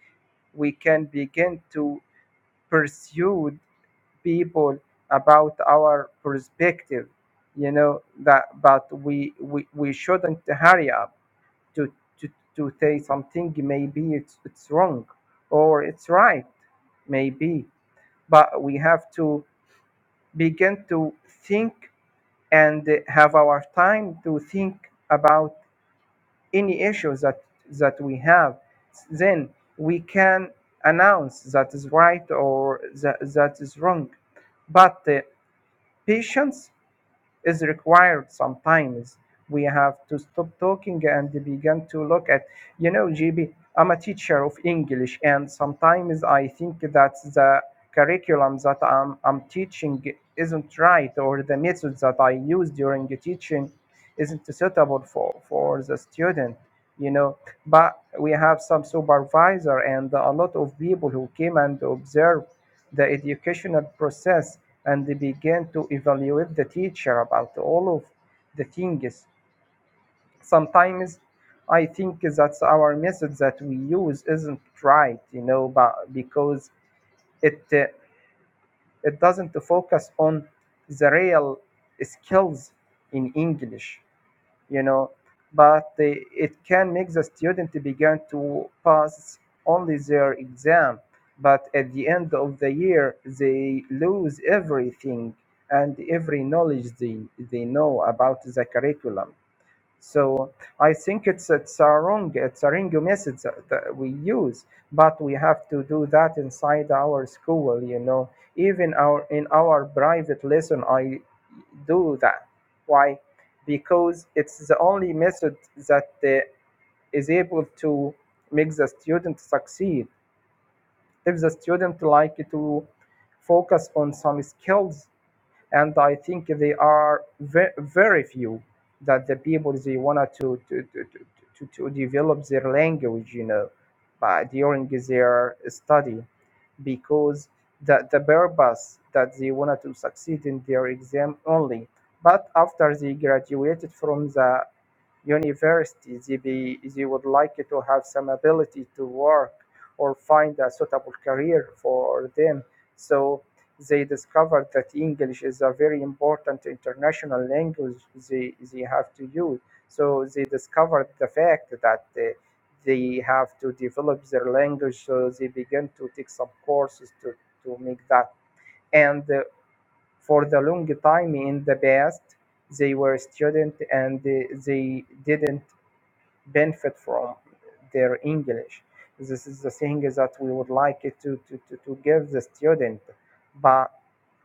[SPEAKER 9] we can begin to pursue people about our perspective you know that but we we, we shouldn't hurry up to, to to say something maybe it's it's wrong or it's right maybe but we have to begin to think and have our time to think about any issues that that we have then we can announce that is right or that, that is wrong but uh, patience is required sometimes we have to stop talking and begin to look at you know gb i'm a teacher of english and sometimes i think that the curriculum that i'm, I'm teaching isn't right or the methods that i use during the teaching isn't suitable for for the student you know but we have some supervisor and a lot of people who came and observe the educational process and they began to evaluate the teacher about all of the things. Sometimes I think that our method that we use isn't right, you know, but because it uh, it doesn't focus on the real skills in English you know but they, it can make the student begin to pass only their exam but at the end of the year they lose everything and every knowledge they, they know about the curriculum so I think it's it's a wrong it's a wrong message that that we use, but we have to do that inside our school. You know, even our in our private lesson, I do that. Why? Because it's the only method that uh, is able to make the student succeed. If the student like to focus on some skills and I think they are ve- very few that the people they wanted to to, to, to to to develop their language, you know, by during their study, because the, the purpose that they wanted to succeed in their exam only. But after they graduated from the university, they, they would like to have some ability to work or find a suitable career for them. So they discovered that English is a very important international language they, they have to use. So they discovered the fact that they, they have to develop their language. So they began to take some courses to, to make that. And uh, for the long time in the past, they were students and they, they didn't benefit from their English. This is the thing that we would like to, to, to, to give the student, but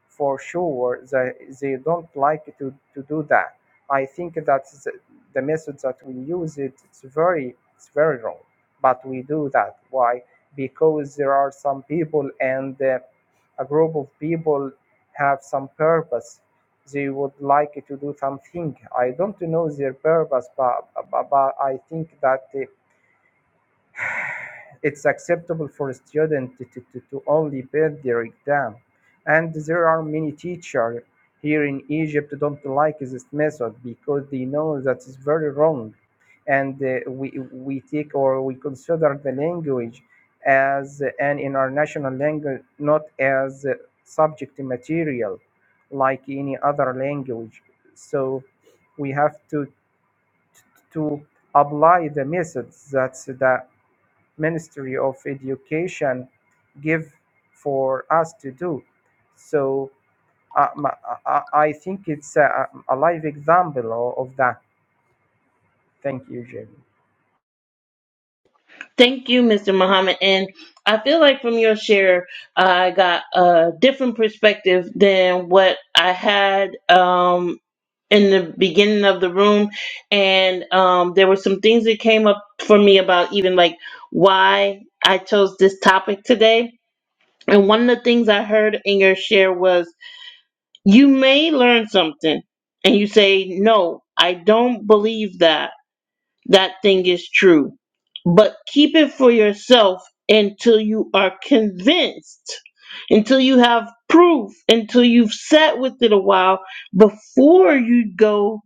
[SPEAKER 9] for sure they, they don't like to, to do that. I think that the, the method that we use it, it's very it's very wrong, but we do that. Why? Because there are some people and uh, a group of people have some purpose. They would like to do something. I don't know their purpose, but, but, but I think that uh, it's acceptable for a student to, to, to only pass their exam. And there are many teachers here in Egypt don't like this method because they know that it's very wrong. And uh, we, we take or we consider the language as an international language, not as subject material like any other language. So we have to, to apply the methods that the Ministry of Education give for us to do. So uh, m- I I- I think it's a, a live example o- of that. Thank you, Jamie.
[SPEAKER 1] Thank you, Mr. Muhammad. And I feel like from your share, I got a different perspective than what I had um, in the beginning of the room. And um, there were some things that came up for me about even like why I chose this topic today. And one of the things I heard in your share was you may learn something, and you say, No, I don't believe that that thing is true. But keep it for yourself until you are convinced, until you have proof, until you've sat with it a while before you go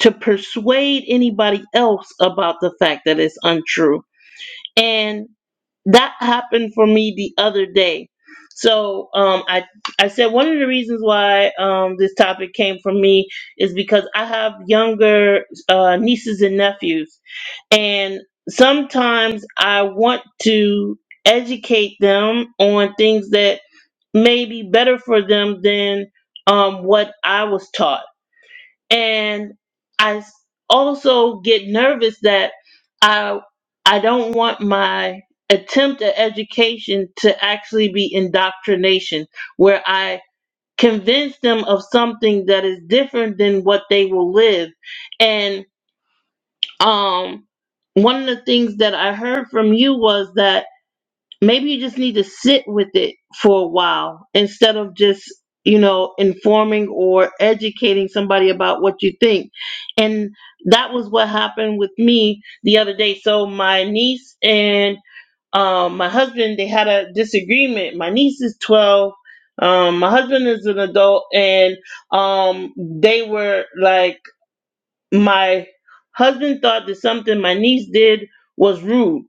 [SPEAKER 1] to persuade anybody else about the fact that it's untrue. And that happened for me the other day. So um, I I said one of the reasons why um, this topic came from me is because I have younger uh, nieces and nephews, and sometimes I want to educate them on things that may be better for them than um, what I was taught. And I s- also get nervous that I I don't want my attempt at education to actually be indoctrination, where I convince them of something that is different than what they will live. And um one of the things that I heard from you was that maybe you just need to sit with it for a while instead of just you know informing or educating somebody about what you think and that was what happened with me the other day so my niece and um, my husband they had a disagreement my niece is 12 um, my husband is an adult and um, they were like my husband thought that something my niece did was rude.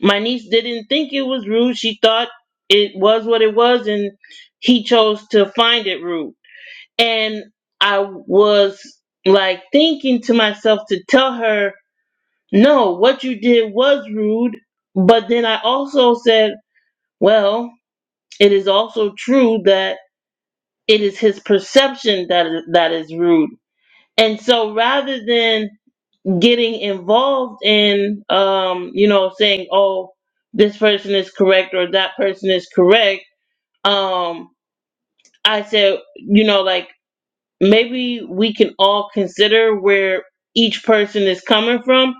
[SPEAKER 1] My niece didn't think it was rude. She thought it was what it was, and he chose to find it rude. And I was like thinking to myself to tell her, no, what you did was rude. But then I also said, well, it is also true that it is his perception that that is rude. And so rather than getting involved in um you know saying oh this person is correct or that person is correct um i said you know like maybe we can all consider where each person is coming from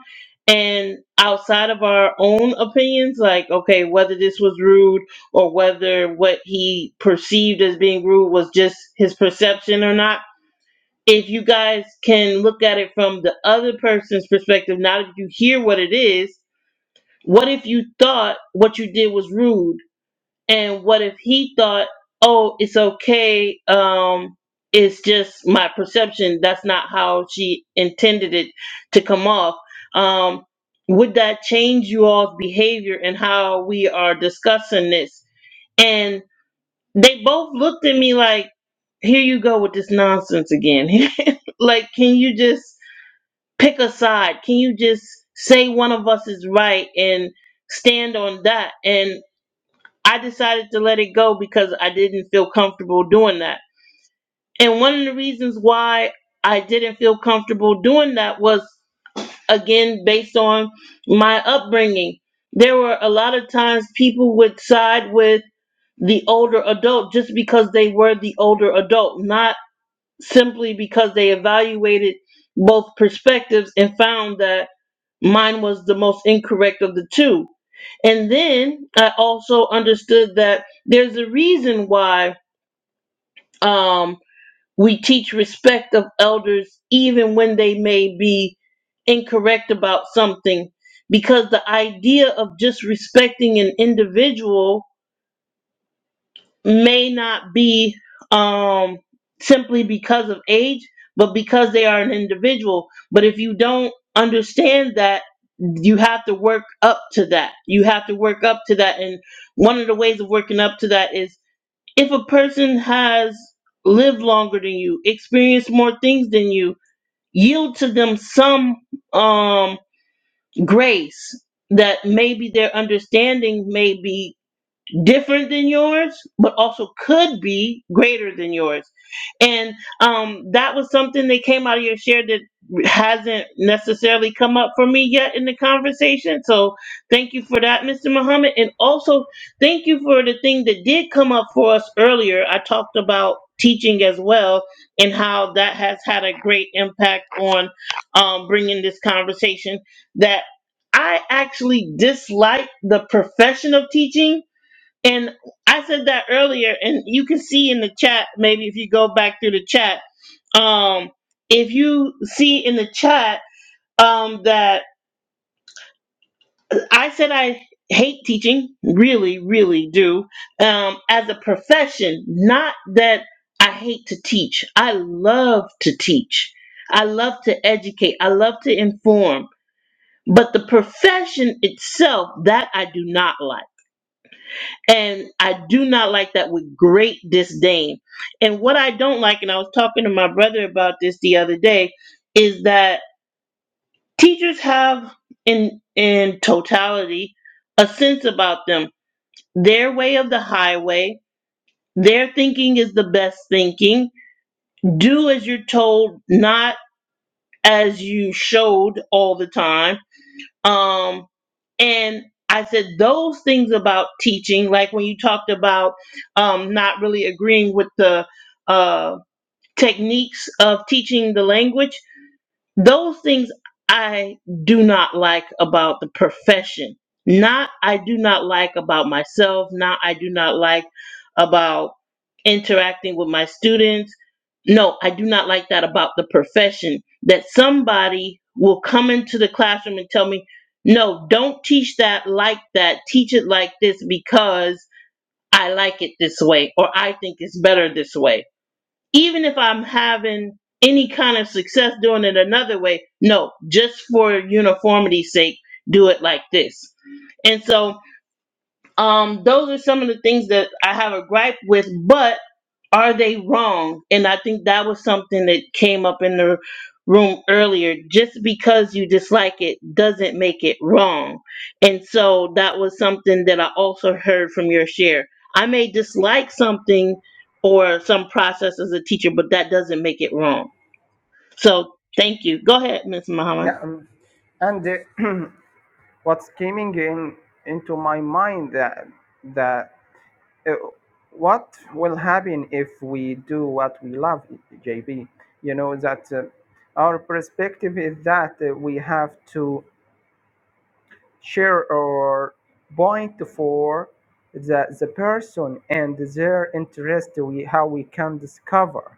[SPEAKER 1] and outside of our own opinions like okay whether this was rude or whether what he perceived as being rude was just his perception or not if you guys can look at it from the other person's perspective, not if you hear what it is, what if you thought what you did was rude? And what if he thought, oh, it's okay, um, it's just my perception, that's not how she intended it to come off? Um, would that change you all's behavior and how we are discussing this? And they both looked at me like, here you go with this nonsense again. like, can you just pick a side? Can you just say one of us is right and stand on that? And I decided to let it go because I didn't feel comfortable doing that. And one of the reasons why I didn't feel comfortable doing that was, again, based on my upbringing. There were a lot of times people would side with the older adult just because they were the older adult, not simply because they evaluated both perspectives and found that mine was the most incorrect of the two. And then I also understood that there's a reason why um, we teach respect of elders even when they may be incorrect about something. Because the idea of just respecting an individual may not be um, simply because of age, but because they are an individual. But if you don't understand that, you have to work up to that. You have to work up to that. And one of the ways of working up to that is if a person has lived longer than you, experienced more things than you, yield to them some um, grace that maybe their understanding may be different than yours, but also could be greater than yours. And um, that was something that came out of your share that hasn't necessarily come up for me yet in the conversation. So thank you for that, Mr. Muhammad. And also thank you for the thing that did come up for us earlier. I talked about teaching as well and how that has had a great impact on um, bringing this conversation that I actually dislike the profession of teaching and I said that earlier, and you can see in the chat, maybe if you go back through the chat, um, if you see in the chat um, that I said I hate teaching, really, really do, um, as a profession, not that I hate to teach. I love to teach, I love to educate, I love to inform. But the profession itself, that I do not like And I do not like that with great disdain. And what I don't like, and I was talking to my brother about this the other day, is that teachers have in in totality a sense about them. Their way of the highway, their thinking is the best thinking. Do as you're told, not as you showed all the time Um, and I said those things about teaching, like when you talked about um, not really agreeing with the uh, techniques of teaching the language. Those things I do not like about the profession. Not I do not like about myself, not I do not like about interacting with my students. No, I do not like that about the profession. That somebody will come into the classroom and tell me, no, don't teach that like that. Teach it like this because I like it this way or I think it's better this way even if I'm having any kind of success doing it another way, no, just for uniformity's sake, do it like this. And so, um, those are some of the things that I have a gripe with, but are they wrong? And I think that was something that came up in the room earlier. Just because you dislike it doesn't make it wrong. And so that was something that I also heard from your share. I may dislike something or some process as a teacher, but that doesn't make it wrong. So thank you. Go ahead, Miss Muhammad.
[SPEAKER 9] Yeah, um, and uh, what's coming in into my mind that that uh, what will happen if we do what we love, JB? You know that uh, our perspective is that uh, we have to share or point for the, the person and their interest we how we can discover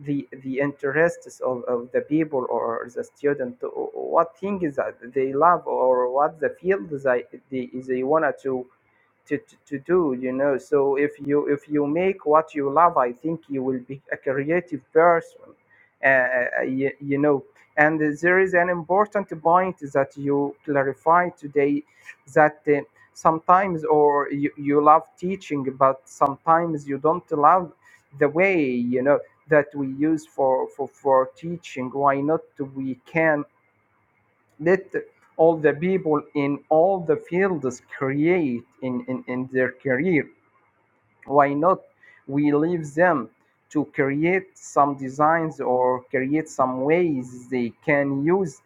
[SPEAKER 9] the the interests of, of the people or the student what things that they love or what the field they they, they want to to, to, to do you know so if you if you make what you love i think you will be a creative person uh, uh, you, you know and there is an important point that you clarified today that uh, sometimes or you, you love teaching but sometimes you don't love the way you know that we use for for, for teaching why not we can let all the people in all the fields create in, in, in their career. Why not? We leave them to create some designs or create some ways they can use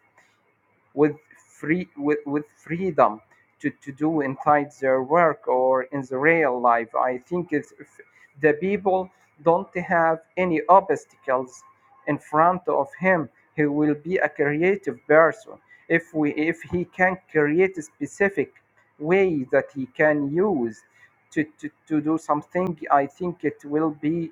[SPEAKER 9] with free with, with freedom to, to do inside their work or in the real life. I think it's, if the people don't have any obstacles in front of him. He will be a creative person if we if he can create a specific way that he can use to, to, to do something. I think it will be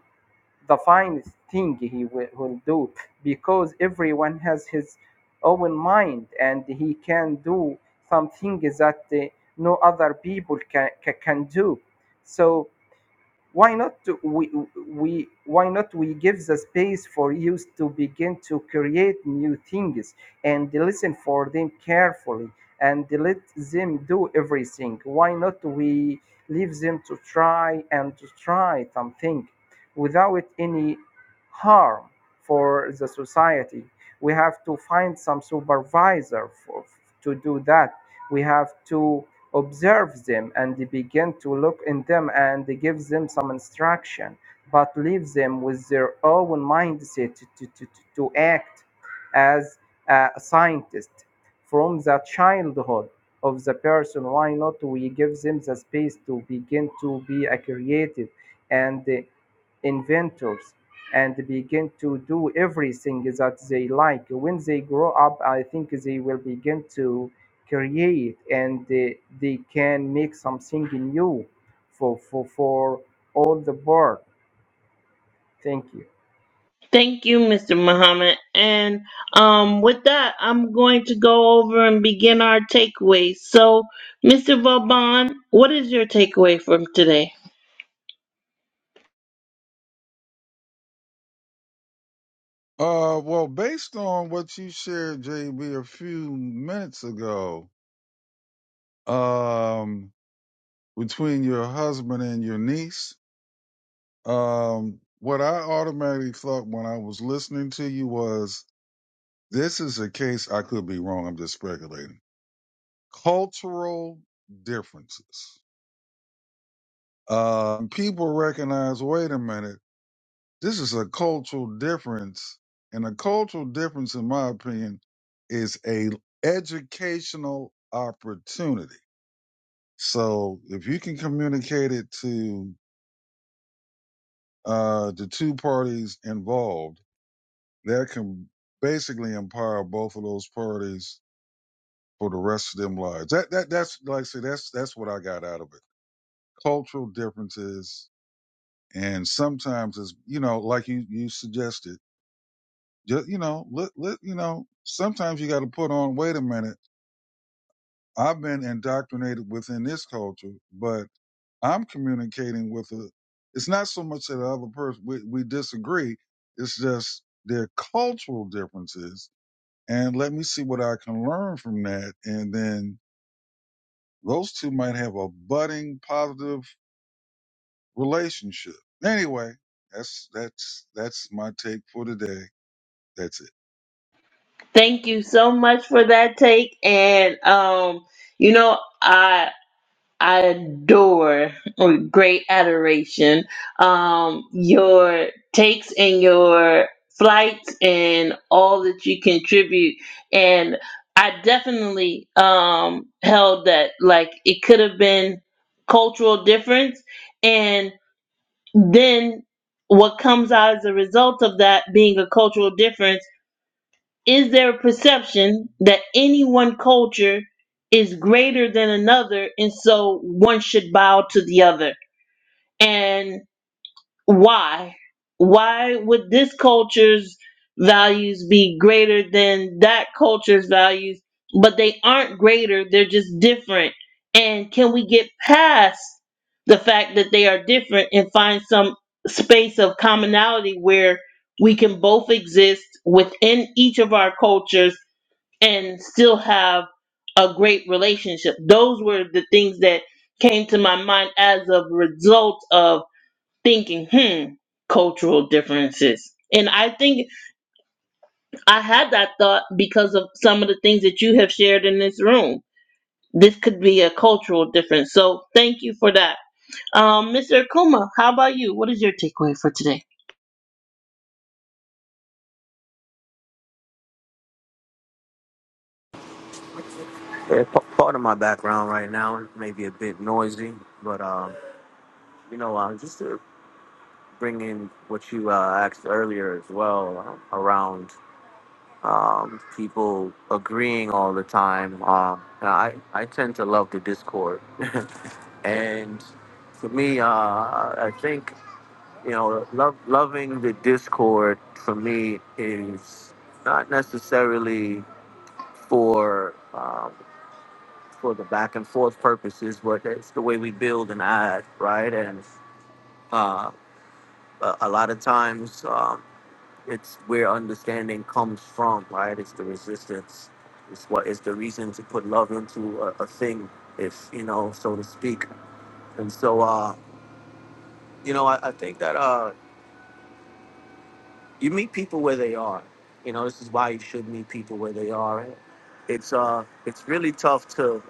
[SPEAKER 9] the finest thing he will, will do because everyone has his own mind and he can do something that uh, no other people can, can, can do. So why not we, we why not we give the space for youth to begin to create new things and listen for them carefully and let them do everything why not we leave them to try and to try something without any harm for the society we have to find some supervisor for, to do that we have to observe them and begin to look in them and give them some instruction but leave them with their own mindset to, to, to, to act as a scientist from the childhood of the person why not we give them the space to begin to be a creative and uh, inventors and begin to do everything that they like when they grow up i think they will begin to create and they, they can make something new for, for, for all the board. Thank you.
[SPEAKER 1] Thank you, Mr. Muhammad. And um, with that, I'm going to go over and begin our takeaways. So, Mr. Vauban, what is your takeaway from today?
[SPEAKER 2] Uh, well, based on what you shared, JB, a few minutes ago, um, between your husband and your niece, um, what I automatically thought when I was listening to you was this is a case I could be wrong. I'm just speculating. Cultural differences. Um, people recognize, wait a minute. This is a cultural difference, and a cultural difference, in my opinion, is a educational opportunity. So if you can communicate it to uh, the two parties involved, that can basically empower both of those parties for the rest of them lives. That that that's like I say, that's that's what I got out of it. Cultural differences, and sometimes it's you know like you you suggested Just you know, let, let you know. Sometimes you got to put on. Wait a minute. I've been indoctrinated within this culture, but I'm communicating with a. It's not so much that the other person we, we disagree. It's just their cultural differences, and let me see what I can learn from that, and then those two might have a budding positive relationship. Anyway, that's that's that's my take for today. That's it.
[SPEAKER 1] Thank you so much for that take. And, um, you know, I I adore with great adoration um, your takes and your flights and all that you contribute. And I definitely um, held that like it could have been cultural difference. And then what comes out as a result of that being a cultural difference is there a perception that any one culture is greater than another and so one should bow to the other? And why? Why would this culture's values be greater than that culture's values? But they aren't greater, they're just different. And can we get past the fact that they are different and find some space of commonality where we can both exist within each of our cultures? and still have a great relationship. Those were the things that came to my mind as a result of thinking, hmm, cultural differences. And I think I had that thought because of some of the things that you have shared in this room. This could be a cultural difference. So thank you for that. Um, Mr. Akuma, how about you? What is your takeaway for today?
[SPEAKER 6] Yeah, p- part of my background right now may be a bit noisy, but um, you know, uh, just to bring in what you uh, asked earlier as well uh, around um, people agreeing all the time. Uh, and I I tend to love the discord, and for me, uh, I think. you know, love, loving the discord for me is not necessarily for um, for the back and forth purposes, but it's the way we build and add, right? And uh, a, a lot of times, um, it's where understanding comes from, right? It's the resistance. It's what is the reason to put love into a, a thing, if you know, so to speak. And so, uh, you know, I, I think that. Uh, you meet people where they are. You know, this is why you should meet people where they are. It's uh, it's really tough to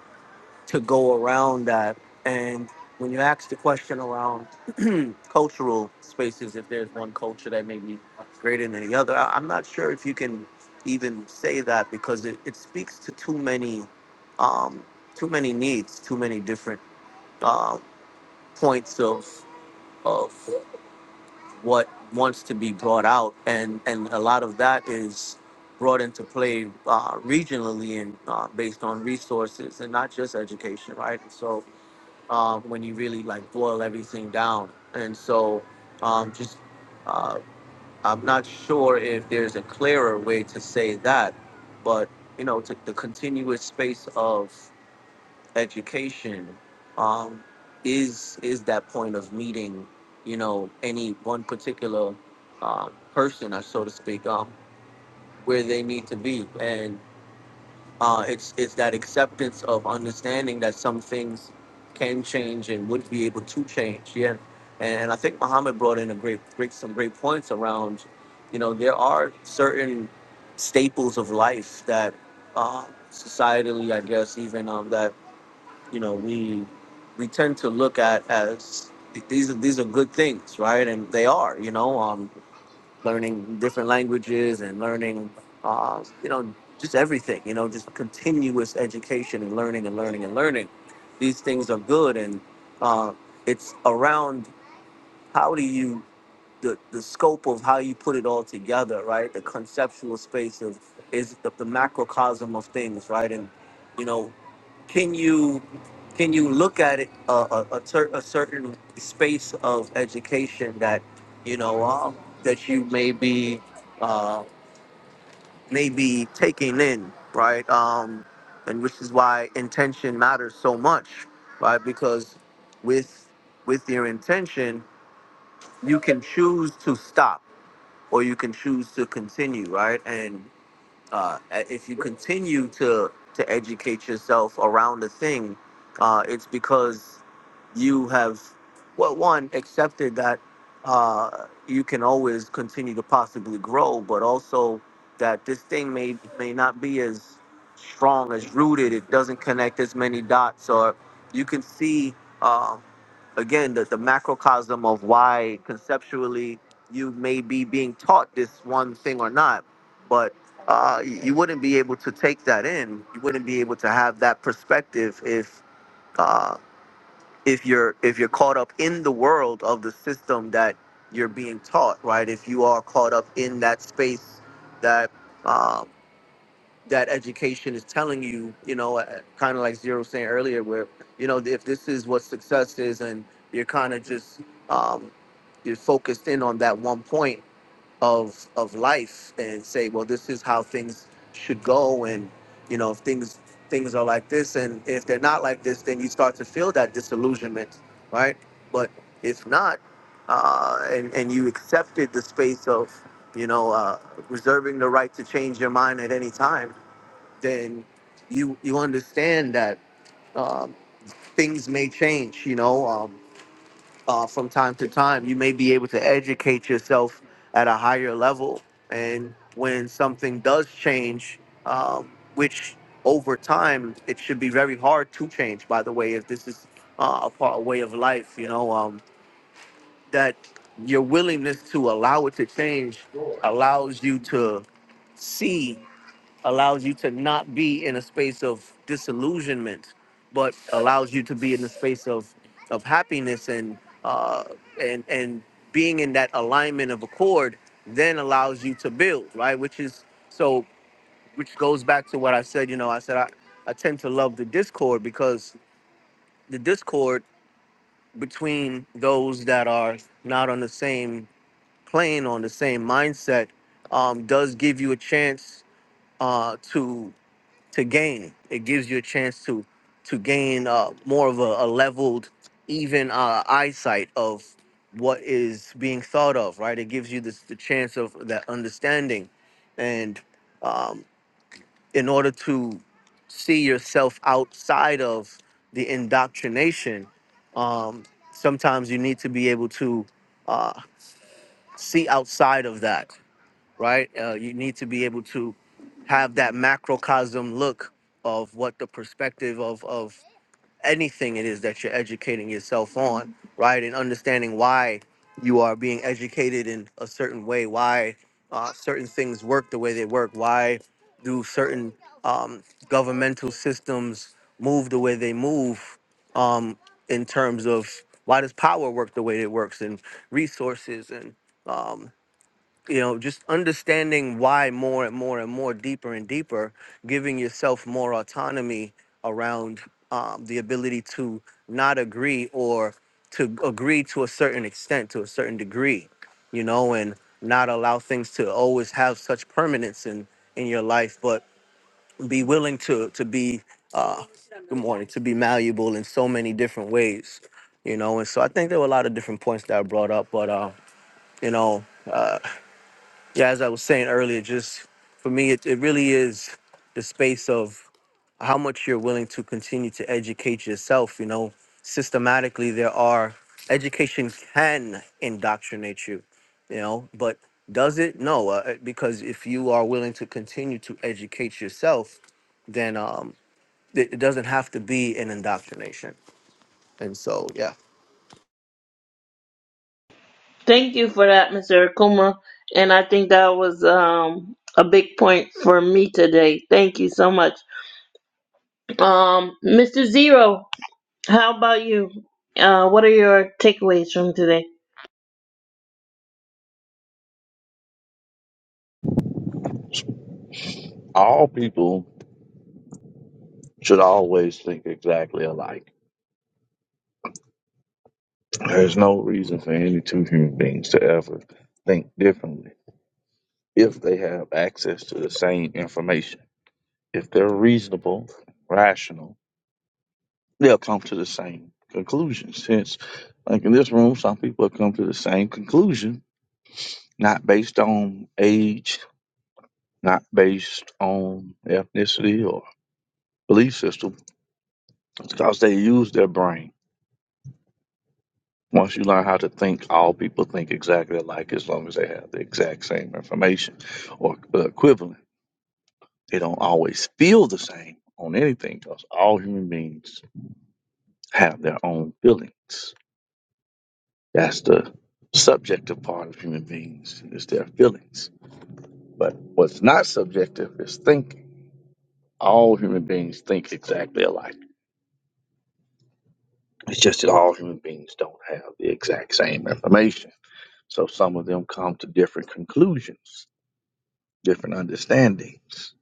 [SPEAKER 6] to go around that. And when you ask the question around cultural spaces, if there's one culture that may be greater than the other, I, I'm not sure if you can even say that because it, it speaks to too many, um, too many needs, too many different uh, points of of what wants to be brought out, and and a lot of that is brought into play uh, regionally and uh, based on resources and not just education, right? And so um, when you really like boil everything down, and so um, just uh, I'm not sure if there's a clearer way to say that, but you know, to the continuous space of education um, is is that point of meeting, you know, any one particular uh, person, or so to speak, um, where they need to be, and uh, it's it's that acceptance of understanding that some things can change and would be able to change. Yeah, and I think Muhammad brought in a great, great some great points around, you know, there are certain staples of life that uh, societally, I guess, even um, that you know we we tend to look at as these are these are good things right and they are you know um learning different languages and learning uh you know just everything you know just continuous education and learning and learning and learning these things are good and uh it's around how do you the, the scope of how you put it all together right the conceptual space of is the, the macrocosm of things right and you know can you can you look at it uh, a, a, cer- a certain space of education that you know um, that you may be uh, may be taking in right um, and which is why intention matters so much right because with with your intention you can choose to stop or you can choose to continue right and uh, if you continue to to educate yourself around the thing, uh, it's because you have, well, one accepted that uh, you can always continue to possibly grow, but also that this thing may may not be as strong as rooted. It doesn't connect as many dots, or you can see. um again the, the macrocosm of why conceptually you may be being taught this one thing or not but uh, you wouldn't be able to take that in you wouldn't be able to have that perspective if uh, if you're if you're caught up in the world of the system that you're being taught right if you are caught up in that space that uh, that education is telling you, you know, uh, kind of like Zero was saying earlier, where, you know, if this is what success is and you're kind of just, um, you're focused in on that one point of, of life and say, well, this is how things should go. And, you know, if things, things are like this and if they're not like this, then you start to feel that disillusionment, right? But if not, uh, and, and you accepted the space of, you know, uh, reserving the right to change your mind at any time, then you you understand that um, things may change. You know, um, uh, from time to time, you may be able to educate yourself at a higher level, and when something does change, um, which over time it should be very hard to change. By the way, if this is uh, a part a way of life, you know um, that your willingness to allow it to change allows you to see allows you to not be in a space of disillusionment, but allows you to be in a space of of happiness and uh, and and being in that alignment of accord, then allows you to build right, which is so which goes back to what I said. You know, I said I, I tend to love the discord because the discord between those that are not on the same plane on the same mindset um, does give you a chance uh, to to gain. It gives you a chance to to gain uh, more of a, a leveled, even uh, eyesight of what is being thought of. Right, it gives you this the chance of that understanding, and um, in order to see yourself outside of the indoctrination, um, sometimes you need to be able to uh, see outside of that right? Uh, you need to be able to have that macrocosm look of what the perspective of of anything it is that you're educating yourself on, right? And understanding why you are being educated in a certain way, why uh, certain things work the way they work, why do certain um, governmental systems move the way they move um, in terms of why does power work the way it works and resources and um, you know, just understanding why more and more and more deeper and deeper, giving yourself more autonomy around um, the ability to not agree or to agree to a certain extent, to a certain degree, you know, and not allow things to always have such permanence in in your life, but be willing to to be uh, good morning to be malleable in so many different ways, you know. And so I think there were a lot of different points that I brought up, but uh, you know. Uh, yeah, as I was saying earlier, just for me, it, it really is the space of how much you're willing to continue to educate yourself. You know, systematically, there are education can indoctrinate you, you know, but does it? No, uh, uh, because if you are willing to continue to educate yourself, then um, it, it doesn't have to be an indoctrination. And so, yeah.
[SPEAKER 1] Thank you for that, Mr. Akuma. And I think that was um, a big point for me today. Thank you so much. Um, Mr. Zero, how about you? Uh, what are your takeaways from today?
[SPEAKER 8] all people should always think exactly alike. There's no reason for any two human beings to ever think differently if they have access to the same information. if they're reasonable, rational, they'll come to the same conclusions. Hence, like in this room, some people have come to the same conclusion, not based on age, not based on ethnicity or belief system, because they use their brain. Once you learn how to think, all people think exactly alike as long as they have the exact same information or the equivalent. They don't always feel the same on anything because all human beings have their own feelings That's the subjective part of human beings is their feelings. But what's not subjective is thinking. All human beings think exactly alike. It's just that all human beings don't have the exact same information. So some of them come to different conclusions, different understandings.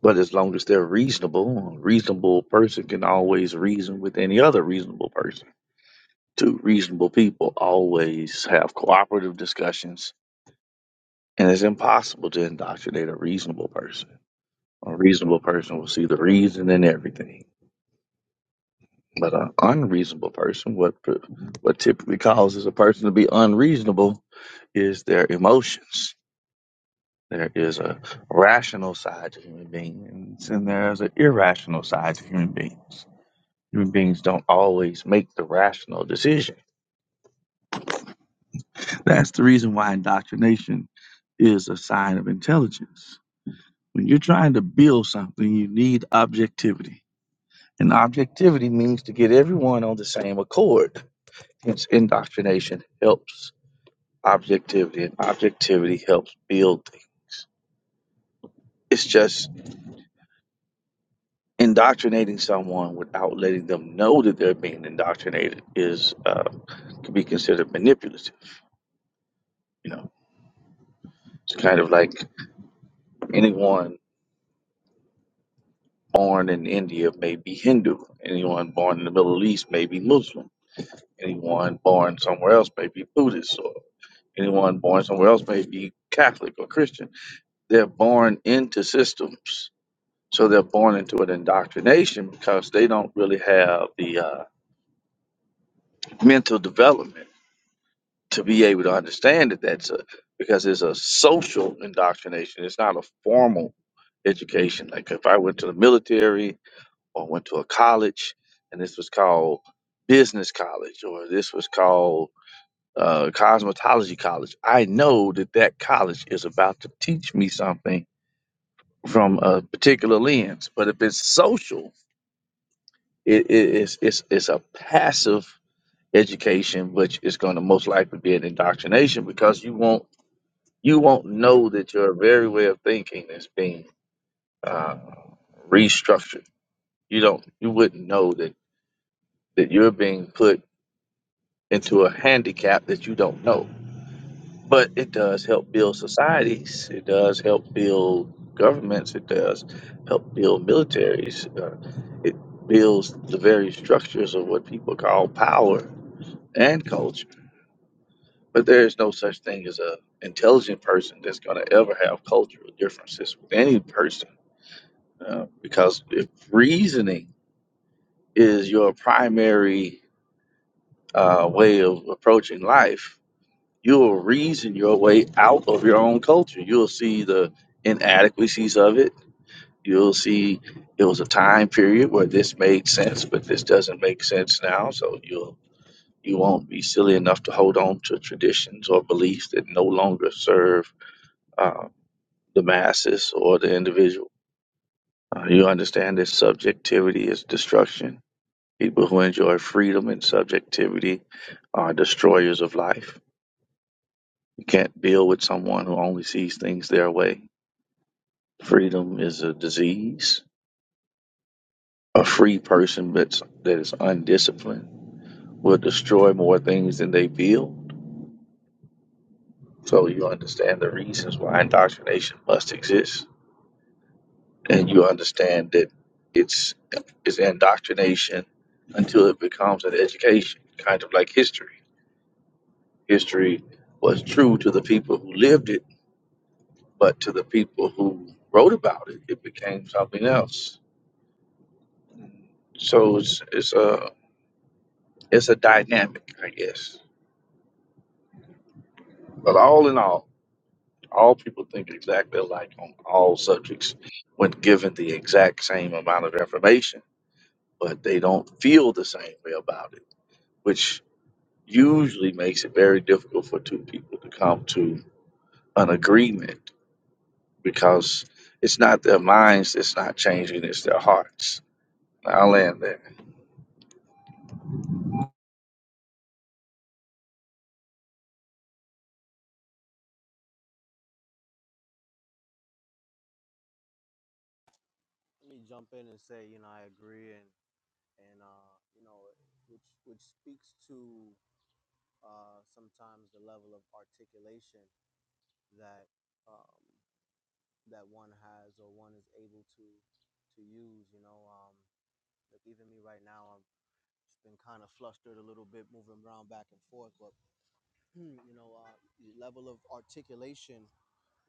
[SPEAKER 8] But as long as they're reasonable, a reasonable person can always reason with any other reasonable person. Two reasonable people always have cooperative discussions And it's impossible to indoctrinate a reasonable person. A reasonable person will see the reason in everything. But an unreasonable person, what what typically causes a person to be unreasonable, is their emotions. There is a rational side to human beings, and there is an irrational side to human beings. Human beings don't always make the rational decision. That's the reason why indoctrination is a sign of intelligence. When you're trying to build something, you need objectivity And objectivity means to get everyone on the same accord. Hence, indoctrination helps objectivity, and objectivity helps build things. It's just indoctrinating someone without letting them know that they're being indoctrinated is uh, could be considered manipulative. You know, it's kind of like anyone born in India may be Hindu, anyone born in the Middle East may be Muslim, anyone born somewhere else may be Buddhist, or anyone born somewhere else may be Catholic or Christian they're born into systems. So they're born into an indoctrination because they don't really have the uh, mental development to be able to understand that that's a because it's a social indoctrination. It's not a formal education. Like if I went to the military or went to a college and this was called business college or this was called uh, cosmetology college, I know that that college is about to teach me something from a particular lens. But if it's social, it, it, it's, it's it's a passive education, which is going to most likely be an indoctrination because you won't you won't know that your very way of thinking is being uh, restructured. You don't you wouldn't know that that you're being put into a handicap that you don't know. but it does help build societies. It does help build governments. It does help build militaries. Uh, it builds the very structures of what people call power and culture. But there is no such thing as a intelligent person that's going to ever have cultural differences with any person, uh, because if reasoning is your primary uh, way of approaching life, You'll reason your way out of your own culture. You'll see the inadequacies of it. You'll see it was a time period where this made sense, but this doesn't make sense now. So you'll you won't be silly enough to hold on to traditions or beliefs that no longer serve uh, the masses or the individual. Uh, you understand that subjectivity is destruction. People who enjoy freedom and subjectivity are destroyers of life. You can't deal with someone who only sees things their way. Freedom is a disease. A free person that's, that is undisciplined will destroy more things than they build. So you understand the reasons why indoctrination must exist, and you understand that it's it's indoctrination until it becomes an education, kind of like history. History was true to the people who lived it, but to the people who wrote about it, it became something else. So it's it's a it's a dynamic, I guess. But all in all, all people think exactly alike on all subjects when given the exact same amount of information, but they don't feel the same way about it, which usually makes it very difficult for two people to come to an agreement because it's not their minds that's not changing, it's their hearts. I'll land there.
[SPEAKER 6] Let me jump in and say, you know, I agree, and and uh, you know, which which speaks to uh, sometimes the level of articulation that um, that one has or one is able to to use. You know, um, like even me right now, i have just been kind of flustered a little bit, moving around back and forth. But you know, uh, the level of articulation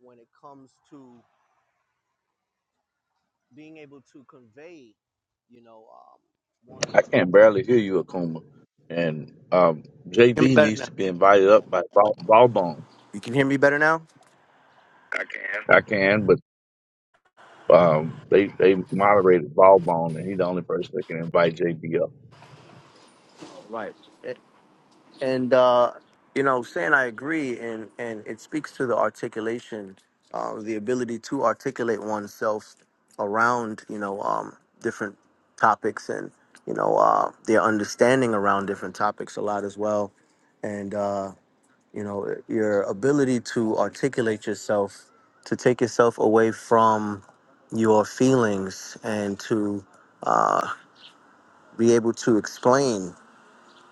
[SPEAKER 6] when it comes to being able to convey, you know, um, one's
[SPEAKER 8] I
[SPEAKER 6] Un-
[SPEAKER 8] can barely hear you, Akuma. And um,
[SPEAKER 6] Hear me
[SPEAKER 8] JB
[SPEAKER 6] better
[SPEAKER 8] needs
[SPEAKER 6] now.
[SPEAKER 8] to be invited up by Ball Ball Bone.
[SPEAKER 6] You can hear me better now.
[SPEAKER 8] I can, but. Um, they they moderated Ballbone, and he's the only person that can invite JB up
[SPEAKER 6] Right. and uh, you know, saying I agree, and and it speaks to the articulation, uh, the ability to articulate oneself around you know um, different topics, and you know uh, their understanding around different topics a lot as well, and uh, you know your ability to articulate yourself, to take yourself away from your feelings, and to uh, be able to explain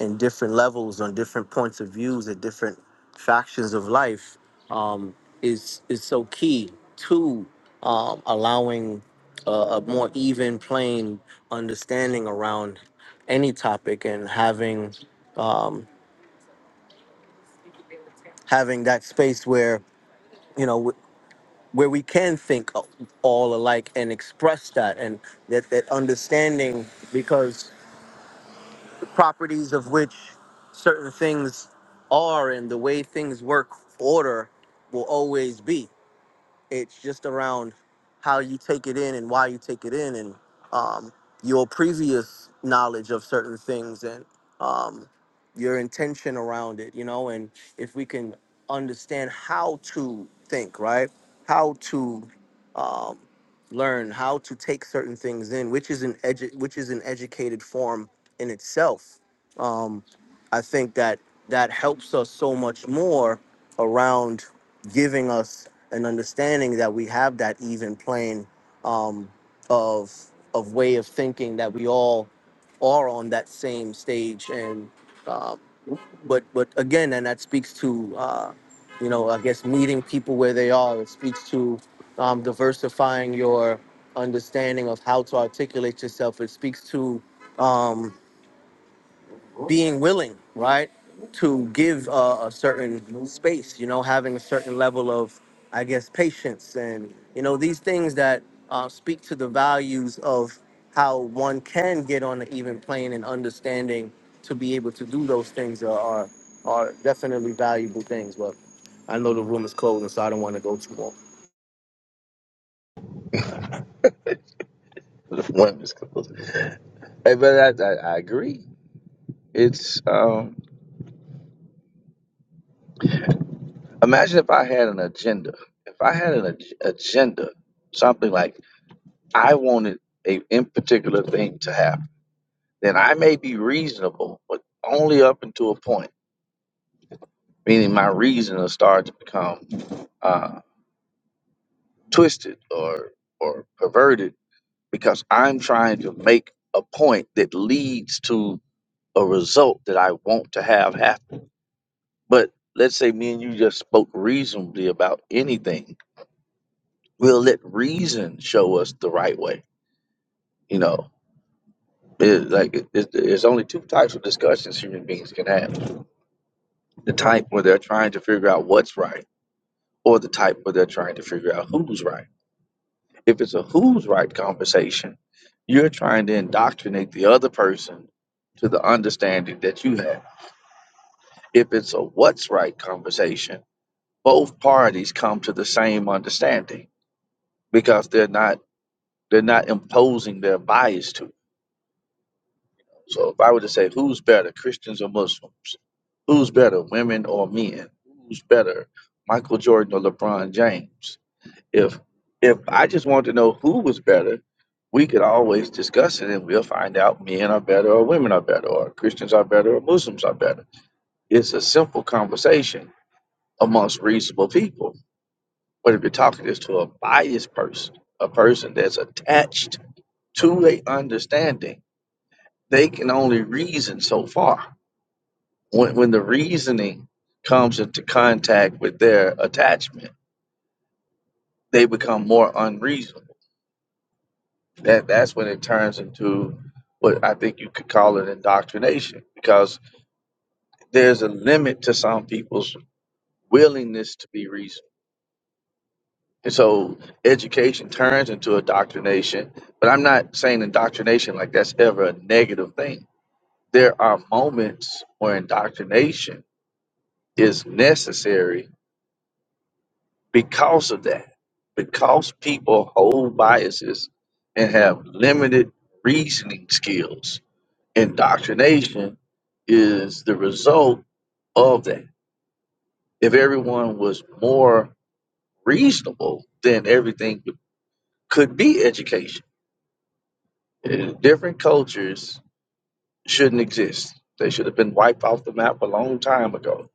[SPEAKER 6] in different levels, on different points of views, at different factions of life, um, is is so key to um, allowing a, a more even, plain understanding around any topic, and having um, having that space where you know wh- where we can think all alike and express that, and that that understanding because. properties of which certain things are and the way things work order will always be it's just around how you take it in and why you take it in and um, your previous knowledge of certain things and um, your intention around it, you know, and if we can understand how to think, right? How to um, learn, how to take certain things in, which is an edu- which is an educated form in itself. Um, I think that that helps us so much more around giving us and understanding that we have that even plane um, of of way of thinking that we all are on that same stage and uh, but but again and that speaks to uh, you know I guess meeting people where they are it speaks to um, diversifying your understanding of how to articulate yourself it speaks to um, being willing, right, to give uh, a certain space, you know, having a certain level of, I guess, patience and, you know, these things that uh, speak to the values of how one can get on an even plane and understanding to be able to do those things are, are, are definitely valuable things. But I know the room is closing, so I don't want to go too long.
[SPEAKER 8] to the women's club. Hey, but I, I, I agree. It's um, imagine if I had an agenda. If I had an ag- agenda, something like I wanted a in particular thing to happen, then I may be reasonable, but only up until a point. Meaning, my reason will start to become uh, twisted or or perverted because I'm trying to make a point that leads to a result that I want to have happen. But let's say me and you just spoke reasonably about anything. We'll let reason show us the right way. You know, it, like it, it, there's only two types of discussions human beings can have: the type where they're trying to figure out what's right, or the type where they're trying to figure out who's right. If it's a who's right conversation, you're trying to indoctrinate the other person to the understanding that you have If it's a what's right conversation, both parties come to the same understanding because they're not they're not imposing their bias to. it. So if I were to say who's better, Christians or Muslims? Who's better, women or men? Who's better, Michael Jordan or LeBron James? If if I just want to know who was better, we could always discuss it and we'll find out men are better or women are better or Christians are better or Muslims are better. It's a simple conversation amongst reasonable people But if you're talking this to a biased person, a person that's attached to a understanding, they can only reason so far. When, when the reasoning comes into contact with their attachment, they become more unreasonable. That that's when it turns into what I think you could call it indoctrination, because there's a limit to some people's willingness to be reasonable And so education turns into indoctrination, but I'm not saying indoctrination like that's ever a negative thing. There are moments where indoctrination is necessary because of that, because people hold biases and have limited reasoning skills. Indoctrination is the result of that. If everyone was more reasonable, then everything could be education Uh, Different cultures shouldn't exist. They should have been wiped off the map a long time ago.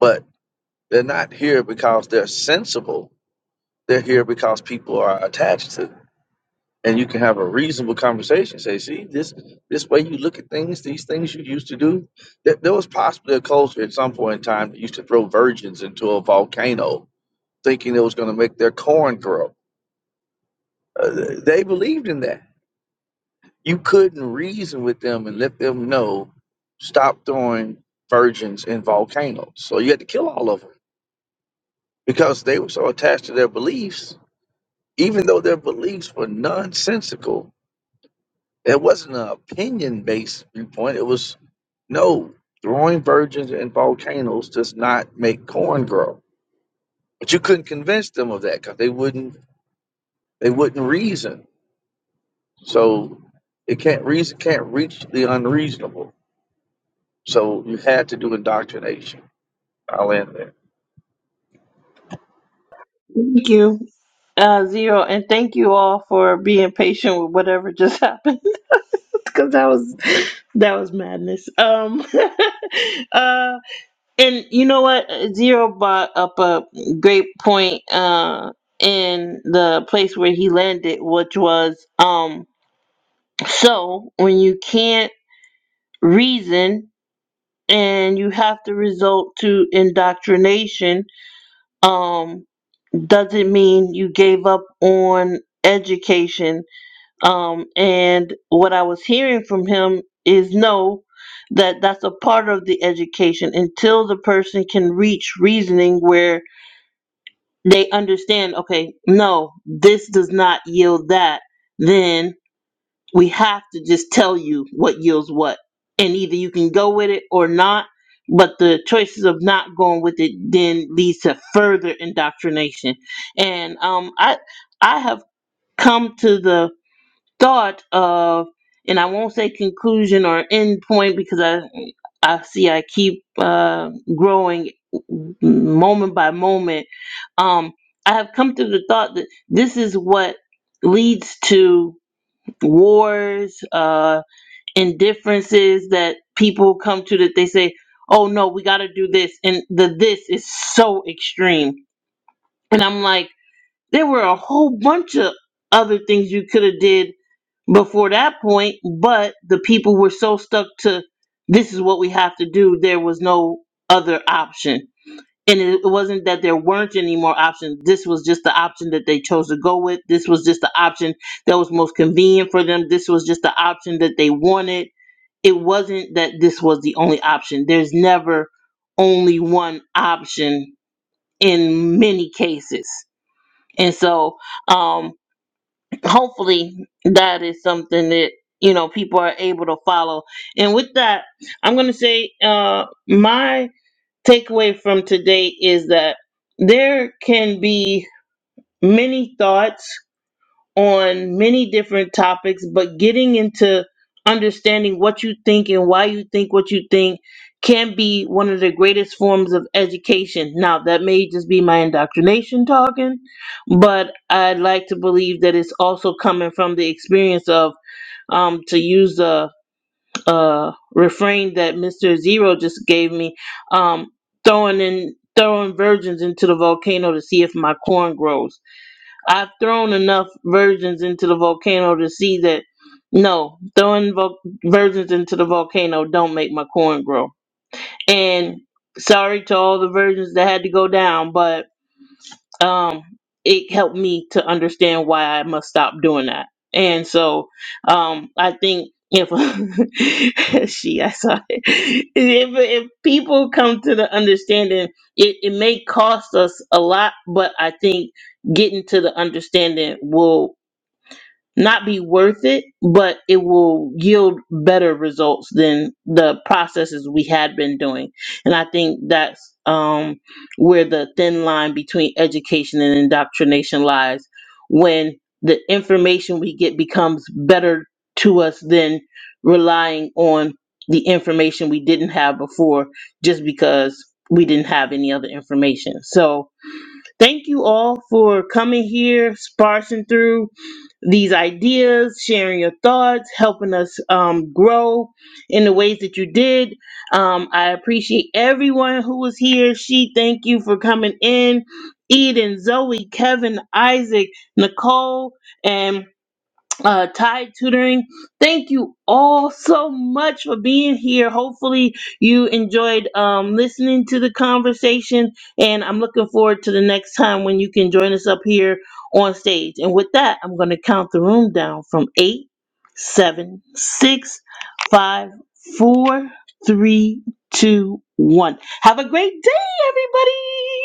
[SPEAKER 8] But they're not here because they're sensible. They're here because people are attached to them. And you can have a reasonable conversation. Say, see, this this way you look at things, these things you used to do. There, there was possibly a culture at some point in time that used to throw virgins into a volcano, thinking it was going to make their corn grow. Uh, they believed in that You couldn't reason with them and let them know stop throwing virgins in volcanoes. So you had to kill all of them because they were so attached to their beliefs, even though their beliefs were nonsensical. It wasn't an opinion based viewpoint. It was no, throwing virgins in volcanoes does not make corn grow. But you couldn't convince them of that because they wouldn't they wouldn't reason. So it can't reason can't reach the unreasonable. So you had to do indoctrination. I'll end there.
[SPEAKER 1] Thank you, uh, Zero, and thank you all for being patient with whatever just happened. Because that was that was madness. Um, uh, and you know what? Zero brought up a great point. Uh, in the place where he landed, which was um, so when you can't reason and you have to resort to indoctrination um doesn't mean you gave up on education um and what i was hearing from him is no that that's a part of the education until the person can reach reasoning where they understand okay no this does not yield that then we have to just tell you what yields what and either you can go with it or not but the choices of not going with it then leads to further indoctrination and um i i have come to the thought of and i won't say conclusion or end point because i i see i keep uh growing moment by moment um i have come to the thought that this is what leads to wars, uh, indifferences that people come to that they say, oh no, we got to do this. And the this is so extreme. And I'm like, there were a whole bunch of other things you could have did before that point, but the people were so stuck to this is what we have to do, there was no other option and it, it wasn't that there weren't any more options. This was just the option that they chose to go with. This was just the option that was most convenient for them. This was just the option that they wanted. It wasn't that this was the only option. There's never only one option in many cases. And so, um, hopefully, that is something that you know people are able to follow. And with that, I'm going to say uh, my takeaway from today is that there can be many thoughts on many different topics, but getting into understanding what you think and why you think what you think can be one of the greatest forms of education. Now, that may just be my indoctrination talking, but I'd like to believe that it's also coming from the experience of, um, to use the uh refrain that Mr. Zero just gave me, um, throwing in throwing virgins into the volcano to see if my corn grows. I've thrown enough virgins into the volcano to see that no, throwing vo- virgins into the volcano don't make my corn grow. And sorry to all the virgins that had to go down, but um, it helped me to understand why I must stop doing that. And so um, I think if she, I saw it. If, if people come to the understanding, it, it may cost us a lot, but I think getting to the understanding will not be worth it, but it will yield better results than the processes we had been doing. And I think that's um, where the thin line between education and indoctrination lies when the information we get becomes better to us than relying on the information we didn't have before just because we didn't have any other information. So, Thank you all for coming here, sparsing through these ideas, sharing your thoughts, helping us um, grow in the ways that you did. Um, I appreciate everyone who was here. She, thank you for coming in. Eden, Zoe, Kevin, Isaac, Nicole, and uh, Tide Tutoring. Thank you all so much for being here. Hopefully, you enjoyed um, listening to the conversation, and I'm looking forward to the next time when you can join us up here on stage. And with that, I'm going to count the room down from eight, seven, six, five, four, three, two, one. Have a great day, everybody!